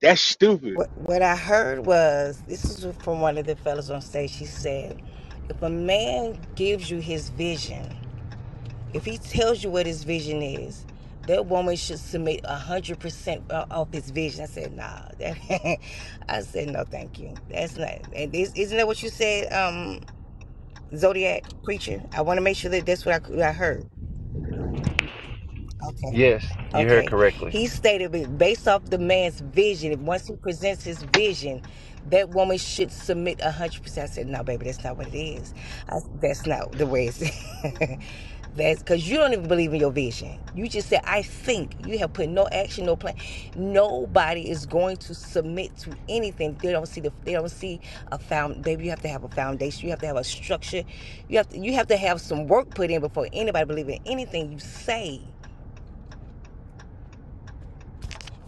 That's stupid. What, what I heard was this is from one of the fellas on stage. She said, If a man gives you his vision, if he tells you what his vision is, that woman should submit 100% of his vision. I said, Nah. That, I said, No, thank you. That's not. And is, isn't that what you said, um, Zodiac Preacher? I want to make sure that that's what I, what I heard. Okay. Yes, you heard Okay. correctly. He stated that based off the man's vision, once he presents his vision, that woman should submit 100%. I said, no, baby, that's not what it is. I, that's not the way it's. that's because you don't even believe in your vision. You just said, I think. You have put no action, no plan. Nobody is going to submit to anything. They don't see the. They don't see a found. Baby, you have to have a foundation. You have to have a structure. You have to. You have to have some work put in before anybody believe in anything you say.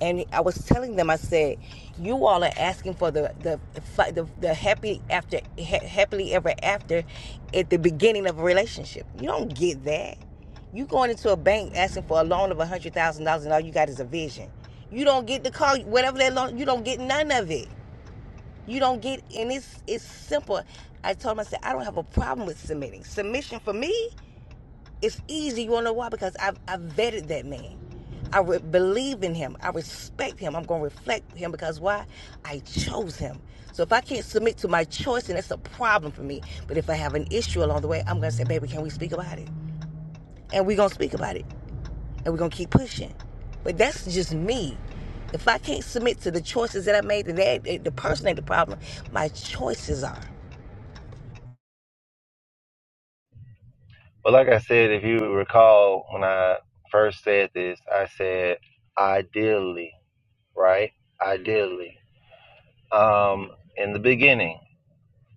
and I was telling them, I said, "You all are asking for the the the, the happy after ha- happily ever after at the beginning of a relationship. You don't get that. You going into a bank asking for a loan of a hundred thousand dollars, and all you got is a vision. You don't get the call, whatever that loan. You don't get none of it. You don't get, and it's it's simple. I told him, I said, I don't have a problem with submitting. Submission for me." It's easy. You wanna know why? Because I've I've vetted that man. I re- believe in him. I respect him. I'm gonna reflect him because why? I chose him. So if I can't submit to my choice, then that's a problem for me. But if I have an issue along the way, I'm gonna say, baby, can we speak about it? And we're gonna speak about it. And we're gonna keep pushing. But that's just me. If I can't submit to the choices that I made, then the person ain't the problem. My choices are. But like I said, if you recall when I first said this, I said ideally, right? Ideally. Um, in the beginning,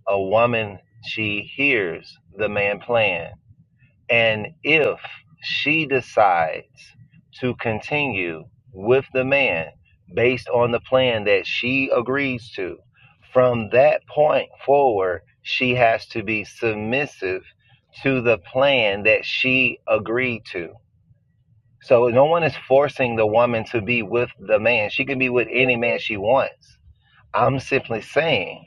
a woman she hears the man plan. And if she decides to continue with the man based on the plan that she agrees to, from that point forward, she has to be submissive to the plan that she agreed to. So no one is forcing the woman to be with the man. She can be with any man she wants. I'm simply saying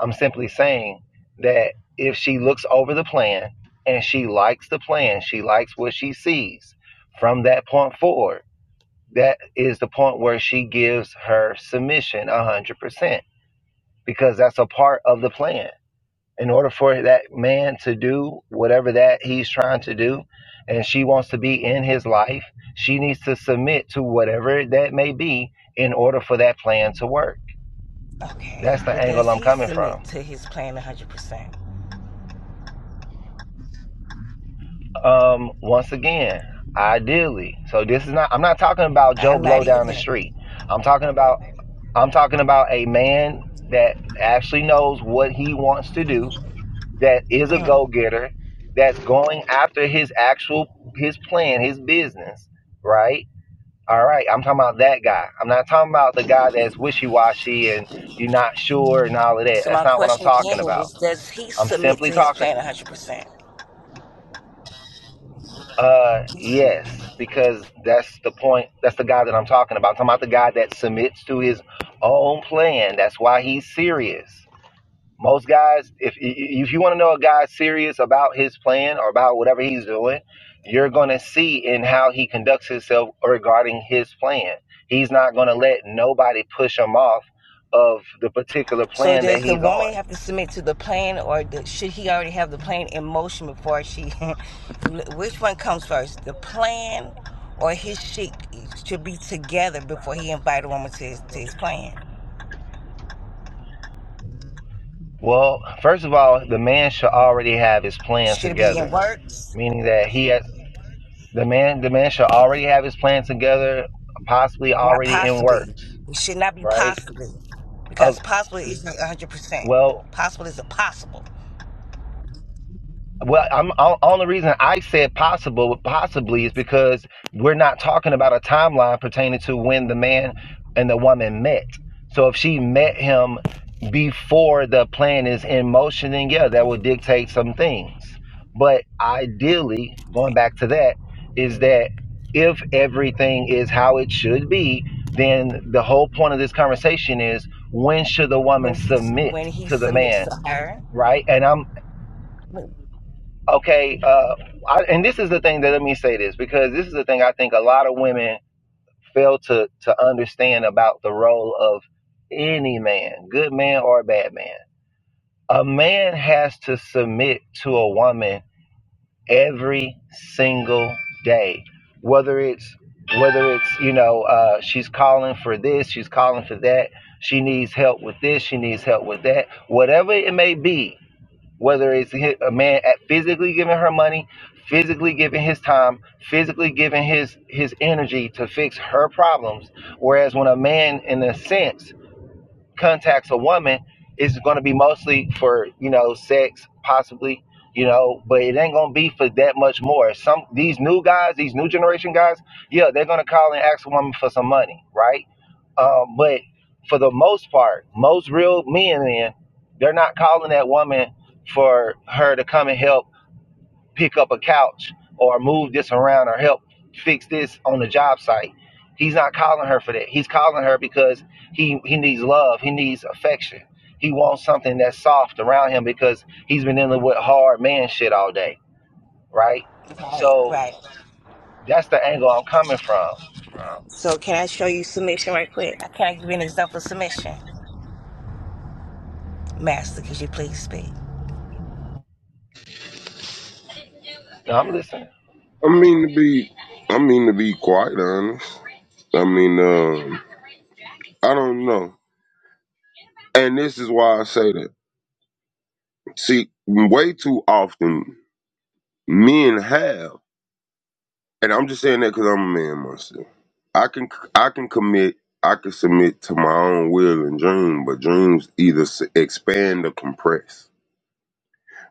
I'm simply saying that if she looks over the plan and she likes the plan, she likes what she sees from that point forward, that is the point where she gives her submission 100% because that's a part of the plan. In order for that man to do whatever that he's trying to do, and she wants to be in his life, she needs to submit to whatever that may be in order for that plan to work. Okay, That's the but angle does I'm he coming from. submit to his plan 100%? um once again ideally so this is not i'm not talking about joe I'm not blow down the either. street i'm talking about i'm talking about a man that actually knows what he wants to do that is a Uh-huh. go-getter that's going after his actual his plan his business right all right i'm talking about that guy i'm not talking about the guy that's wishy-washy and you're not sure and all of that So that's my not what i'm question again talking about is, does he i'm submit simply to his talking plan 100%? Uh, yes, because that's the point. That's the guy that I'm talking about. I'm talking about the guy that submits to his own plan. That's why he's serious. Most guys, if if you want to know a guy's serious about his plan or about whatever he's doing, you're going to see in how he conducts himself regarding his plan. He's not going to let nobody push him off of the particular So plan that does the he's on. woman have to submit to the plan, or the, should he already have the plan in motion before she? which one comes first, the plan, or his sheep should be together before he invite a woman to his, to his plan? Well, first of all, the man should already have his plan Should it be in together works? meaning that he has the man the man should already have his plan together possibly Not already in possibly. works It should not be right possibly, of because possible is not 100%. well Possible is a possible Well, I'm all, all the reason I said possible, possibly, is because we're not talking about a timeline pertaining to when the man and the woman met. So if she met him before the plan is in motion, then yeah, that would dictate some things. But ideally, going back to that, is that if everything is how it should be, then the whole point of this conversation is when should the woman when he submit when he to the submits to man, her. right? And I'm okay uh I, and this is the thing that let me say this because this is the thing i think a lot of women fail to to understand about the role of any man good man or bad man a man has to submit to a woman every single day whether it's whether it's you know uh she's calling for this she's calling for that she needs help with this she needs help with that whatever it may be whether it's hi- a man at physically giving her money, physically giving his time, physically giving his his energy to fix her problems. Whereas when a man, in a sense, contacts a woman is going to be mostly for you know sex possibly you know but it ain't going to be for that much more some these new guys these new generation guys yeah they're going to call and ask a woman for some money right um, but for the most part most real men then they're not calling that woman for her to come and help pick up a couch or move this around or help fix this on the job site. He's not calling her for that. He's calling her because he he needs love. He needs affection. He wants something that's soft around him because he's been dealing with hard man shit all day, right? Right, So right. that's the angle I'm coming from. So can I show you submission right quick? Can I can't give you an example of submission? Master, could you please speak? Now I'm listening. I mean to be, I mean to be quite honest. I mean, um, I don't know, and this is why I say that. See, way too often men have, and I'm just saying that because I'm a man myself. I can, I can commit, I can submit to my own will and dream, but dreams either s- expand or compress,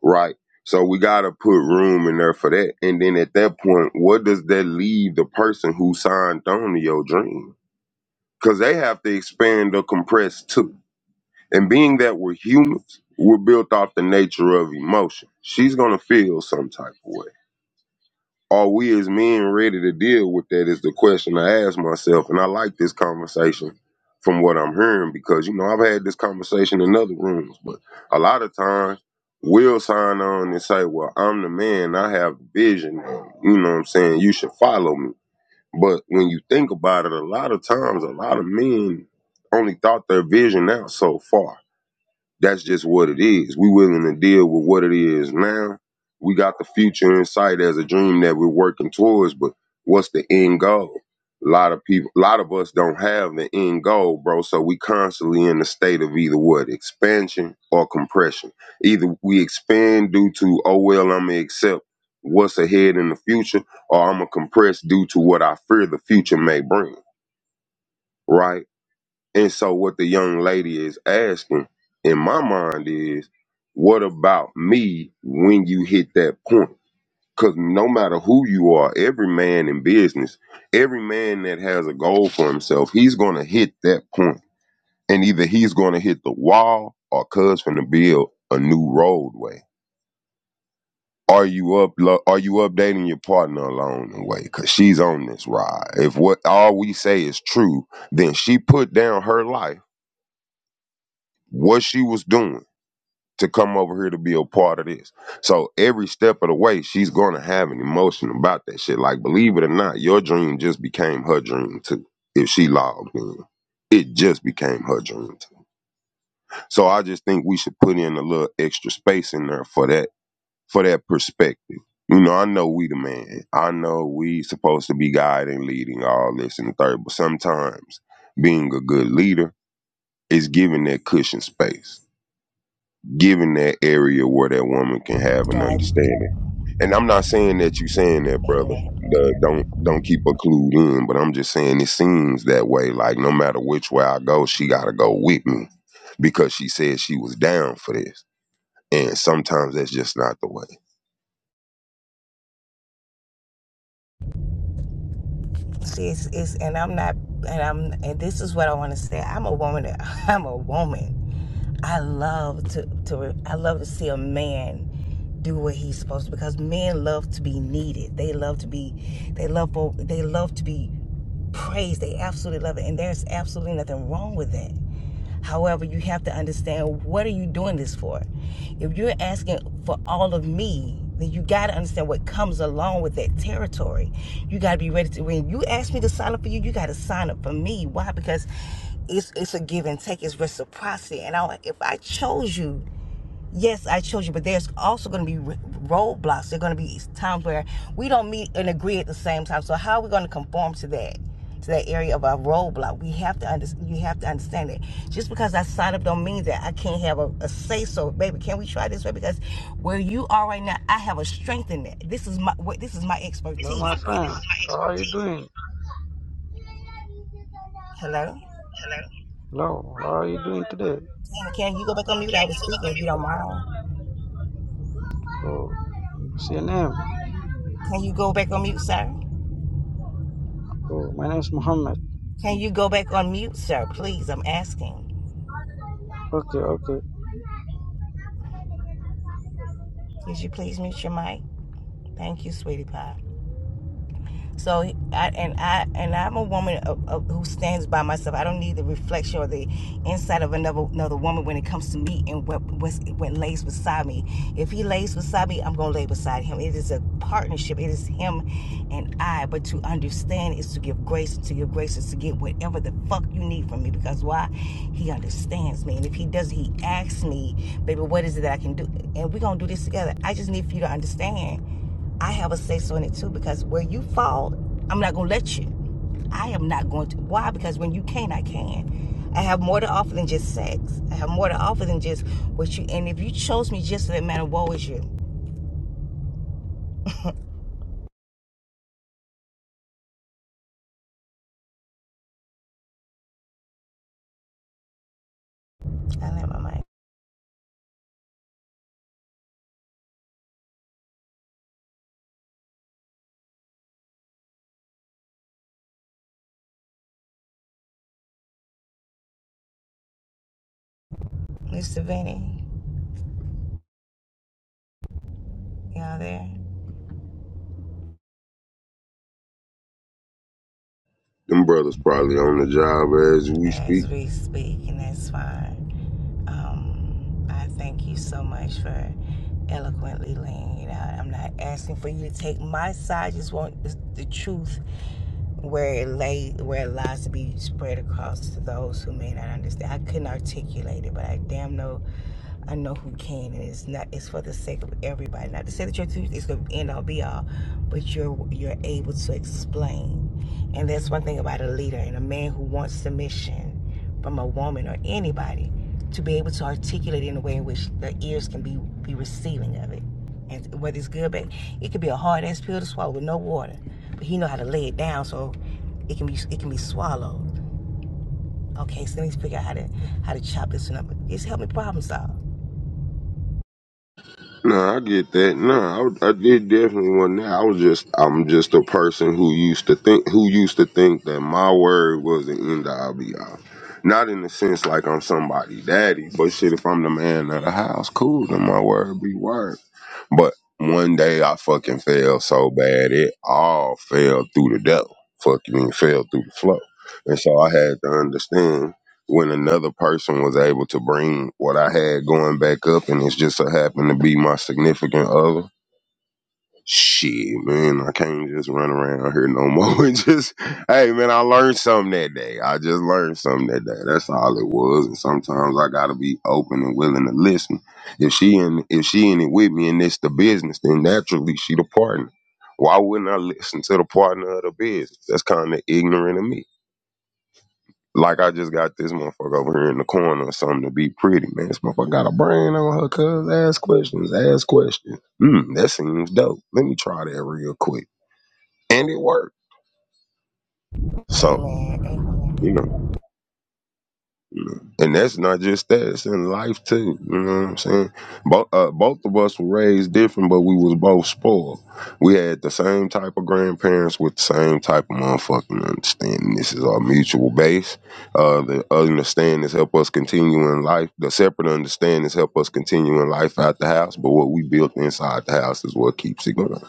right? So we gotta put room in there for that, and then at that point, what does that leave the person who signed on to your dream? because they have to expand or compress too. And being that we're humans, we're built off the nature of emotion. She's gonna feel some type of way. Are we as men ready to deal with that? Is the question I ask myself. And I like this conversation from what I'm hearing because you know I've had this conversation in other rooms, but a lot of times we'll sign on and say, "Well, I'm the man. I have the vision. And, you know what I'm saying? You should follow me." But when you think about it, a lot of times, a lot of men only thought their vision out so far. That's just what it is. We willing to deal with what it is now. We got the future in sight as a dream that we're working towards, but what's the end goal? A lot of people, a lot of us don't have the end goal, bro. So we constantly in the state of either what expansion or compression. Either we expand due to, oh well, I'm gonna accept what's ahead in the future, or I'm gonna compress due to what I fear the future may bring. Right? And so what the young lady is asking in my mind is, what about me when you hit that point? Cause no matter who you are, every man in business, every man that has a goal for himself, he's gonna hit that point. And either he's gonna hit the wall or cuz finna build a new roadway. Are you up are you updating your partner along the way? Cause she's on this ride. If what all we say is true, then she put down her life, what she was doing to come over here to be a part of this. So every step of the way, she's gonna have an emotion about that shit. Like, believe it or not, your dream just became her dream too. If she logged in, it just became her dream too. So I just think we should put in a little extra space in there for that for that perspective. You know, I know we the man. I know we supposed to be guiding, leading, all this and the third, but sometimes being a good leader is giving that cushion space given that area where that woman can have an God, understanding. And I'm not saying that you saying that, brother. amen. The, don't don't keep her clued in, but I'm just saying it seems that way. Like no matter which way I go, she gotta go with me because she said she was down for this. And sometimes that's just not the way. See, it's, it's and I'm not, and I'm, and this is what I want to say. I'm a woman. that- I'm a woman. I love to, to, I love to see a man do what he's supposed to because men love to be needed. They love to be, they love, for- they love to be praised. They absolutely love it, and there's absolutely nothing wrong with that. However, you have to understand what are you doing this for? If you're asking for all of me, then you got to understand what comes along with that territory. You got to be ready to when you ask me to sign up for you, you got to sign up for me. Why? Because it's it's a give and take, it's reciprocity. And I, if I chose you, yes, I chose you, but there's also going to be roadblocks. There are going to be times where we don't meet and agree at the same time. So how are we going to conform to that? To that area of our roadblock, we have to understand. You have to understand it. Just because I sign up don't mean that I can't have a, a say. So, baby, can we try this way? Because where you are right now, I have a strength in that. This is my This is my Hello, expertise. my friend. How are you doing? Hello, Hello, how are you doing today? can you go back on mute? I was speaking. If you don't mind, Oh, what's your name? can you go back on mute, sir? Oh, my name is Muhammad. Can you go back on mute, sir? Please, I'm asking. Okay, okay. Could you please mute your mic? Thank you, sweetie pie. So, I, and I and I'm a woman of, of, who stands by myself. I don't need the reflection or the insight of another another woman when it comes to me and what what's, what lays beside me. If he lays beside me, I'm gonna lay beside him. It is a partnership. It is him and I. But to understand is to give grace. To give grace is to get whatever the fuck you need from me. Because why? He understands me. And if he doesn't, he asks me, baby, what is it that I can do? And we're gonna do this together. I just need for you to understand I have a say so in it too because where you fall, I'm not gonna let you. I am not going to. Why? Because when you can, I can. I have more to offer than just sex. I have more to offer than just what you. And if you chose me just for that matter, woe is you. I let my mic. Mr. Vinny, y'all there? Them brothers probably on the job as we speak. As we speak, and that's fine. Um, I thank you so much for eloquently laying it out. I'm not asking for you to take my side. I just want the, the truth where it lay where it lies to be spread across to those who may not understand. I couldn't articulate it, but I damn know I know who can, and it's not. It's for the sake of everybody. Not to say that your truth is going to end all be all, but you're you're able to explain, and that's one thing about a leader and a man who wants submission from a woman or anybody to be able to articulate in a way in which the ears can be be receiving of it, and whether it's good, but it could be a hard ass pill to swallow with no water, but he know how to lay it down so it can be it can be swallowed. Okay, so let me figure out how to how to chop this one up. It's helped me problem solve. No, I get that. No, I, would- I did definitely want that. I was just, I'm just a person who used to think, who used to think that my word was the end all be all. Not in the sense like I'm somebody daddy, but shit, if I'm the man of the house, cool, then my word be word. But one day I fucking fell so bad it all fell through the devil. Fucking fell through the floor. And so I had to understand when another person was able to bring what I had going back up and it's just so happened to be my significant other Shit, man, I can't just run around here no more. It just, hey, man, I learned something that day. I just learned something that day. That's all it was. And sometimes I gotta be open and willing to listen. If she in, if she in it with me and it's the business, then naturally she the partner. Why wouldn't I listen to the partner of the business? That's kind of ignorant of me. Like I just got this motherfucker over here in the corner or something to be pretty, man. This motherfucker got a brain on her, cuz. Ask questions, ask questions. Hmm, that seems dope. Let me try that real quick. And it worked. So, Amen. you Amen. know. And that's not just that; it's in life too. You know what I'm saying? Both uh, both of us were raised different, but we was both spoiled. We had the same type of grandparents with the same type of motherfucking understanding. This is our mutual base. Uh, the understandings help us continue in life. The separate understandings help us continue in life out the house. But what we built inside the house is what keeps it going.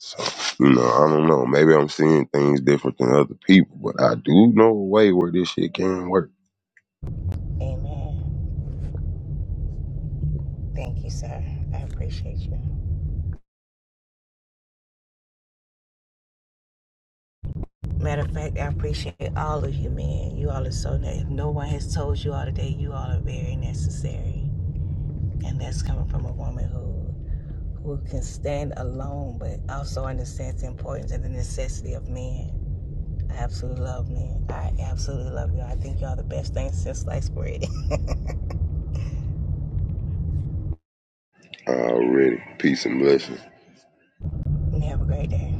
So, you know, I don't know. Maybe I'm seeing things different than other people, but I do know a way where this shit can work. Amen. Thank you, sir. I appreciate you. Matter of fact, I appreciate all of you, man. You all are so nice. If no one has told you all today, you all are very necessary. And that's coming from a woman who who can stand alone but also understands the importance and the necessity of men. I absolutely love men. I absolutely love you. I think y'all the best thing since sliced bread. and Already. Peace and blessings. have a great day.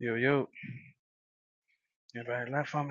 Yo yo. Everybody left for me.